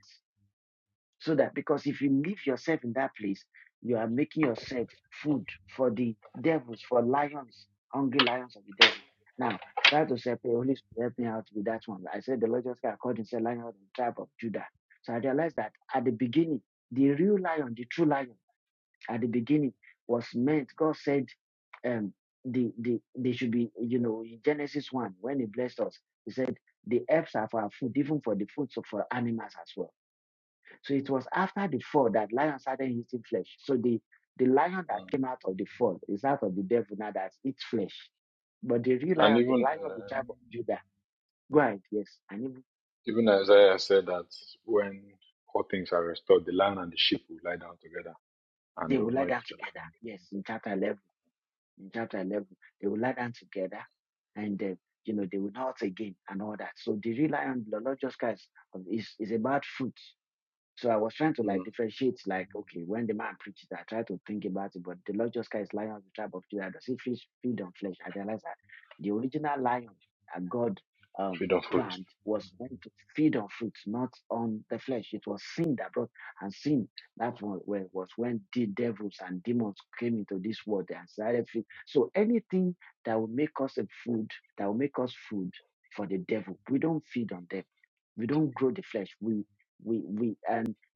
[SPEAKER 1] so that because if you leave yourself in that place, you are making yourself food for the devils, for lions, hungry lions of the devil. Now, that was help Holy Spirit help me out with that one. I said the Lord just got called himself lion of the tribe of Judah. So I realized that at the beginning, the real lion, the true lion, at the beginning was meant, God said, um, the, the they should be, you know, in Genesis 1, when he blessed us, he said, the herbs are for our food, even for the foods of for animals as well. So it was after the fall that lion started eating flesh. So the, the lion that
[SPEAKER 3] mm.
[SPEAKER 1] came out of the fall is out of the devil now that eats flesh. But the real
[SPEAKER 3] And
[SPEAKER 1] lion, the
[SPEAKER 3] even
[SPEAKER 1] lion of the
[SPEAKER 3] uh,
[SPEAKER 1] tribe of Judah, go ahead, yes. And
[SPEAKER 3] Even Isaiah said that when all things are restored, the lion and the sheep will lie down together and
[SPEAKER 1] they
[SPEAKER 3] they'll
[SPEAKER 1] will lie
[SPEAKER 3] know each
[SPEAKER 1] down together. Yes, in chapter 11. In chapter 11, they will lie down together and, uh, you know, they will not again and all that. So the real lion, the Lord Jesus Christ, is, is about fruit. So I was trying to
[SPEAKER 3] other.
[SPEAKER 1] like
[SPEAKER 3] Mm.
[SPEAKER 1] differentiate, like, okay, when the man preaches, I try to think about it, but the Lord Jesus Christ, lion of the tribe of Judah, does he feed feed on flesh? I realized that the original lion that God um,
[SPEAKER 3] Feed on fruit.
[SPEAKER 1] planned was meant to feed on fruits, not on the flesh. It was sin that brought, and sin, that was when, was when the devils and demons came into this world and started feed. So anything that will make us a food, that will make us food for the devil, we don't feed on them. We don't grow the flesh. We, we we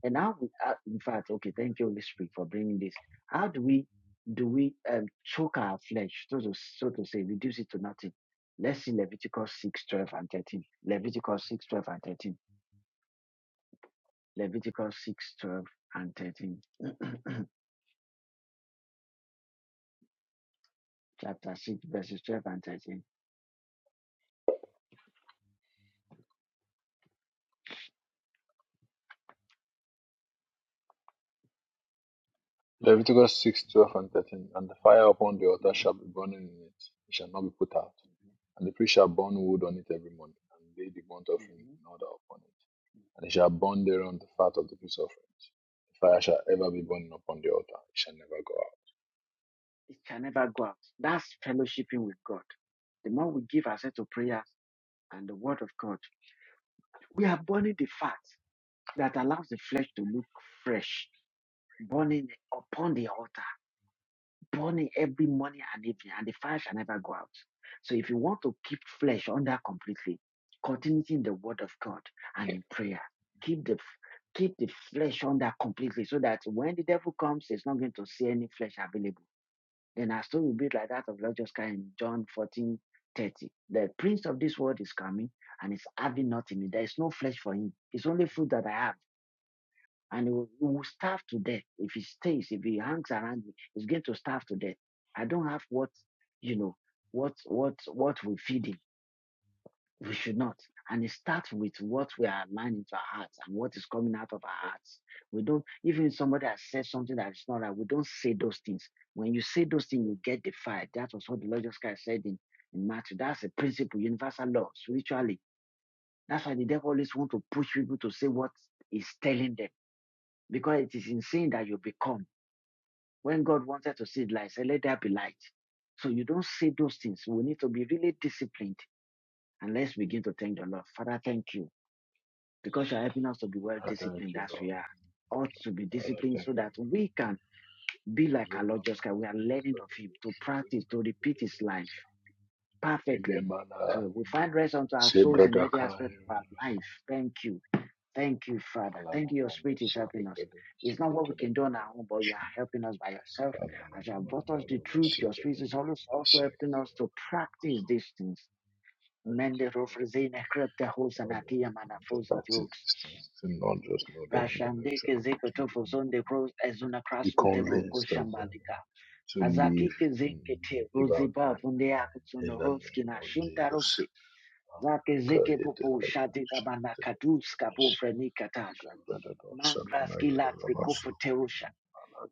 [SPEAKER 1] and now, we, uh, in fact, okay, thank you, Holy Spirit, for bringing this. How do we do we um, choke our flesh, so to, so to say, reduce it to nothing? Let's see Leviticus six, twelve, and 13. Leviticus 6, 12, and 13. Leviticus 6, 12, and 13. Chapter 6, verses 12 and 13.
[SPEAKER 3] Leviticus 6, 12, and 13. And the fire upon the altar shall be burning in it. It shall not be put out. And the priest shall burn wood on it every morning, and lay the burnt offering
[SPEAKER 1] Mhm.
[SPEAKER 3] in order upon it. And he shall burn thereon the fat of the peace offerings. The fire shall ever be burning upon the altar. It shall never go
[SPEAKER 1] It can never go out. That's fellowshipping with God. The more we give ourselves to prayers and the word of God, we are burning the fat that allows the flesh to look fresh, burning upon the altar burning every morning and evening, and the fire shall never go out. So if you want to keep flesh under completely, continue in the word of God and in prayer. Keep the keep the flesh under completely so that when the devil comes, he's not going to see any flesh available. Then our story will be like that of Lord Jesus Christ in John 14 30, The prince of this world is coming and is having nothing. There is no flesh for him. It's only food that I have and he will, he will starve to death if he stays if he hangs around me he's going to starve to death i don't have what you know what what what we feed him we should not and it starts with what we are aligned into our hearts and what is coming out of our hearts we don't even if somebody has said something that is not right we don't say those things when you say those things you get defied that was what the lord jesus christ said in in matthew that's a principle universal law spiritually that's why the devil always want to push people to say what he's telling them because it is in sin that you become. When God wanted to see light, he said, let there be light. So you don't see those things. We need to be really disciplined. And let's begin to thank the Lord. Father, thank you because you're helping us to be well
[SPEAKER 3] out. I thank
[SPEAKER 1] disciplined
[SPEAKER 3] you,
[SPEAKER 1] as we
[SPEAKER 3] Lord.
[SPEAKER 1] are. Ought to be
[SPEAKER 3] Father,
[SPEAKER 1] disciplined so
[SPEAKER 3] thank you.
[SPEAKER 1] that
[SPEAKER 3] Lord.
[SPEAKER 1] we can be like our Lord Jesus Christ. We are learning of Him to practice, to repeat His life perfectly.
[SPEAKER 3] Elemana
[SPEAKER 1] So we find rest unto our souls in every aspect of
[SPEAKER 3] Sebradakaiva
[SPEAKER 1] our life. Thank you. Thank you, Father. Thank you. Your
[SPEAKER 3] Alanamanda
[SPEAKER 1] spirit is helping us.
[SPEAKER 3] Sekata
[SPEAKER 1] It's not what we
[SPEAKER 3] Sukota
[SPEAKER 1] can do on
[SPEAKER 3] Benara
[SPEAKER 1] our own, but you are helping us by yourself. As you have brought
[SPEAKER 3] Alanamanda
[SPEAKER 1] us the truth, your
[SPEAKER 3] Rumasita
[SPEAKER 1] spirit is
[SPEAKER 3] Negative
[SPEAKER 1] always also helping
[SPEAKER 3] Sekata
[SPEAKER 1] us to practice these things. Mende rofrezine krepte hosanatia
[SPEAKER 3] to
[SPEAKER 1] manafositi
[SPEAKER 3] practice
[SPEAKER 1] hooks.
[SPEAKER 3] these things, to not just know them
[SPEAKER 1] Rashandeke
[SPEAKER 3] intellectually, but
[SPEAKER 1] zeke
[SPEAKER 3] to
[SPEAKER 1] tofo
[SPEAKER 3] believe
[SPEAKER 1] zonde
[SPEAKER 3] them,
[SPEAKER 1] pros ezuna
[SPEAKER 3] to be
[SPEAKER 1] krasku tebro
[SPEAKER 3] convinced of them,
[SPEAKER 1] koshambalika.
[SPEAKER 3] to live
[SPEAKER 1] Azakike
[SPEAKER 3] in,
[SPEAKER 1] zeke te
[SPEAKER 3] live out
[SPEAKER 1] roziba
[SPEAKER 3] them
[SPEAKER 1] fundea
[SPEAKER 3] in
[SPEAKER 1] kutsuno
[SPEAKER 3] the
[SPEAKER 1] roski
[SPEAKER 3] name
[SPEAKER 1] na
[SPEAKER 3] of
[SPEAKER 1] shinta
[SPEAKER 3] Jesus.
[SPEAKER 1] Zake zeke popo shati na manakaduska pofrenika Mangraski Laksi
[SPEAKER 3] Amen.
[SPEAKER 1] Kofuterusha.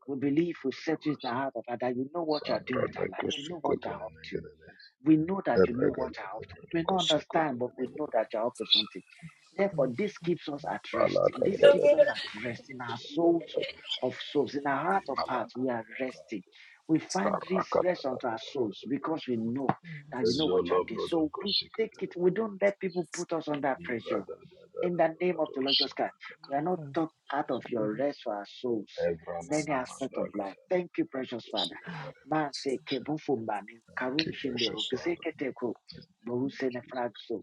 [SPEAKER 1] We believe we said to the heart of her that you know what you are doing with
[SPEAKER 3] Sabrada
[SPEAKER 1] her life. You know what you are
[SPEAKER 3] kusukotene
[SPEAKER 1] up to.
[SPEAKER 3] negedede.
[SPEAKER 1] We know that you know what you are
[SPEAKER 3] Erregelede
[SPEAKER 1] up to. We don't understand,
[SPEAKER 3] kusukotene
[SPEAKER 1] but we know
[SPEAKER 3] negedede.
[SPEAKER 1] that you are up to something. Therefore, this keeps us at rest.
[SPEAKER 3] Malaka
[SPEAKER 1] This
[SPEAKER 3] brada
[SPEAKER 1] keeps us at rest
[SPEAKER 3] kusukotene
[SPEAKER 1] in our souls
[SPEAKER 3] negedede.
[SPEAKER 1] of souls, in our heart of hearts.
[SPEAKER 3] Malaka
[SPEAKER 1] We are
[SPEAKER 3] malaka.
[SPEAKER 1] resting. We find this
[SPEAKER 3] Karakata
[SPEAKER 1] rest unto
[SPEAKER 3] brada
[SPEAKER 1] our souls
[SPEAKER 3] brada.
[SPEAKER 1] because we know that you know what you
[SPEAKER 3] Ezolo
[SPEAKER 1] are doing.
[SPEAKER 3] brada
[SPEAKER 1] So we take it.
[SPEAKER 3] kusukotene
[SPEAKER 1] We don't
[SPEAKER 3] negedede.
[SPEAKER 1] let people put us under pressure
[SPEAKER 3] Brada brada
[SPEAKER 1] in the name of
[SPEAKER 3] brada
[SPEAKER 1] the Lord Jesus
[SPEAKER 3] kusukotene
[SPEAKER 1] Christ,
[SPEAKER 3] negedede.
[SPEAKER 1] we are not talked out of your rest for our souls in
[SPEAKER 3] Ebrana
[SPEAKER 1] any aspect
[SPEAKER 3] namanda
[SPEAKER 1] of life.
[SPEAKER 3] kaya
[SPEAKER 1] Thank you, precious Father.
[SPEAKER 3] kusukotene.
[SPEAKER 1] Man say kebufumbani
[SPEAKER 3] Thank you,
[SPEAKER 1] karunshindero
[SPEAKER 3] precious Father.
[SPEAKER 1] giseketeko
[SPEAKER 3] Thank you,
[SPEAKER 1] borusene
[SPEAKER 3] Jesus.
[SPEAKER 1] fragso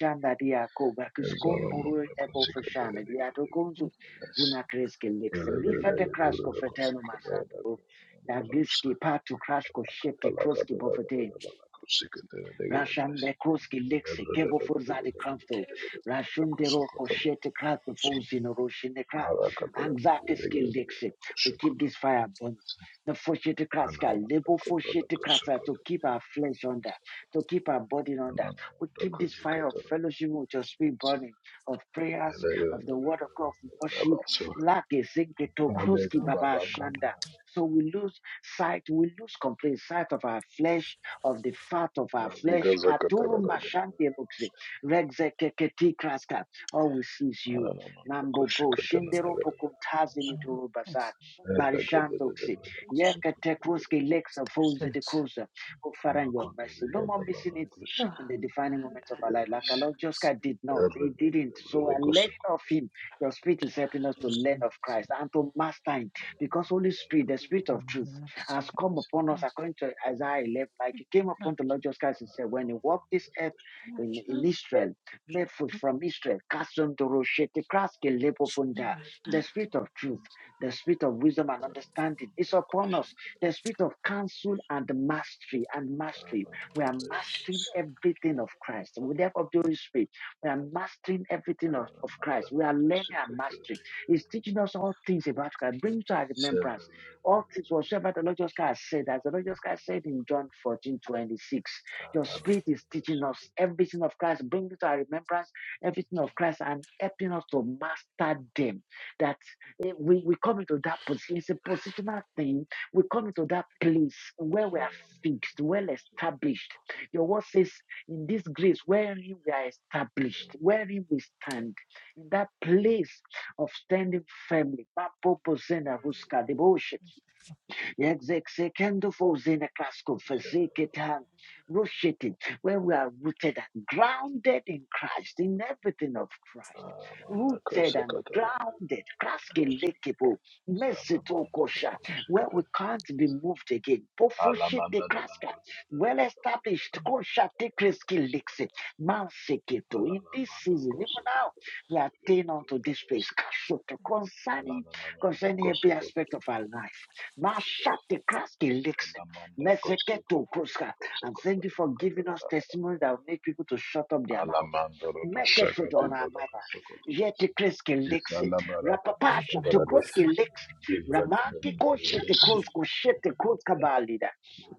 [SPEAKER 1] shanda diako bakiskom boru
[SPEAKER 3] Ezalamonda
[SPEAKER 1] ebo
[SPEAKER 3] kosikata
[SPEAKER 1] fashana diato
[SPEAKER 3] yadigidigidi.
[SPEAKER 1] kunzu
[SPEAKER 3] Yes.
[SPEAKER 1] zuna kreske lekse mifa de krasko
[SPEAKER 3] Elegidigidigidi
[SPEAKER 1] feteno
[SPEAKER 3] kosikata
[SPEAKER 1] masando
[SPEAKER 3] yadigidigidi.
[SPEAKER 1] yagiski patu krasko shete kroski bofete
[SPEAKER 3] Rakatalagadalagadalagala kosikata yadigidigidi.
[SPEAKER 1] Rashande Kruski Lexi Kebo Furzadi Kramfto
[SPEAKER 3] Elegidigidigidi
[SPEAKER 1] Rashundero
[SPEAKER 3] kosikata
[SPEAKER 1] Koshete Krato
[SPEAKER 3] yadigidigidi.
[SPEAKER 1] Fuzino Roshine Kra Anxati Skill
[SPEAKER 3] Harakatalagidigidigidi
[SPEAKER 1] Lexi. We keep
[SPEAKER 3] kosikata
[SPEAKER 1] this
[SPEAKER 3] yadigidigidi.
[SPEAKER 1] fire burning. The Foshete Kraska
[SPEAKER 3] Anamonda
[SPEAKER 1] Lebo
[SPEAKER 3] kobrada
[SPEAKER 1] Foshete Krasa
[SPEAKER 3] kosikata
[SPEAKER 1] to keep
[SPEAKER 3] yadigidigidi.
[SPEAKER 1] our flesh under, to keep our body under. We
[SPEAKER 3] Anamonda
[SPEAKER 1] keep this fire of
[SPEAKER 3] kosikata
[SPEAKER 1] fellowship with your spirit
[SPEAKER 3] yadigidigidi.
[SPEAKER 1] burning, of prayers,
[SPEAKER 3] Nagarabaso,
[SPEAKER 1] of the word of God, of worship. Lake Zinketo
[SPEAKER 3] Nalega
[SPEAKER 1] Kruski
[SPEAKER 2] Oh,
[SPEAKER 1] Baba
[SPEAKER 3] Barakata,
[SPEAKER 1] Shanda. So we lose sight, we lose complete sight of our flesh of the fat of our
[SPEAKER 3] Nalega
[SPEAKER 1] flesh.
[SPEAKER 3] Zakatara
[SPEAKER 1] Katuru mashante
[SPEAKER 3] Nagarabas,
[SPEAKER 1] mukse. Regzekeketi kraska. All we see is you. Nambo bro.
[SPEAKER 3] Ananakushikatana
[SPEAKER 1] Shindero bokumtazi
[SPEAKER 3] Nagarabas,
[SPEAKER 2] I know.
[SPEAKER 1] nituru bazar.
[SPEAKER 2] It's-
[SPEAKER 3] Eragadakusakotanagas,
[SPEAKER 1] Barishantokse.
[SPEAKER 2] it's- it's-
[SPEAKER 1] Yeketekruske leksa
[SPEAKER 2] Ah.
[SPEAKER 1] fozi de
[SPEAKER 2] it's-
[SPEAKER 1] kruza. Oh, Father, in your
[SPEAKER 3] Nakota the
[SPEAKER 1] mercy. No more missing it
[SPEAKER 2] Oh,
[SPEAKER 1] in the
[SPEAKER 3] Yanakushikatan,
[SPEAKER 1] defining
[SPEAKER 2] uh,
[SPEAKER 1] moments of our life.
[SPEAKER 2] uh,
[SPEAKER 1] Like our
[SPEAKER 3] Yadish,
[SPEAKER 1] Lord Josca did not. He didn't. So i learning
[SPEAKER 3] Eragadakusakotanagas,
[SPEAKER 1] of him. Your spirit is helping us to learn of Christ and to master him. Because Holy Spirit, the
[SPEAKER 2] uh,
[SPEAKER 1] spirit of truth has come upon us according to Isaiah 11. Like it came upon the Lord Jesus Christ and said, when he walked this earth in, in Israel, made food from Israel, cast on the Roshete, Kraske, Lepofunda, the spirit of truth, the spirit of wisdom and
[SPEAKER 3] Nakushikatan,
[SPEAKER 1] understanding is upon us,
[SPEAKER 3] Nakushikatan,
[SPEAKER 1] the spirit of counsel and mastery and mastery. We are mastering
[SPEAKER 3] Anamanda.
[SPEAKER 1] everything of Christ. With the help of the Holy Spirit, we are mastering everything of, of Christ. We are
[SPEAKER 3] Mandalaka
[SPEAKER 1] learning and
[SPEAKER 3] Sukutari
[SPEAKER 1] mastering. He's teaching us all things about Christ, bringing to our remembrance all things whatsoever the Lord just God said, as the Lord just God said in John 14 26, your
[SPEAKER 3] Anamanda
[SPEAKER 1] spirit is teaching us everything of Christ, bringing to our remembrance everything of Christ and helping us to master them. That eh, we, we come into that position, it's a positional thing. We come into that place where we are fixed, well established. Your word says, in this grace, wherein we are established, wherein we stand, in that place of standing firmly. Papo Posena Ruska Devotion. Rooted, where we are rooted and grounded in Christ, in everything of Christ,
[SPEAKER 3] Anamanda
[SPEAKER 1] rooted and
[SPEAKER 3] Sakatara
[SPEAKER 1] grounded,
[SPEAKER 3] Nagutus
[SPEAKER 1] kraskelekebo,
[SPEAKER 3] Sanamanda
[SPEAKER 1] mesitokosha,
[SPEAKER 3] Doku
[SPEAKER 1] where we
[SPEAKER 3] Sukutari
[SPEAKER 1] can't be moved again,
[SPEAKER 3] Alamanda
[SPEAKER 1] pofoshete
[SPEAKER 3] Alamanda
[SPEAKER 1] kraska, well established, koshate kreskelekse, manseketo. In this season, even now,
[SPEAKER 3] Kosukotari
[SPEAKER 1] we attain unto this place, kashoto, concerning
[SPEAKER 3] Alamanda
[SPEAKER 1] concerning every aspect
[SPEAKER 3] Kosukotari
[SPEAKER 1] of our life. Mashate kraske lixin.
[SPEAKER 3] Elamanda kosuke
[SPEAKER 1] Meseketo
[SPEAKER 3] pedede
[SPEAKER 1] kruska. And
[SPEAKER 3] kosuko
[SPEAKER 1] thank you
[SPEAKER 3] pedede
[SPEAKER 1] for giving
[SPEAKER 3] katara
[SPEAKER 1] us
[SPEAKER 3] da da
[SPEAKER 1] testimony that will make people to shut up their mouth.
[SPEAKER 3] Alamanda rodo shaka
[SPEAKER 1] Mekesho
[SPEAKER 3] de brada
[SPEAKER 1] Doramara.
[SPEAKER 3] kosuko pedede.
[SPEAKER 1] Yeti Kriski Lixi.
[SPEAKER 3] Isala baraka pedede
[SPEAKER 1] Rapapasha
[SPEAKER 3] da da
[SPEAKER 1] Tukruski Lixi.
[SPEAKER 3] Ibra da da da da da
[SPEAKER 1] Ramanti
[SPEAKER 3] da.
[SPEAKER 1] Koshiti Krusko Shiti Kruska Balida.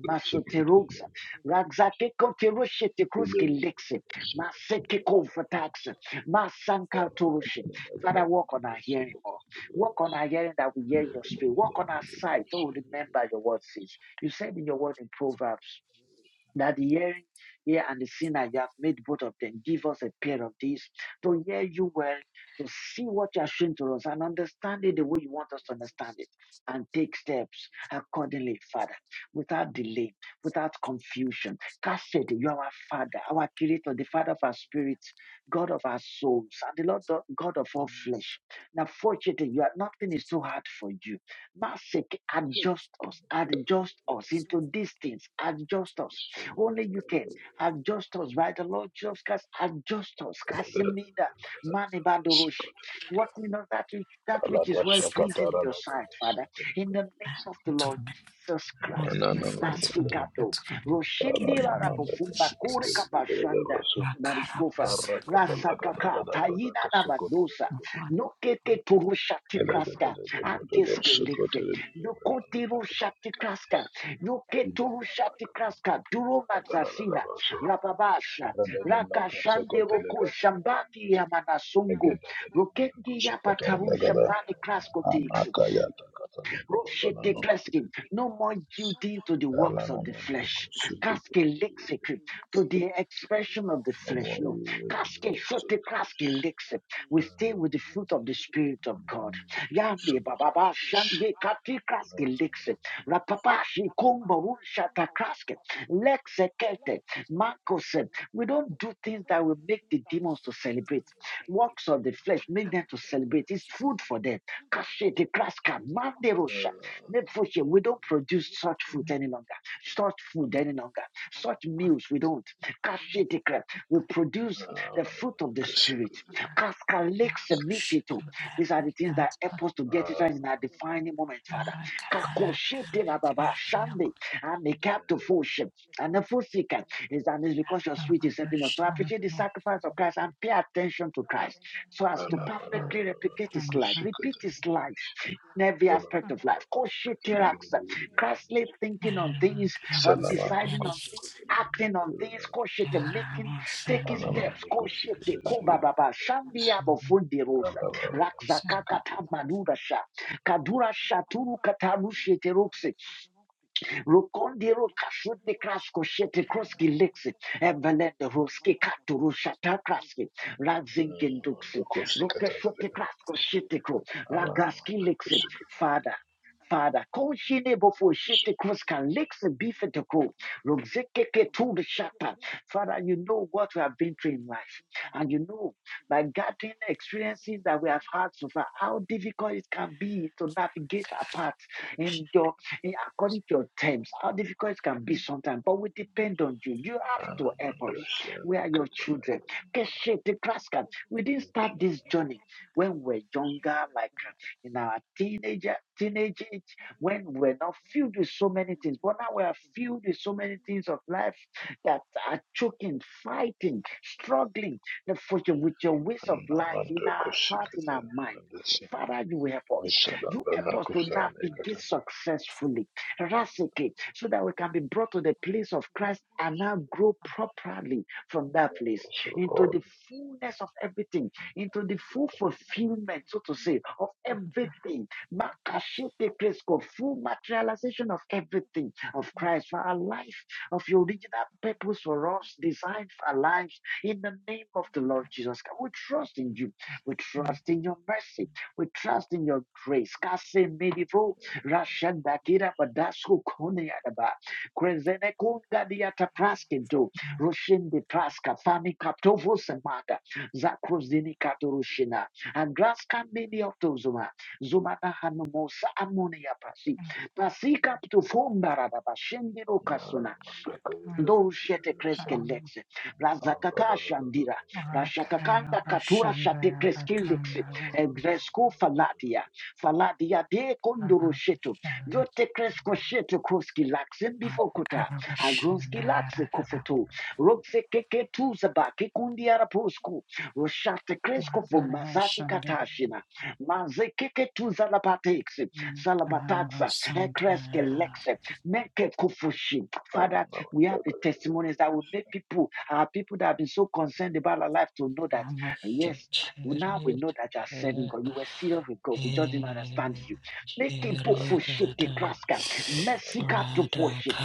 [SPEAKER 3] Kosuko pedede.
[SPEAKER 1] Masutirugsa. Ragzaki Kotirushiti
[SPEAKER 3] Ile
[SPEAKER 1] Kruski
[SPEAKER 3] bira
[SPEAKER 1] Lixi.
[SPEAKER 3] kosuko
[SPEAKER 1] Maseki
[SPEAKER 3] pedede.
[SPEAKER 1] Kofataxa. Masanka
[SPEAKER 3] Baraka
[SPEAKER 1] Turushi.
[SPEAKER 3] pedede da da da
[SPEAKER 1] Father, walk on our
[SPEAKER 3] Kosuko
[SPEAKER 1] hearing, Lord.
[SPEAKER 3] pedede brada.
[SPEAKER 1] Walk on our hearing that we hear
[SPEAKER 3] Ile
[SPEAKER 1] your
[SPEAKER 3] bira
[SPEAKER 1] spirit.
[SPEAKER 3] da da Kosuko pedede. Isala baraka pedede da da da
[SPEAKER 1] Walk on our sight. Oh, remember your word says. You said in your word in Proverbs that hearing ear and the seeing that you have made both of them. Give us a pair of these to hear you well, to see what you are showing to us and understand it the way you want us to understand it and take steps accordingly, Father, without delay, without confusion. Cast it, you are our Father, our Creator, the Father of our spirits, God of our souls, and the Lord of- God of all flesh. Now, fortunately, you are nothing is too hard for you. Masik, adjust us, adjust us into these things, adjust us only you can. Have just us by the Lord Jesus Christ. Have just us. Casimida.
[SPEAKER 3] Kosuko
[SPEAKER 1] Manibandoroshi.
[SPEAKER 3] pedede.
[SPEAKER 1] Work with us that which, that which is well
[SPEAKER 3] Thank
[SPEAKER 1] pleasing in your sight, Father. In the name of the Lord Jesus Christ. Masigato. Roshindi Rarapofumba Kure Kapashanda. Bariskofa. Rasakaka. Tayina Nabadosa. Nokeke Turusha Tikraska. Andeske Likse. Yokotiru Shatikraska. Yuketu Shatikraska, Durumatsasina, Rababasha, Rakashande Roku Shambaki Yamanasungu, Rukendi Yapataru
[SPEAKER 3] you.
[SPEAKER 1] Shambani Kraskotix,
[SPEAKER 3] Anakayata Katalakabalano
[SPEAKER 1] Roshitepleski, No more yielding to the works of the
[SPEAKER 3] Kalanamando
[SPEAKER 1] flesh.
[SPEAKER 3] Kusukutu.
[SPEAKER 1] Kaske lexicate to the expression of the
[SPEAKER 3] No ndoko sukutu. No
[SPEAKER 1] flesh.
[SPEAKER 3] more
[SPEAKER 1] No.
[SPEAKER 3] years in the
[SPEAKER 1] Kaske
[SPEAKER 3] world.
[SPEAKER 1] shote kaske lexe. We stay with
[SPEAKER 3] No
[SPEAKER 1] the
[SPEAKER 3] more.
[SPEAKER 1] fruit of the Spirit of God.
[SPEAKER 3] So
[SPEAKER 1] Yande
[SPEAKER 3] it's a
[SPEAKER 1] bababa
[SPEAKER 3] flash.
[SPEAKER 1] shange kati kaske lexe. Rapapashi kumbo rushata kaske. Lexekete. Marco said, we don't do things that will make the demons to celebrate. Works of the flesh make them to celebrate. It's food for them. Kashete kraska manderosha. Nefoshe, We don't produce such food any longer, such food any longer, such meals we don't. Kashete kra- We produce the fruit of the spirit.
[SPEAKER 3] Kusukutu.
[SPEAKER 1] Kaskalek semifito. These are the things that help us to get it right in our defining moment, Father. Kakoshete bababa shande. And the captive foshe. And the fosika is and it's because your sweet is helping us to appreciate the sacrifice of Christ and pay attention to Christ so as to perfectly replicate
[SPEAKER 3] Anamando
[SPEAKER 1] his life, repeat
[SPEAKER 3] Kusukutu.
[SPEAKER 1] his life in every
[SPEAKER 3] Ola no
[SPEAKER 1] aspect of life. Koshitirax,
[SPEAKER 3] kusukutu.
[SPEAKER 1] Christly thinking on things, on
[SPEAKER 3] Salamanda
[SPEAKER 1] deciding on things.
[SPEAKER 3] Kosukotele
[SPEAKER 1] Acting on things, co koshite, making, taking steps,
[SPEAKER 3] Anamanda
[SPEAKER 1] koshite,
[SPEAKER 3] Kosukotele
[SPEAKER 1] kobababa, shandia bofundi rosa,
[SPEAKER 3] Kalabaranda
[SPEAKER 1] rakzakaka
[SPEAKER 3] Kosukotele
[SPEAKER 1] tamadura sha, kadura shaturu kataru sheterokse, Rukondi Rukashutni Krasko Shete Kroski Lixi, Evelenda Ruski Katu Rushata Kraski, Razingin
[SPEAKER 3] Anamanda
[SPEAKER 1] Duxi,
[SPEAKER 3] Kosikatele
[SPEAKER 1] Rukashutni Krasko Shete Kro,
[SPEAKER 3] Anamanda
[SPEAKER 1] Ragaski Lixi,
[SPEAKER 3] Kosukotele
[SPEAKER 1] Father. Father, Koshine before Shete Kroskan Lixi Bifete Kro, Rugzeke to the Shata. Father, you know what we have been through in life. And you know, by gathering the experiences that we have had so far, how difficult it can be to navigate our path in your in according to your terms, how difficult it can be sometimes, but we depend on you. You have to help
[SPEAKER 3] Anamanda
[SPEAKER 1] us. We
[SPEAKER 3] Siana
[SPEAKER 1] are your
[SPEAKER 3] Kutana
[SPEAKER 1] children. Keshe, the grass cat. We didn't start this journey when we're younger, like uh, in our teenager, teenage age, when we're not filled with so many things. But now we are filled with so many things of life that are choking, fighting, struggling the- with your ways of life in
[SPEAKER 3] Anamanda
[SPEAKER 1] our heart, in our
[SPEAKER 3] Kosikotele
[SPEAKER 1] mind.
[SPEAKER 3] Anamanda
[SPEAKER 1] Father, you will help us. You help
[SPEAKER 3] Salabana
[SPEAKER 1] us to
[SPEAKER 3] Kusana
[SPEAKER 1] navigate
[SPEAKER 3] Katana
[SPEAKER 1] successfully, Rasicate, so that we can be brought to the place of Christ and now grow properly from that place
[SPEAKER 3] Also
[SPEAKER 1] into the
[SPEAKER 3] Lord
[SPEAKER 1] fullness of everything, into the full fulfillment, so to say, of everything. Makashete Kresko, full materialization of everything of Christ for our life, of your original purpose for us, designed for our lives, in the name of the Lord Jesus. Christ. We trust in you. We trust in your mercy. We trust in your grace. Kase medivo rashandakira badasku kone adaba. Krezene kunga diata praskento. Roshinde praska fani kaptovo semata. Zakrozini katorushina. Andraska mini optozuma. Zumana hanumosa amonia pasi. Pasi kaptofumba radaba. Shindiro kasuna.
[SPEAKER 3] Mandaka
[SPEAKER 1] Ndo shete
[SPEAKER 3] Yadavasa
[SPEAKER 1] kresken lexe. Razakaka shandira. Rashakakanda katura shate kresken lexe. Egresku faladia. Faladia de konduru shetu. Yote kresko shetu kruski laxen bifokuta. Agrunski laxe kufutu. Rokse keke tuzaba kikundi arapusku. Roshate kresko vumazaki katashina. Maze keke tuzalabatexe. Salabataxa. Ekreske lexe. Meke kufushi. Father, we have the testimonies that will make people, our people that have been so concerned about our life to know that, uh, yes, well, now we know that you are serving God. You were serious with God. We just didn't understand you. Make people forget the kraska. Messika to forget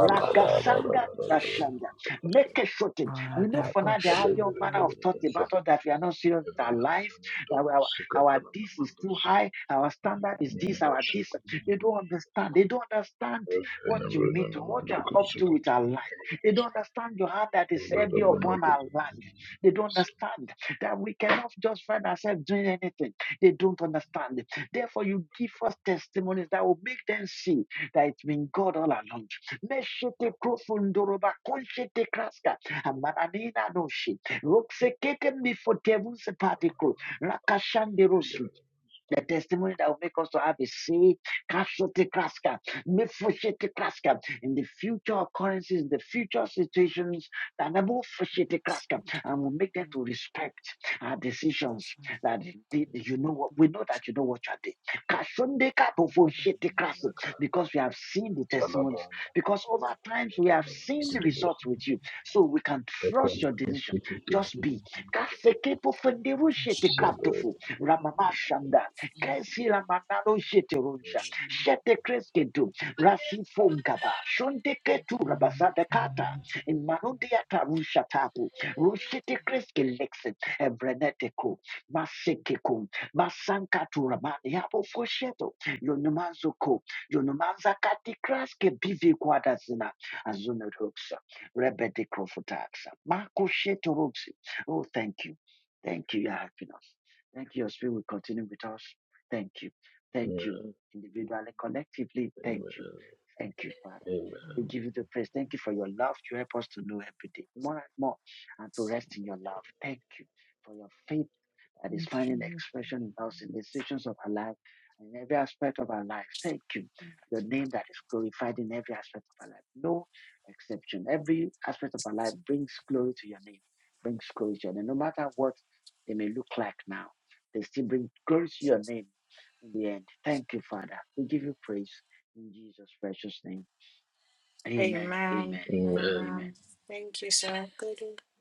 [SPEAKER 1] Ragasanga rashanda. Make a shorten. We know for now they have your manner of thought about us that we are not serious with our life. That our our this is too high, our standard is this, our this. They don't understand. They don't understand what you need to, what you are up to with our life. They don't understand your heart that is heavy upon our life. They don't understand that we cannot just find ourselves doing anything. They don't understand. it. Therefore, you give us testimonies that will make them see that it's been God all along. Meshete profundoroba konshete kraska amananina noshi roksekeke mifotevu sepatikro rakashanderos the testimony that will make us to have a say, casualty crasker, mefushete crasker, in the future occurrences, in the future situations, that mefushete crasker, and will make them to respect our decisions. That they- you know what we know that you know what you are doing. Kashunde kapofushete crasker, Because we have seen the testimonies,
[SPEAKER 3] Salabana,
[SPEAKER 1] because
[SPEAKER 3] Kushaka,
[SPEAKER 1] over times we
[SPEAKER 3] Kushaka,
[SPEAKER 1] have
[SPEAKER 3] Kushaka,
[SPEAKER 1] seen the
[SPEAKER 3] Kushaka,
[SPEAKER 1] results with you, so we can trust
[SPEAKER 3] Amen.
[SPEAKER 1] your decision. Just be. Kasekepofunderushete kraptofu, Ramamashanda. Kresi la manalo shete runja Shete kreske du. Rasi fongaba. Shonde ketu rabazada kata. In manundia tarusha tabu. Rushete kreske lexen. Evreneteko. Masekeko. Masankatu ramani. Yabo fosheto. Yonumanzuko. Yonumanza kati kreske bivi kwadazina. Azunuruksa. Rebede krofutaksa. Mako sheteruksa. Oh, thank you. Thank you, your happiness. Thank you, your spirit will continue with us. Thank you. Thank you. Individually, collectively, thank you. Thank you, Father.
[SPEAKER 3] Amen.
[SPEAKER 1] We give you the praise. Thank you for your love. You help us to know every day more and more and to rest in your love. Thank you for your faith that is finding expression in us in the decisions of our life and in every aspect of our life. Thank you. Your name that is glorified in every aspect of our life. No exception. Every aspect of our life brings glory to your name, brings glory to your name. No matter what they may look like now, they still bring glory to your name in the end. Thank you, Father. We give you praise in Jesus' precious name. Amen, amen, and amen.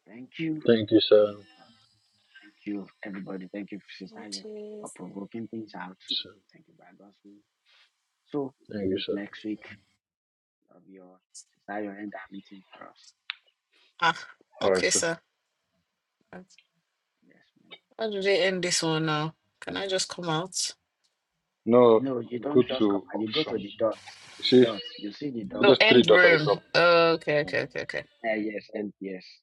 [SPEAKER 1] Thank you.
[SPEAKER 3] Thank you,
[SPEAKER 1] Thank
[SPEAKER 3] sir.
[SPEAKER 1] God. Thank you, everybody. Thank you, Sister Isaac, for
[SPEAKER 2] yes.
[SPEAKER 1] provoking things out.
[SPEAKER 3] Sir,
[SPEAKER 1] Thank you, by God's will. So, we
[SPEAKER 3] Thank you,
[SPEAKER 1] meet
[SPEAKER 3] sir.
[SPEAKER 1] next week. Love you all. Sister Ayo, end our meeting for us.
[SPEAKER 2] Ah,
[SPEAKER 3] All right,
[SPEAKER 2] okay,
[SPEAKER 3] sir.
[SPEAKER 2] sir. How
[SPEAKER 1] Yes, ma'am.
[SPEAKER 2] do they end this one now? Can I just come out?
[SPEAKER 3] No,
[SPEAKER 1] No, you
[SPEAKER 3] you go
[SPEAKER 1] don't just come
[SPEAKER 3] to
[SPEAKER 1] out. You go to
[SPEAKER 3] options.
[SPEAKER 1] the dots.
[SPEAKER 3] You see,
[SPEAKER 1] The
[SPEAKER 3] see
[SPEAKER 1] dots. You see the dots.
[SPEAKER 2] Oh,
[SPEAKER 3] those three
[SPEAKER 2] end
[SPEAKER 3] dots at the
[SPEAKER 2] room.
[SPEAKER 3] top.
[SPEAKER 2] Oh, okay, okay,
[SPEAKER 3] Mm.
[SPEAKER 2] okay, okay.
[SPEAKER 1] Eh, yes, and yes.